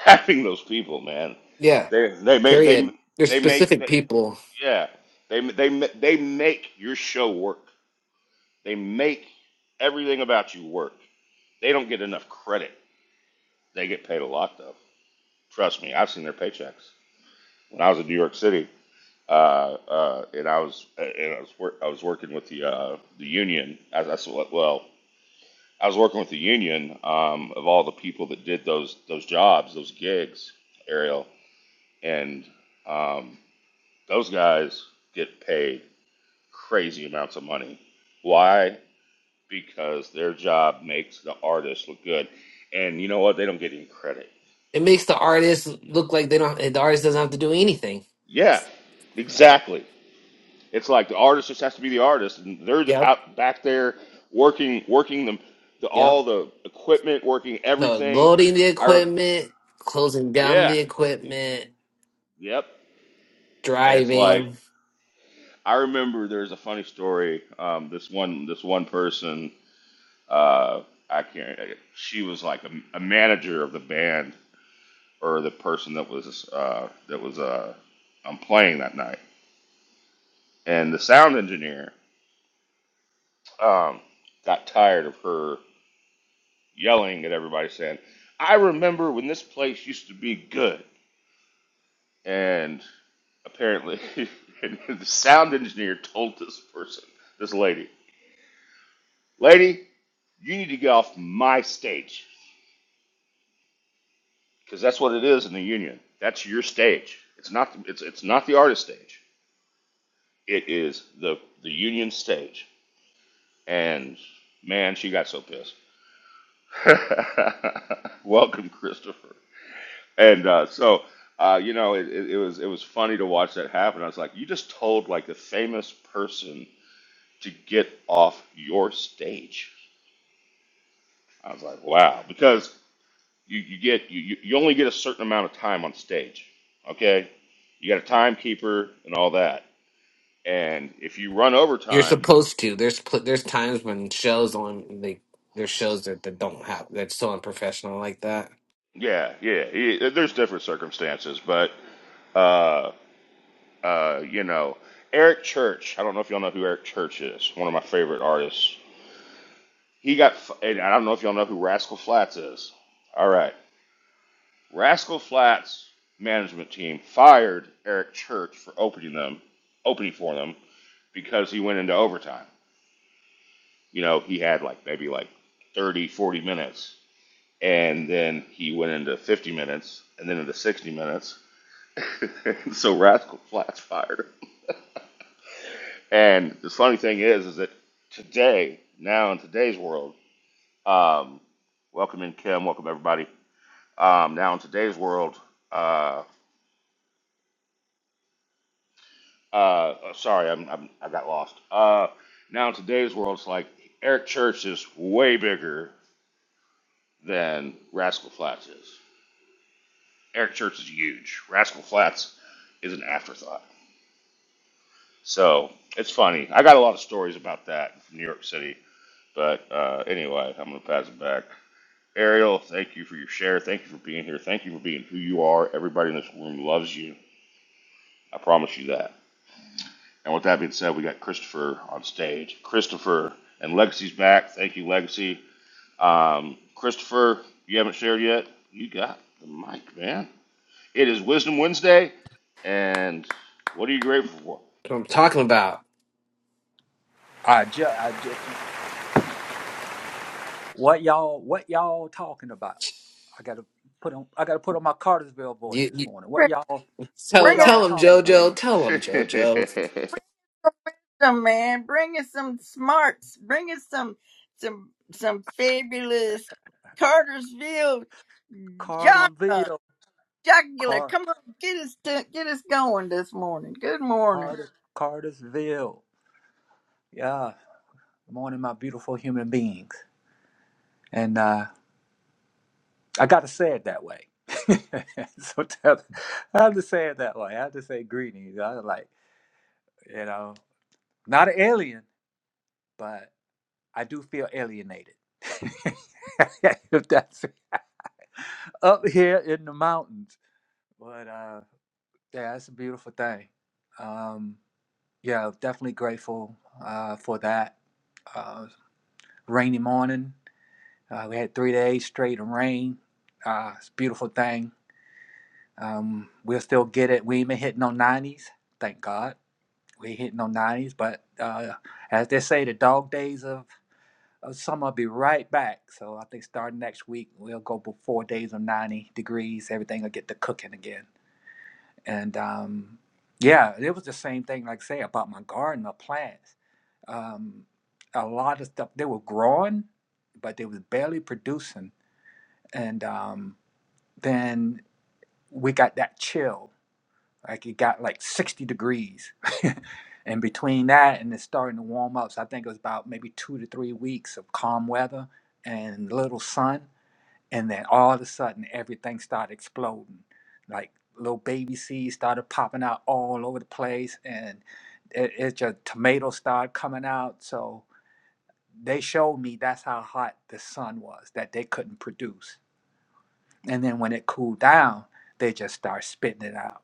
having those people, man.
Yeah.
They they make they
Period. They're
they make
specific
they,
people.
yeah they they they make your show work. They make everything about you work. They don't get enough credit. They get paid a lot though. Trust me, I've seen their paychecks. When I was in New York City, uh, uh, and I was uh, and I was wor- I was working with the uh, the union. As I said, well, I was working with the union um, of all the people that did those those jobs, those gigs, Ariel, and um, those guys get paid crazy amounts of money. Why? because their job makes the artist look good. And you know what? They don't get any credit.
It makes the artist look like they don't. The artist doesn't have to do anything.
Yeah, exactly. It's like the artist just has to be the artist, and they're
Yep.
out back there working, working the, the
Yep.
all the equipment, working
No
everything.
loading the
I, rem-
equipment, closing down
yeah,
the equipment,
yep. And it's like
driving.
I remember there's a funny story. Um, this one, this one person, uh, I can't. She was like a, a manager of the band, or the person that was uh, that was uh, um, playing that night. And the sound engineer um, got tired of her yelling at everybody, saying, "I remember when this place used to be good." And apparently, the sound engineer told this person, this lady, "Lady, you need to get off my stage because that's what it is in the union. That's your stage. It's not. It's it's not the artist stage. It is the the union stage." and man, she got so pissed. Welcome, Christopher. And uh, so, uh, you know, it, it, it was it was funny to watch that happen. I was like, you just told like the famous person to get off your stage. I was like, wow, because you, you get you, you you only get a certain amount of time on stage. Okay, you got a timekeeper and all that, and if you run over
You're
time,
supposed to. There's pl- there's times when shows on they there's shows that, that don't have that's so unprofessional like that.
yeah, yeah, yeah there's different circumstances, but. uh, Uh, you know, Eric Church. I don't know if y'all know who Eric Church is. One of my favorite artists. He got. And I don't know if y'all know who Rascal Flatts is. All right, Rascal Flatts management team fired Eric Church for opening them, opening for them because he went into overtime. You know, he had like maybe like 30, 40 minutes. And then he went into 50 minutes and then into 60 minutes. so Rascal Flatts fired him. And the funny thing is, is that today, now in today's world, um, welcome in Kim, welcome everybody. Um, now in today's world, uh, uh, uh, sorry, I'm, I'm I got lost. Uh, now in today's world, it's like Eric Church is way bigger than Rascal Flatts is. Eric Church is huge. Rascal Flatts is an afterthought. So it's funny. I got a lot of stories about that from New York City. But uh, anyway, I'm gonna pass it back. Ariel, thank you for your share. Thank you for being here. Thank you for being who you are. Everybody in this room loves you. I promise you that. And with that being said, we got Christopher on stage. Christopher and Legacy's back. Thank you, Legacy. Um, Christopher, you haven't shared yet. You got the mic, man. It is Wisdom Wednesday, and what are you grateful for?
That's what I'm talking about.
I just, I ju- what y'all, what y'all talking about? I gotta put on, I gotta put on my Cartersville voice
You,
this
you
morning. What
Bring,
y'all, what
tell
bring us
y'all
tell him
talking about?
What-
JoJo. Tell him JoJo.
some man. Bring us some smarts. Bring us some some some fabulous Cartersville genre.
Cartersville,
Jugular,
Car,
come on, get us to, get us going this morning. Good morning.
Carter, Cartersville. Yeah. Good morning, my beautiful human beings. And uh, I gotta say it that way. so tell, I have to say it that way. I have to say greetings. I was like, you know, not an alien, but I do feel alienated. if that's up here in the mountains. But uh, yeah, it's a beautiful thing. Um, yeah, definitely grateful uh, for that. Uh, rainy morning. Uh, we had three days straight of rain. Uh, it's a beautiful thing. Um, we'll still get it. We ain't been hitting no 90s. Thank God. We ain't hitting no 90s. But uh, as they say, the dog days of, of summer will be right back. So I think starting next week, we'll go for four days of 90 degrees. Everything will get to cooking again. and um, yeah, it was the same thing. Like I say about my garden, my plants. Um, a lot of stuff they were growing, but they was barely producing. And um, then we got that chill. Like it got like sixty degrees, and between that and it's starting to warm up. So I think it was about maybe two to three weeks of calm weather and little sun and then all of a sudden everything started exploding like little baby seeds started popping out all over the place and it, it just tomatoes started coming out so they showed me that's how hot the sun was that they couldn't produce and then when it cooled down they just start spitting it out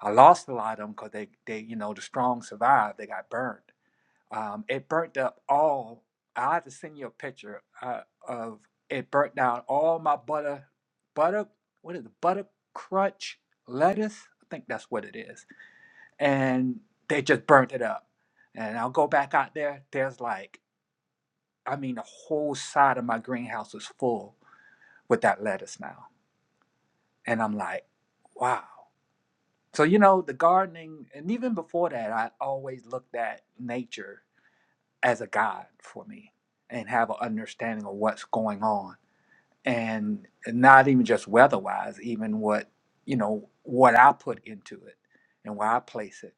i lost a lot of them because they, they you know the strong survived they got burned um, it burnt up all. I have to send you a picture uh, of it burnt down all my butter, butter. What is it? Butter crunch lettuce. I think that's what it is. And they just burnt it up. And I'll go back out there. There's like, I mean, the whole side of my greenhouse is full with that lettuce now. And I'm like, wow. So you know, the gardening, and even before that, I always looked at nature as a guide for me and have an understanding of what's going on and not even just weather wise even what you know what i put into it and where i place it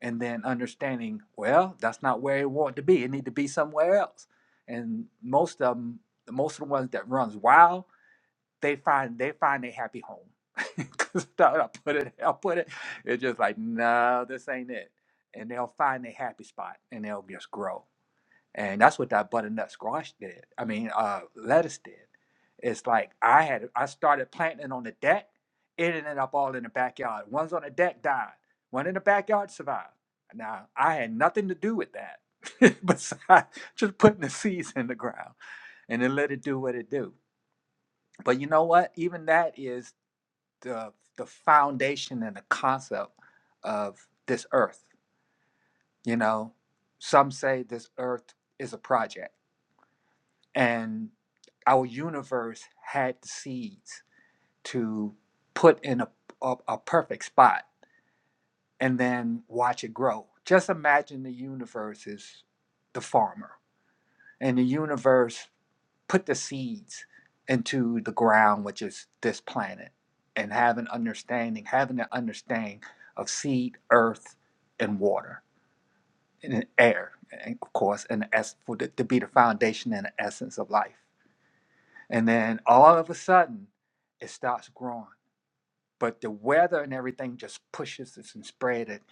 and then understanding well that's not where it wanted to be it need to be somewhere else and most of them most of the ones that runs wild they find they find a happy home because i put it i put it it's just like no this ain't it and they'll find a happy spot and they'll just grow and that's what that butternut squash did. I mean, uh, lettuce did. It's like I had I started planting on the deck. It ended up all in the backyard. One's on the deck died. One in the backyard survived. Now I had nothing to do with that, besides just putting the seeds in the ground and then let it do what it do. But you know what? Even that is the the foundation and the concept of this earth. You know, some say this earth is a project and our universe had the seeds to put in a, a, a perfect spot and then watch it grow. Just imagine the universe is the farmer, and the universe put the seeds into the ground, which is this planet, and have an understanding, having an understanding of seed, earth, and water, and air, and of course, and as for the, to be the foundation and the essence of life. And then all of a sudden, it starts growing. But the weather and everything just pushes this and spread it.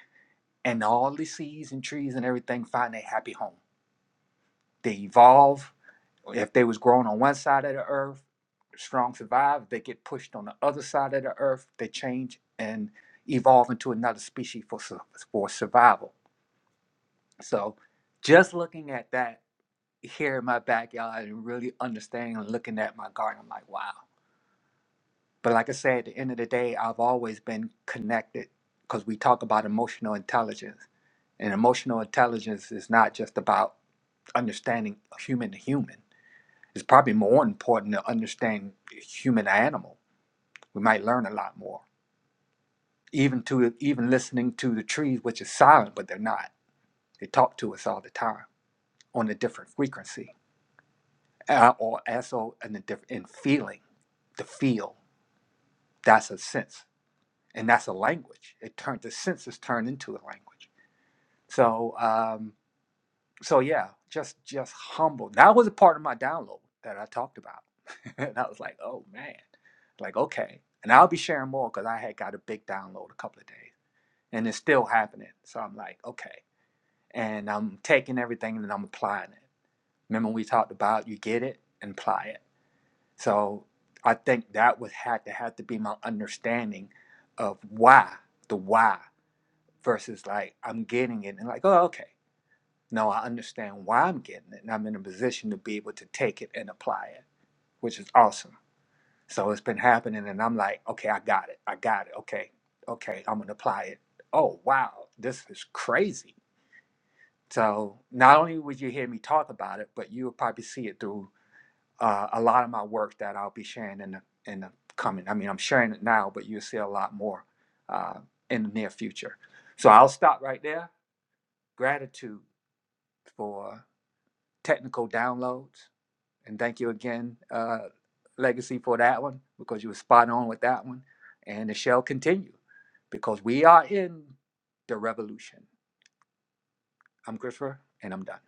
And all the seeds and trees and everything find a happy home. They evolve. If they was growing on one side of the earth, strong survive. If they get pushed on the other side of the earth, they change and evolve into another species for, for survival. So just looking at that here in my backyard and really understanding and looking at my garden, I'm like, wow But like I said, at the end of the day, I've always been connected because we talk about emotional intelligence. And emotional intelligence is not just about understanding human to human. It's probably more important to understand human to animal. We might learn a lot more. Even to even listening to the trees, which is silent, but they're not. They talk to us all the time on a different frequency. Uh, or also in a different in feeling, the feel, that's a sense. And that's a language. It turns the senses turn into a language. So um, so yeah, just just humble. That was a part of my download that I talked about, and I was like, oh man, like okay. And I'll be sharing more because I had got a big download a couple of days, and it's still happening. So I'm like, okay, and I'm taking everything and I'm applying it. Remember we talked about you get it and apply it. So I think that would had to have to be my understanding of why the why versus like I'm getting it and like oh okay Now I understand why I'm getting it, and I'm in a position to be able to take it and apply it, which is awesome. So it's been happening, and I'm like, okay, I got it. I got it. Okay, okay, I'm gonna apply it. Oh wow, this is crazy. So not only would you hear me talk about it, but you'll probably see it through uh, a lot of my work that I'll be sharing in the in the coming. I mean, I'm sharing it now, but you'll see a lot more uh, in the near future. So I'll stop right there. Gratitude for technical downloads And thank you again, uh, Legacy, for that one because you were spot on with that one. And it shall continue because we are in the revolution. I'm Christopher, and I'm done.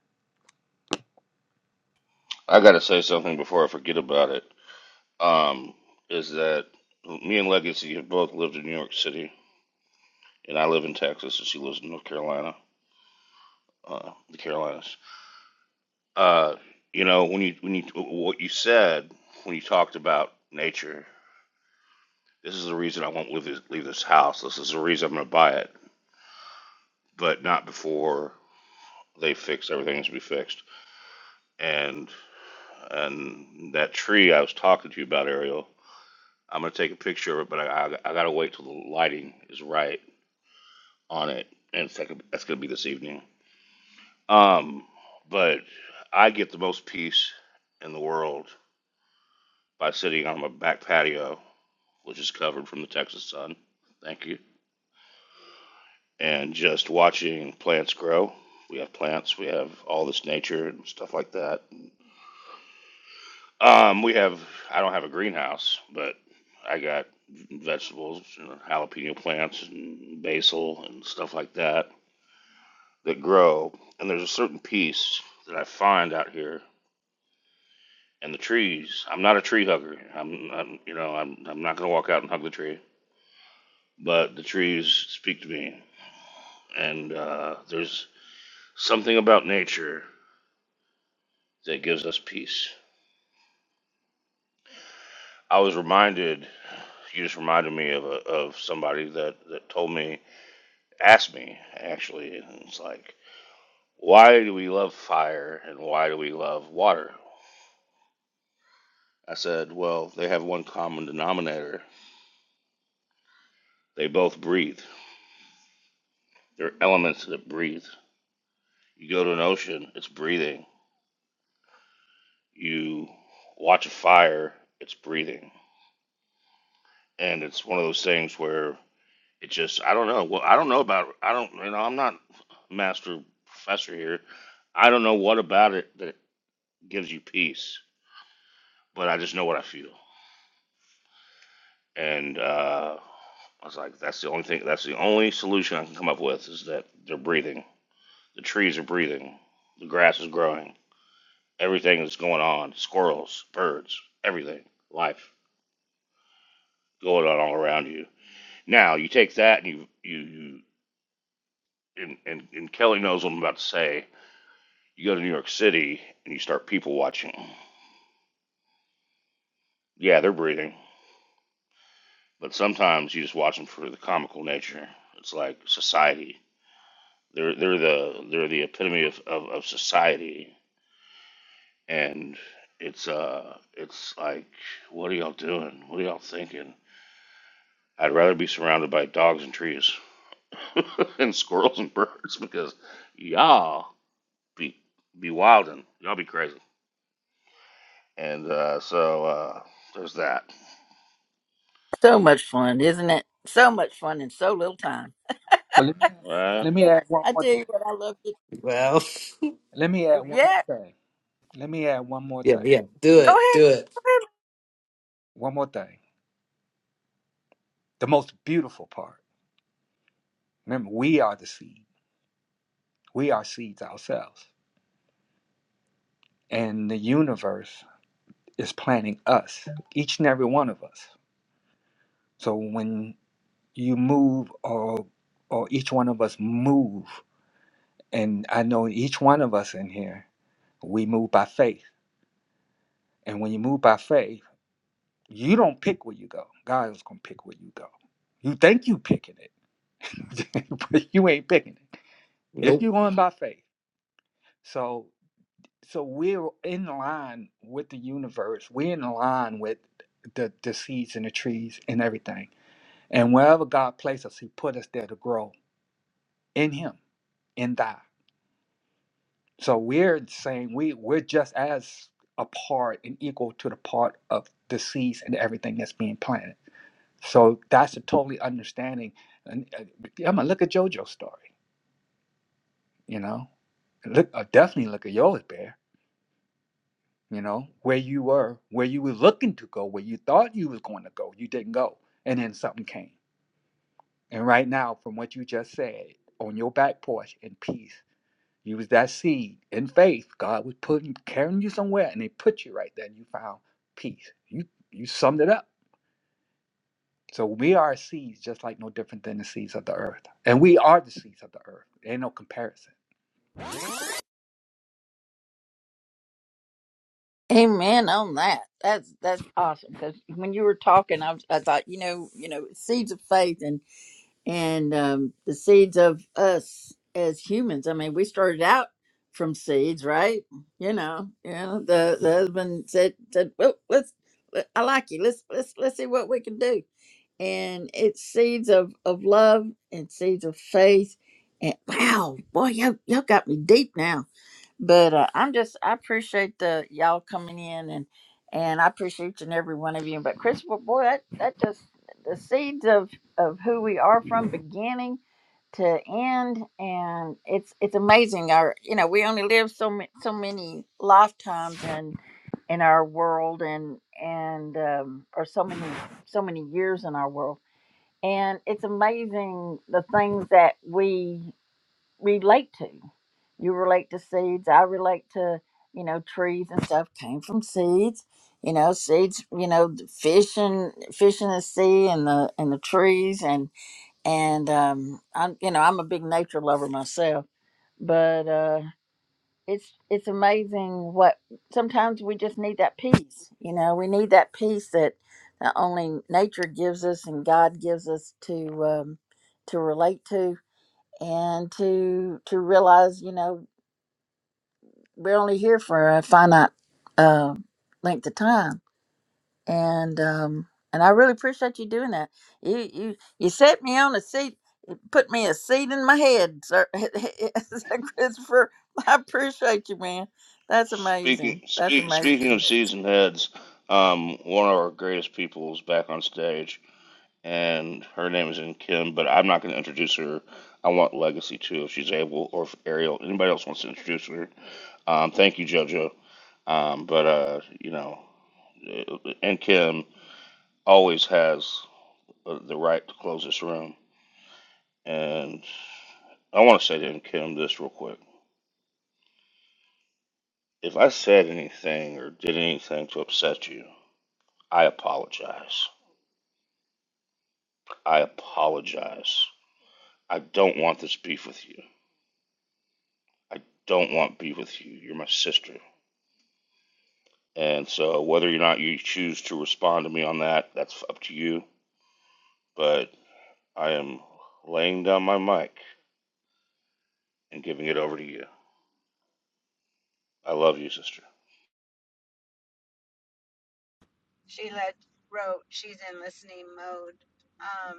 I gotta say something before I forget about it. Um, is that me and Legacy have both lived in New York City and I live in Texas, and she lives in North Carolina, uh, the Carolinas. Uh, you know, when you when you what you said when you talked about nature, this is the reason I won't leave this, leave this house. This is the reason I'm going to buy it, but not before they fix everything that's to be fixed. And and that tree I was talking to you about, Ariel, I'm going to take a picture of it, but I I, I got to wait till the lighting is right on it, and it's like, that's going to be this evening Um, but I get the most peace in the world by sitting on my back patio, which is covered from the Texas sun. Thank you. And just watching plants grow. We have plants, we have all this nature and stuff like that. Um, we have, I don't have a greenhouse, but I got vegetables, you know, jalapeno plants and basil and stuff like that that grow. And there's a certain peace that I find out here and the trees. I'm not a tree hugger. I'm, I'm you know, I'm, I'm not going to walk out and hug the tree, but the trees speak to me. And uh, there's something about nature that gives us peace. I was reminded, you just reminded me of, a, of somebody that, that told me, asked me actually, and it's like, why do we love fire and why do we love water? I said, well, they have one common denominator. They both breathe. They're elements that breathe. You go to an ocean, it's breathing you watch a fire, it's breathing. And it's one of those things where it just, I don't know. Well, I don't know about, I don't, you know, I'm not a master professor here. I don't know what about it that gives you peace, but I just know what I feel. And uh, I was like, that's the only thing, that's the only solution I can come up with is that they're breathing. The trees are breathing. The grass is growing. Everything is going on. Squirrels, birds, everything, life going on all around you Now you take that and you you, you and, and and Kelly knows what I'm about to say. You go to New York City and you start people watching. Yeah, they're breathing, but sometimes you just watch them for the comical nature. It's like society. They're they're the they're the epitome of, of, of society, and it's uh it's like what are y'all doing? What are y'all thinking? I'd rather be surrounded by dogs and trees and squirrels and birds because y'all be be wildin'. Y'all be crazy. And uh, so uh, there's that.
So much fun, isn't it? So much fun in so little time.
Well, let me,
All right.
let me add one
I
more
tell
thing.
you what, I love it.
Well,
Let me add one more
Yeah,
thing. Let me add one more
yeah,
thing.
yeah. Do
go
it.
ahead.
Do it.
Go
One more thing. The most beautiful part. Remember, we are the seed. We are seeds ourselves. And the universe is planting us, each and every one of us. So when you move or or each one of us move and i know each one of us in here we move by faith and when you move by faith you don't pick where you go god is going to pick where you go you think you picking it but you ain't picking it if
Nope.
you're going by faith so so we're in line with the universe we're in line with the, the seeds and the trees and everything and wherever god places us he put us there to grow in him in thy So we're saying we we're just as a part and equal to the part of the seeds and everything that's being planted. So that's a totally understanding. And uh, I mean, look at JoJo's story. You know, look uh, definitely look at yours, Bear. You know where you were, where you were looking to go, where you thought you was going to go, you didn't go, and then something came. And right now, from what you just said, on your back porch in peace You was that seed in faith. God was putting carrying you somewhere, and they put you right there, and you found peace. You you summed it up. So we are seeds, just like no different than the seeds of the earth, and we are the seeds of the earth. Ain't no comparison.
ahead. Amen on that. That's that's awesome. Because when you were talking, I, was, I thought, you know, you know, seeds of faith, and um, the seeds of us as humans. I mean, we started out from seeds, right? You know, you know. The the husband said said, "Well, let's. let- I like you. Let's let's let's see what we can do." And it's seeds of of love and seeds of faith. And wow, boy, y'all y'all got me deep now but uh, I'm just I appreciate the y'all coming in and and I appreciate each and every one of you. But Christopher, boy, that that just the seeds of of who we are from beginning to end, and it's it's amazing. Our you know we only live so ma- so many lifetimes in in our world and and um, or so many so many years in our world and it's amazing the things that we relate to. You relate to seeds. I relate to, you know, trees and stuff came from seeds. You know, seeds. You know, the fish and fish in the sea and the and the trees and and um, I'm you know I'm a big nature lover myself, but uh, it's it's amazing what sometimes we just need that peace. You know, we need that peace that not only nature gives us and God gives us to um, to relate to, and to to realize you know we're only here for a finite uh, length of time and um and i really appreciate you doing that you you you set me on a seat it put me a seat in my head sir Sir christopher i appreciate you man that's
Speaking
amazing that's
speak, speaking of
amazing
seasoned heads, um, one of our greatest people is back on stage, and her name is in Kim, but I'm not going to introduce her. I want Legacy too, if she's able, or if Ariel, anybody else wants to introduce her. Um, thank you, JoJo. Um, but uh, you know, in Kim always has uh, the right to close this room, and I want to say to in Kim this real quick. If I said anything or did anything to upset you, I apologize. I apologize. I don't want this beef with you. I don't want beef with you. You're my sister. And so whether or not you choose to respond to me on that, that's up to you. But I am laying down my mic and giving it over to you. I love you, sister.
Sheila wrote she's in listening mode, um,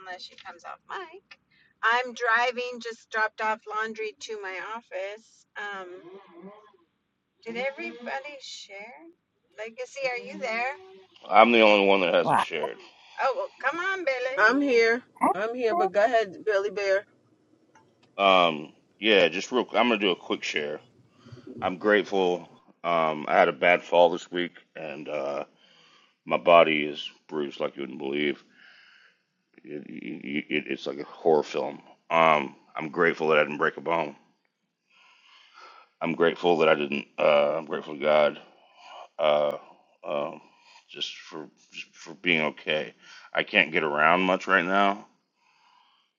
unless she comes off mic. I'm driving, just dropped off laundry to my office. Um. Did everybody share? Legacy, are you there?
I'm the only one that hasn't shared.
Oh, well, come on, Billy.
I'm here, I'm here, but go ahead, Billy Bear.
Um, yeah, just real quick. I'm gonna do a quick share. I'm grateful. Um, I had a bad fall this week, and uh, My body is bruised like you wouldn't believe. It, it, it, it's like a horror film. Um, I'm grateful that I didn't break a bone. I'm grateful that I didn't. Uh, I'm grateful to God. Uh, um, just for just for being okay. I can't get around much right now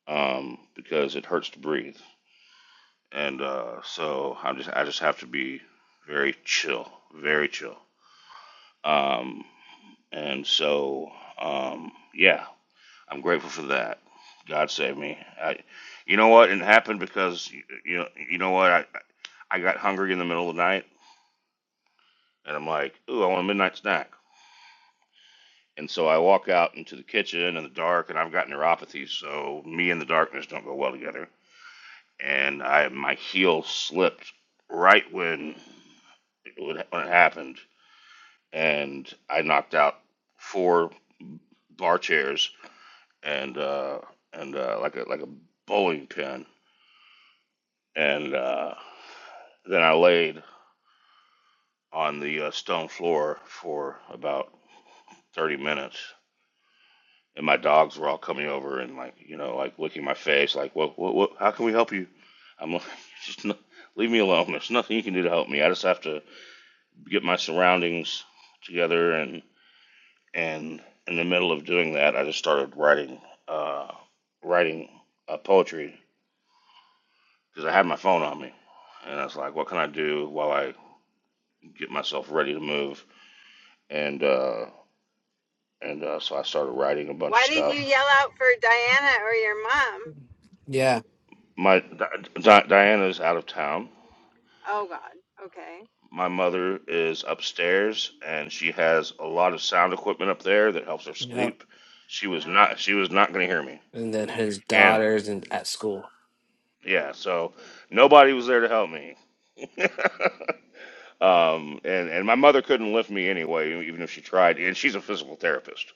um, because it hurts to breathe, and uh, so I just I just have to be very chill, very chill. Um, and so um, yeah, I'm grateful for that. God save me. I, you know what? It happened because you, you know you know what? I I got hungry in the middle of the night, and I'm like, ooh, I want a midnight snack. And so I walk out into the kitchen in the dark, and I've got neuropathy, so me and the darkness don't go well together. And I my heel slipped right when when it happened, and I knocked out four bar chairs and uh, and uh, like a like a bowling pin, and. Uh, Then I laid on the uh, stone floor for about 30 minutes, and my dogs were all coming over and like, you know, like licking my face, like, what, what, what how can we help you? I'm like, just no, leave me alone. There's nothing you can do to help me. I just have to get my surroundings together, and and in the middle of doing that, I just started writing, uh, writing uh, poetry because I had my phone on me, and I was like, what can I do while I get myself ready to move? And uh, and uh, so I started writing a bunch of
Why didn't
stuff.
you yell out for Diana or your mom?
Yeah.
My Di- Di- Diana is out of town.
Oh, God. Okay.
My mother is upstairs, and she has a lot of sound equipment up there that helps her
Yep.
sleep. She was
Oh,
not. She was not going to hear me,
and then his
and
daughters and at school.
yeah, so nobody was there to help me. um, and and my mother couldn't lift me anyway, even if she tried. And she's a physical therapist,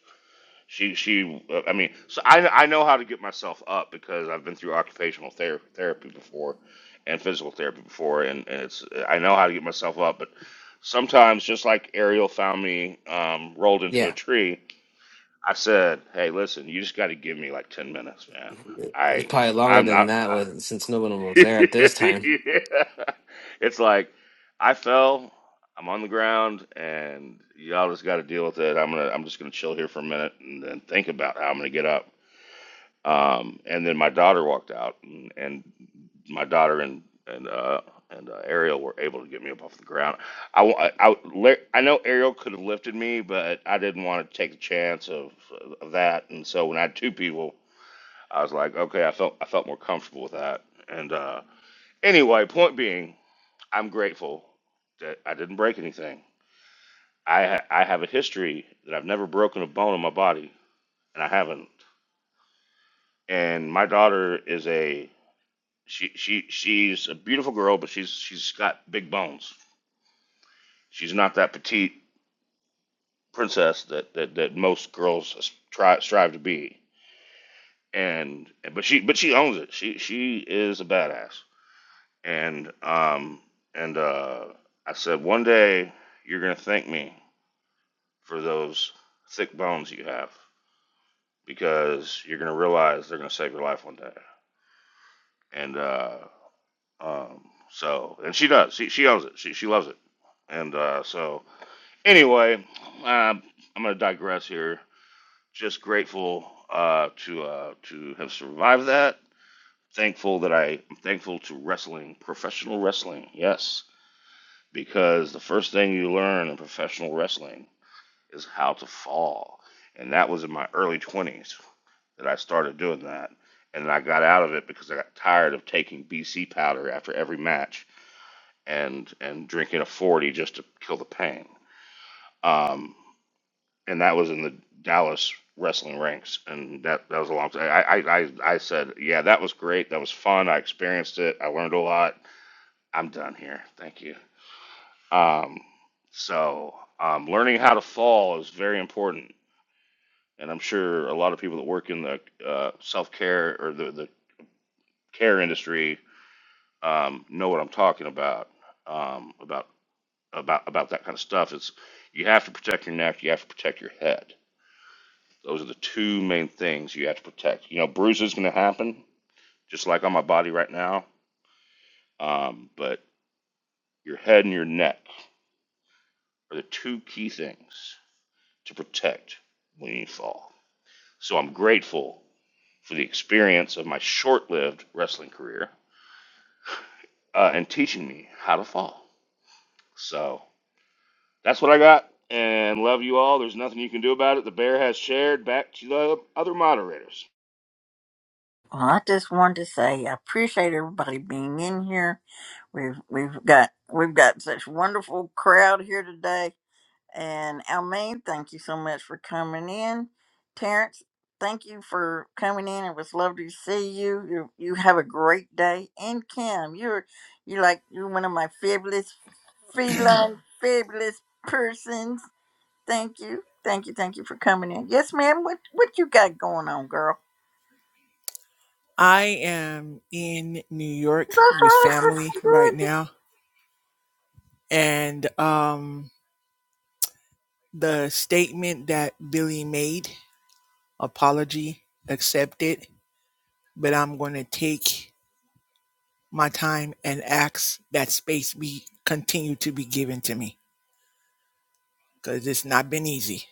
She she uh, I mean so I I know how to get myself up because I've been through occupational ther- therapy before and physical therapy before and, and it's I know how to get myself up but sometimes just like Ariel found me um, rolled into a
Yeah,
tree I said hey listen you just got to give me like 10 minutes man
it was
I
probably longer
I'm
than
not
that with since no one was there at this time.
Yeah. It's like I fell, I'm on the ground, and y'all just got to deal with it. I'm gonna, I'm just gonna chill here for a minute and then think about how I'm gonna get up. Um, and then my daughter walked out, and, and my daughter and and uh, and uh, Ariel were able to get me up off the ground. I, wa- I, I la- I know Ariel could have lifted me, but I didn't want to take the chance of, of that. And so when I had two people, I was like, okay, I felt I felt more comfortable with that, and. Uh, Anyway, point being, I'm grateful that I didn't break anything. I ha- I have a history that I've never broken a bone in my body, and I haven't. And my daughter is a she she she's a beautiful girl, but she's she's got big bones. She's not that petite princess that that, that most girls try strive to be. And but she but she owns it. She she is a badass. And um and uh, I said one day you're gonna thank me for those thick bones you have because you're gonna realize they're gonna save your life one day. And uh, um, so, and she does. She she owns it. She she loves it. And uh, so, anyway, um I'm gonna digress here. Just grateful uh, to uh, to have survived that. Thankful that I am thankful to wrestling, professional wrestling. Yes, because the first thing you learn in professional wrestling is how to fall, and that was in my early 20s. that I started doing that. And I got out of it because I got tired of taking BC powder after every match and and drinking a 40 just to kill the pain. Um, and that was in the Dallas wrestling ranks, and that that was a long time. I, I I I said, yeah, that was great. That was fun. I experienced it. I learned a lot. I'm done here. Thank you. Um, so um, learning how to fall is very important, and I'm sure a lot of people that work in the uh, self care or the the care industry um, know what I'm talking about um, about about about that kind of stuff. It's you have to protect your neck. You have to protect your head. Those are the two main things you have to protect. You know, bruises going to happen, just like on my body right now. Um, but your head and your neck are the two key things to protect when you fall. So I'm grateful for the experience of my short-lived wrestling career uh, and teaching me how to fall. So. That's what I got. And love you all. There's nothing you can do about it. The bear has shared back to the other moderators.
well i just wanted to say i appreciate everybody being in here we've we've got we've got such wonderful crowd here today And Almaine, thank you so much for coming in. Terrence, thank you for coming in. It was lovely to see you. You you have a great day. And Kim, you're you are like you're one of my fabulous feline fabulous persons. Thank you. Thank you. Thank you for coming in. Yes, ma'am. What what you got going on, girl?
I am in New
That's
York
all
with
right.
family
That's
right
good.
now. And um, the statement that Billy made, apology accepted, but I'm going to take my time and ask that space be continue to be given to me because it's not been easy.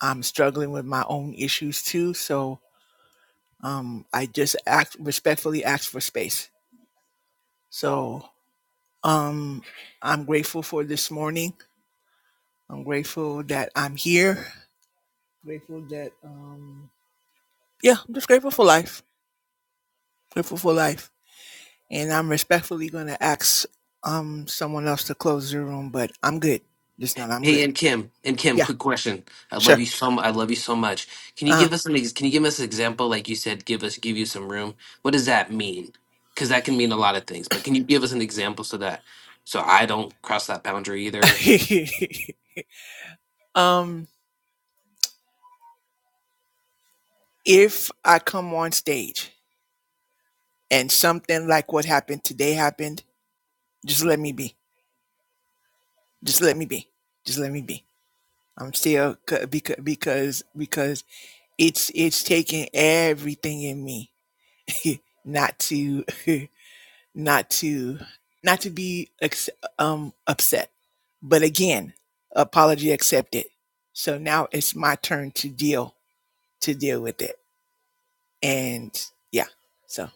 I'm struggling with my own issues too. So um, I just act respectfully ask for space. So um, I'm grateful for this morning. I'm grateful that I'm here. Grateful that um yeah, I'm just grateful for life. Grateful for life. And I'm respectfully gonna ask um someone else to close the room, but I'm good. Just not I'm
Hey,
good.
and Kim, and Kim,
Yeah,
quick question. I love
sure.
you so. mu- I love you so much. Can you
Uh
give us an? ex- Can you give us an example? Like you said, give us, give you some room. What does that mean? Because that can mean a lot of things. But can you give us an example so that so I don't cross that boundary either?
um if I come on stage and something like what happened today happened, just let me be. Just let me be. Just let me be. I'm still because because because it's it's taking everything in me not to not to not to be ex- um upset but again apology accepted so now it's my turn to deal to deal with it and yeah so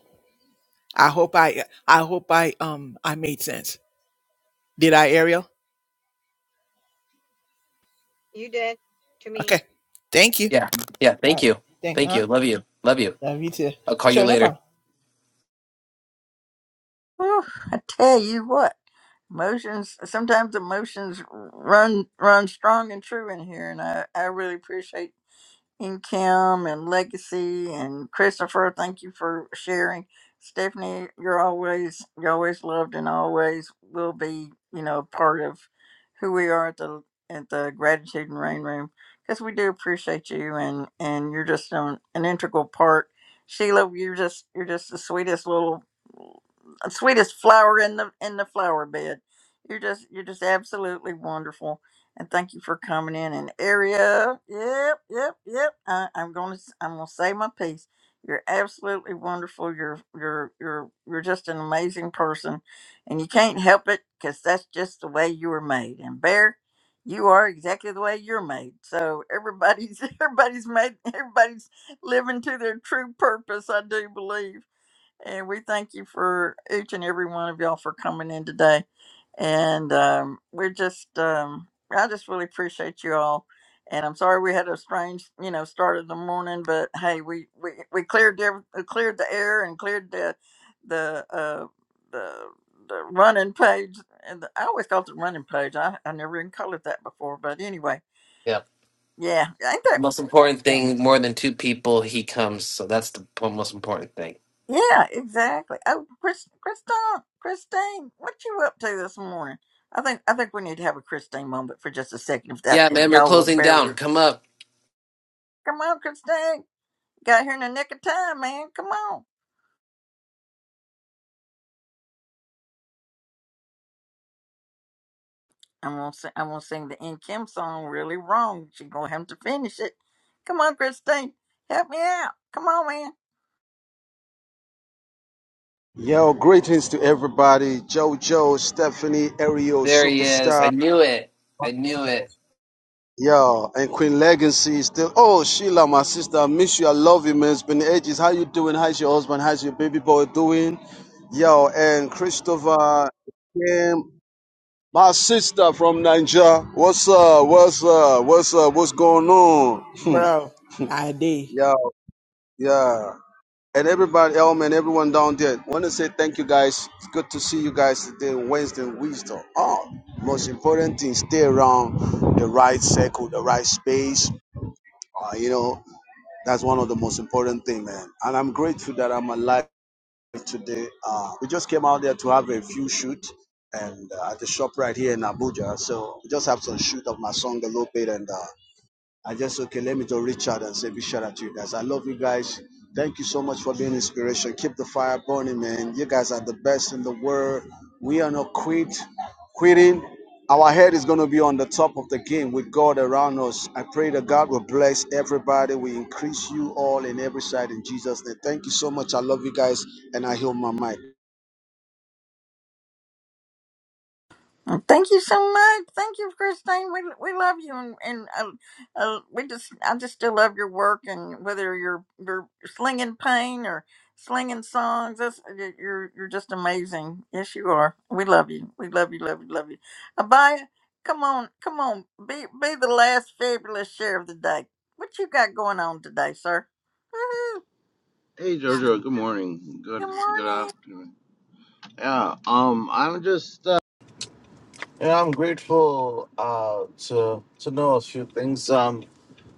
i hope i i hope i um i made sense did i ariel
you did to me.
okay thank you
Yeah. Yeah.
all
Thank
right
you.
thank
Thank
huh
you. Love you. Love you.
love you too
I'll call you
sure no
later.
problem
Whew, I tell you what emotions sometimes emotions run run strong and true in here and i i really appreciate and Kim and Legacy and Christopher. Thank you for sharing. Stephanie, you're always you always loved and always will be, you know, part of who we are at the at the Gratitude and Rain Room because we do appreciate you and and you're just an, an integral part. Sheila, you're just you're just the sweetest little sweetest flower in the in the flower bed. You're just you're just absolutely wonderful and thank you for coming in and area. Yep, yep, yep. I, I'm gonna s- I'm gonna say my piece. You're absolutely wonderful. You're you're you're you're just an amazing person, and you can't help it because that's just the way you were made. And Bear, you are exactly the way you're made. So everybody's everybody's made everybody's living to their true purpose. I do believe. And we thank you for each and every one of y'all for coming in today. And um, we're just, um, I just really appreciate you all. And I'm sorry we had a strange, you know, start of the morning, but hey, we we, we cleared the, cleared the air and cleared the the uh, the the running page. And the, I always called it the running page. I I never even called it that before. But anyway,
Yeah.
yeah, ain't
The
that?
most important
fun?
thing, more than two people, he comes. So that's the po- most important thing.
Yeah, exactly. Oh, Chris, Christine, Christine, what you up to this morning? I think I think we need to have a Christine moment for just a second, if that
Yeah,
if
man, we're
y'all will
closing
bear
down.
with.
Come up.
Come on, Christine, got here in the nick of time, man. Come on. I'm gonna sing, I'm gonna sing the N Kim song really wrong. She gonna have to finish it. Come on, Christine, help me out. Come on, man.
Yo, greetings to everybody. JoJo, Stephanie, Ariel,
There he is. I
Superstar.
knew it. I knew it.
Yo, and Queen Legacy is still. Oh, Sheila, my sister, I miss you. I love you, man. It's been ages. How you doing? How's your husband? How's your baby boy doing? Yo, and Christopher, Kim, my sister from Niger. What's up? What's up? What's up? What's going on?
Bro, I did.
Yo, yeah. and everybody, Elman, everyone down there. Want to say thank you guys. It's good to see you guys today, Wednesday Wisdom. Oh, most important thing, stay around the right circle, the right space. Uh, you know, that's one of the most important thing, man. And I'm grateful that I'm alive today. Uh, we just came out there to have a few shoot and uh, at the shop right here in Abuja. So we just have some shoot of my song a little bit and. uh, I just okay, let me just reach out and say big shout out to you guys. I love you guys. Thank you so much for being inspiration. Keep the fire burning, man. You guys are the best in the world. We are not quit quitting. Our head is gonna be on the top of the game with God around us. I pray that God will bless everybody. We increase you all in every side in Jesus' name. Thank you so much. I love you guys, and I heal my mic.
Well, Thank you so much. Thank you, Christine. We we love you, and and uh, uh, we just I just still love your work, and whether you're you're slinging pain or slinging songs, that's uh, you're you're just amazing. Yes, you are. We love you. We love you. Love you. Love you. Abaya, come on, come on. Be be the last fabulous share of the day. What you got going on today, sir? Woo-hoo.
Hey Jojo, good morning. Good
Good
good
morning.
afternoon. Yeah, um I'm just uh, yeah, I'm grateful uh to to know a few things. Um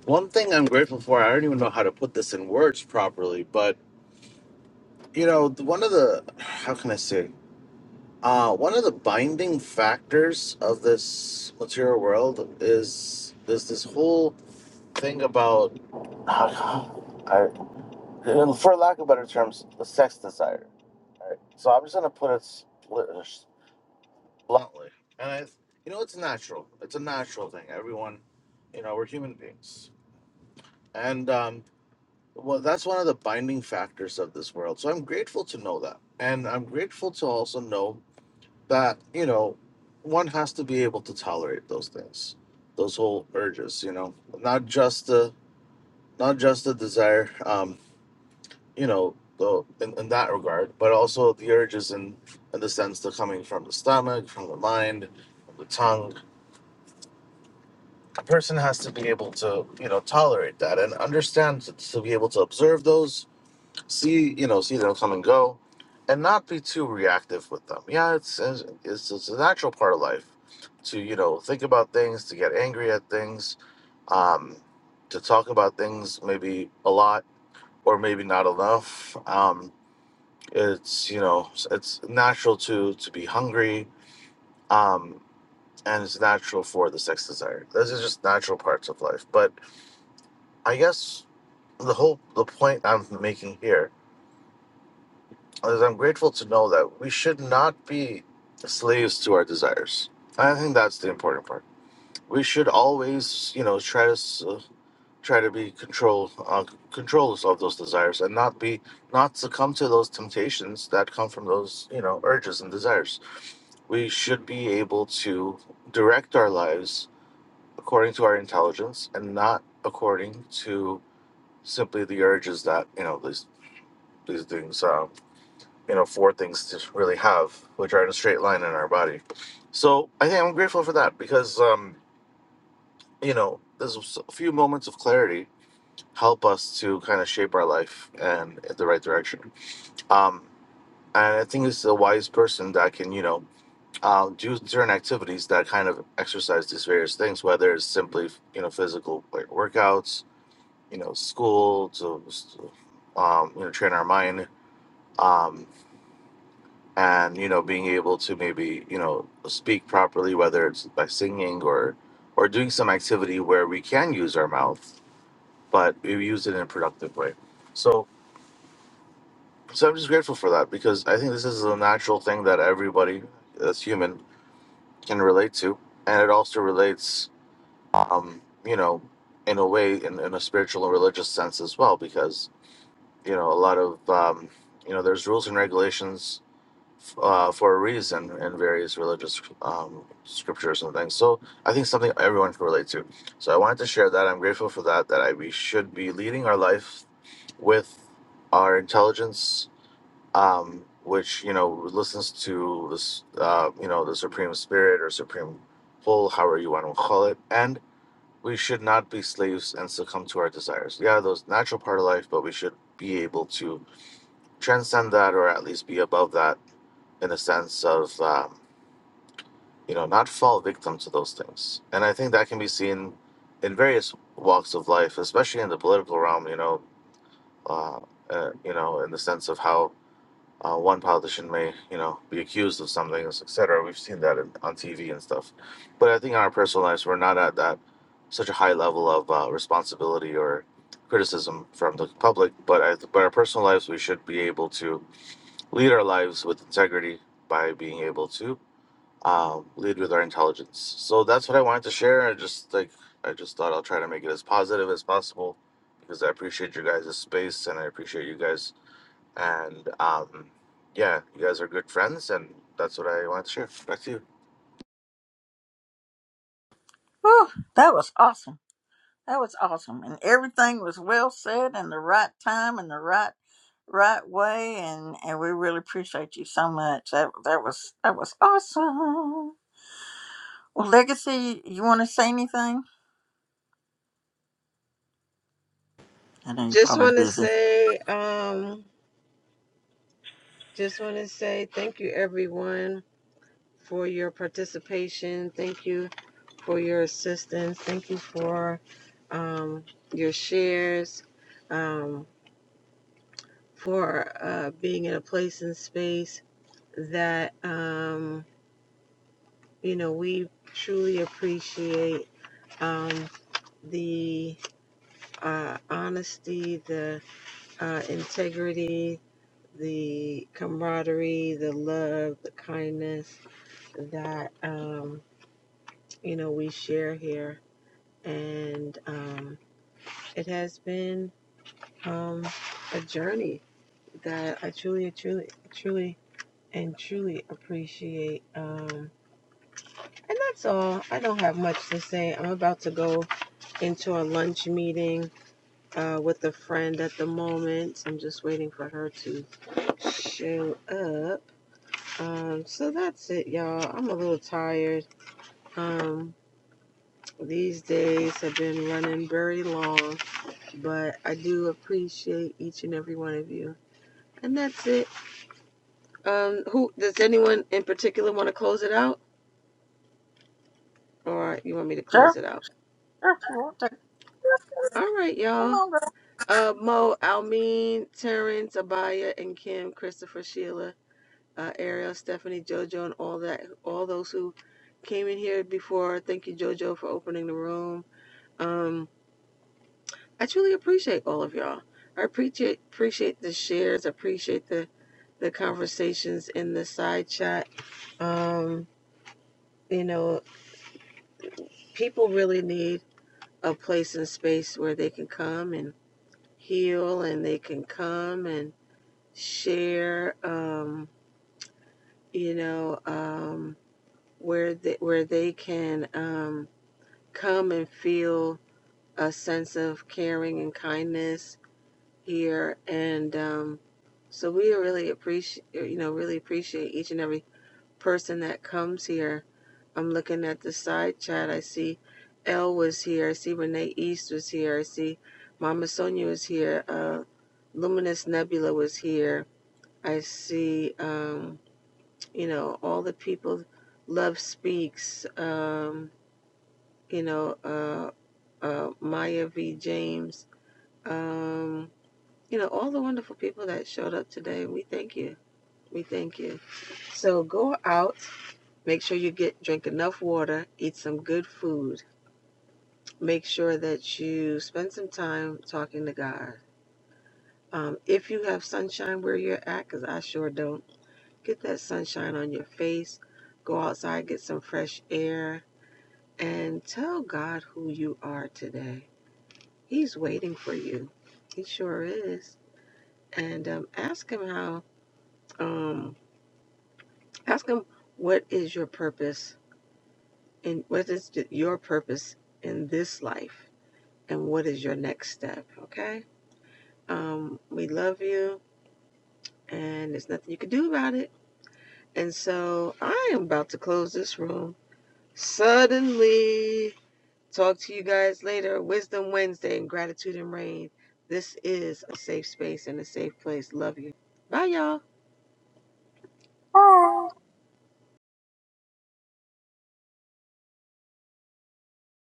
one thing I'm grateful for, I don't even know how to put this in words properly, but you know, th- one of the how can I say? Uh one of the binding factors of this material world is is this whole thing about I, for lack of better terms, the sex desire All right. So I'm just gonna put it split, bluntly, and I, you know, it's natural. It's a natural thing. Everyone, you know, we're human beings, and um, well, that's one of the binding factors of this world. So I'm grateful to know that, and I'm grateful to also know that you know, one has to be able to tolerate those things, those whole urges. You know, not just the not just the desire. Um, you know, the, in, in that regard, but also the urges in, in the sense they're coming from the stomach, from the mind, from the tongue. A person has to be able to, you know, tolerate that and understand to, to be able to observe those, see, you know, see them come and go, and not be too reactive with them. Yeah, it's it's, it's, it's a natural part of life to, you know, think about things, to get angry at things, um, to talk about things maybe a lot or maybe not enough. Um, it's you know it's natural to to be hungry um and it's natural for the sex desire those are just natural parts of life but i guess the whole the point i'm making here is i'm grateful to know that we should not be slaves to our desires i think that's the important part we should always you know try to s- uh, try to be control uh, controllers of those desires and not be not succumb to those temptations that come from those you know urges and desires we should be able to direct our lives according to our intelligence and not according to simply the urges that you know these these things um, you know four things to really have which are in a straight line in our body so i think i'm grateful for that because um you know there's a few moments of clarity help us to kind of shape our life and in the right direction um and i think it's a wise person that can you know um, do certain activities that kind of exercise these various things, whether it's simply you know physical like workouts, you know school to um, you know train our mind, um, and you know being able to maybe you know speak properly, whether it's by singing or or doing some activity where we can use our mouth, but we use it in a productive way. So so I'm just grateful for that because I think this is a natural thing that everybody that's human can relate to, and it also relates um, you know, in a way, in, in a spiritual and religious sense as well, because, you know, a lot of, um, you know, there's rules and regulations f- uh, for a reason in various religious um, scriptures and things. So I think something everyone can relate to. So I wanted to share that. I'm grateful for that, that I, we should be leading our life with our intelligence, um, which, you know, listens to this, uh, you know, the Supreme Spirit or Supreme Pull, however you want to call it. And we should not be slaves and succumb to our desires. Yeah, those natural part of life, but we should be able to transcend that or at least be above that in a sense of, um, you know, not fall victim to those things. And I think that can be seen in various walks of life, especially in the political realm, you know, uh, uh, you know, in the sense of how uh, one politician may, you know, be accused of something, etc. We've seen that in, on TV and stuff. But I think in our personal lives, we're not at that such a high level of uh, responsibility or criticism from the public. But I, but our personal lives, we should be able to lead our lives with integrity by being able to um, lead with our intelligence. So that's what I wanted to share. I just like I just thought I'll try to make it as positive as possible because I appreciate your guys' space and I appreciate you guys and um, yeah, you guys are good friends, and that's what I want to share. Back to you.
Whew, that was awesome. That was awesome. And everything was well said and the right time and the right right way and and we really appreciate you so much that that was that was awesome well legacy you want to say anything i know you're
Just
probably
want to
busy
say, um, just want to say thank you everyone for your participation. Thank you for your assistance. Thank you for um, your shares, um, for uh, being in a place and space that. Um, you know, we truly appreciate um, the uh, honesty, the uh, integrity, the camaraderie, the love, the kindness that, um, you know, we share here. And um, it has been um, a journey that I truly, truly, truly, and truly appreciate. Um, And that's all. I don't have much to say. I'm about to go into a lunch meeting uh, with a friend at the moment. I'm just waiting for her to show up. Um, so that's it, y'all. I'm a little tired. Um, these days have been running very long, but I do appreciate each and every one of you. And that's it. Um, who does anyone in particular want to close it out, or you want me to close
sure
it out?
sure you want to
All right,
come
y'all.
on
Uh, Mo, Almeen, Terrence, Abaya, and Kim, Christopher, Sheila, uh, Ariel, Stephanie, JoJo, and all that, all those who came in here before. Thank you, JoJo, for opening the room. Um, I truly appreciate all of y'all. I appreciate appreciate the shares. Appreciate the the conversations in the side chat. Um, you know, people really need a place and space where they can come and heal, and they can come and share. Um, you know, um, where they, where they can um, come and feel a sense of caring and kindness here, and um, so we really appreciate, you know, really appreciate each and every person that comes here. I'm looking at the side chat. I see Elle was here. I see Renee East was here. I see Mama Sonia was here. Uh, Luminous Nebula was here. I see. Um, you know, all the people, Love Speaks, um, you know, uh, uh, Maya V. James, um, you know, all the wonderful people that showed up today. We thank you. We thank you. So go out, make sure you get drink enough water, eat some good food, make sure that you spend some time talking to God. Um, if you have sunshine where you're at, because I sure don't, get that sunshine on your face. Go outside, get some fresh air and tell God who you are today. He's waiting for you. He sure is. And um, ask Him how. Um, ask Him what is your purpose and what is th- your purpose in this life, and what is your next step. Okay. Um, we love you, and there's nothing you can do about it. And so I am about to close this room. Suddenly. Talk to you guys later. Wisdom Wednesday and gratitude and rain. This is a safe space and a safe place. Love you. Bye, y'all.
girl.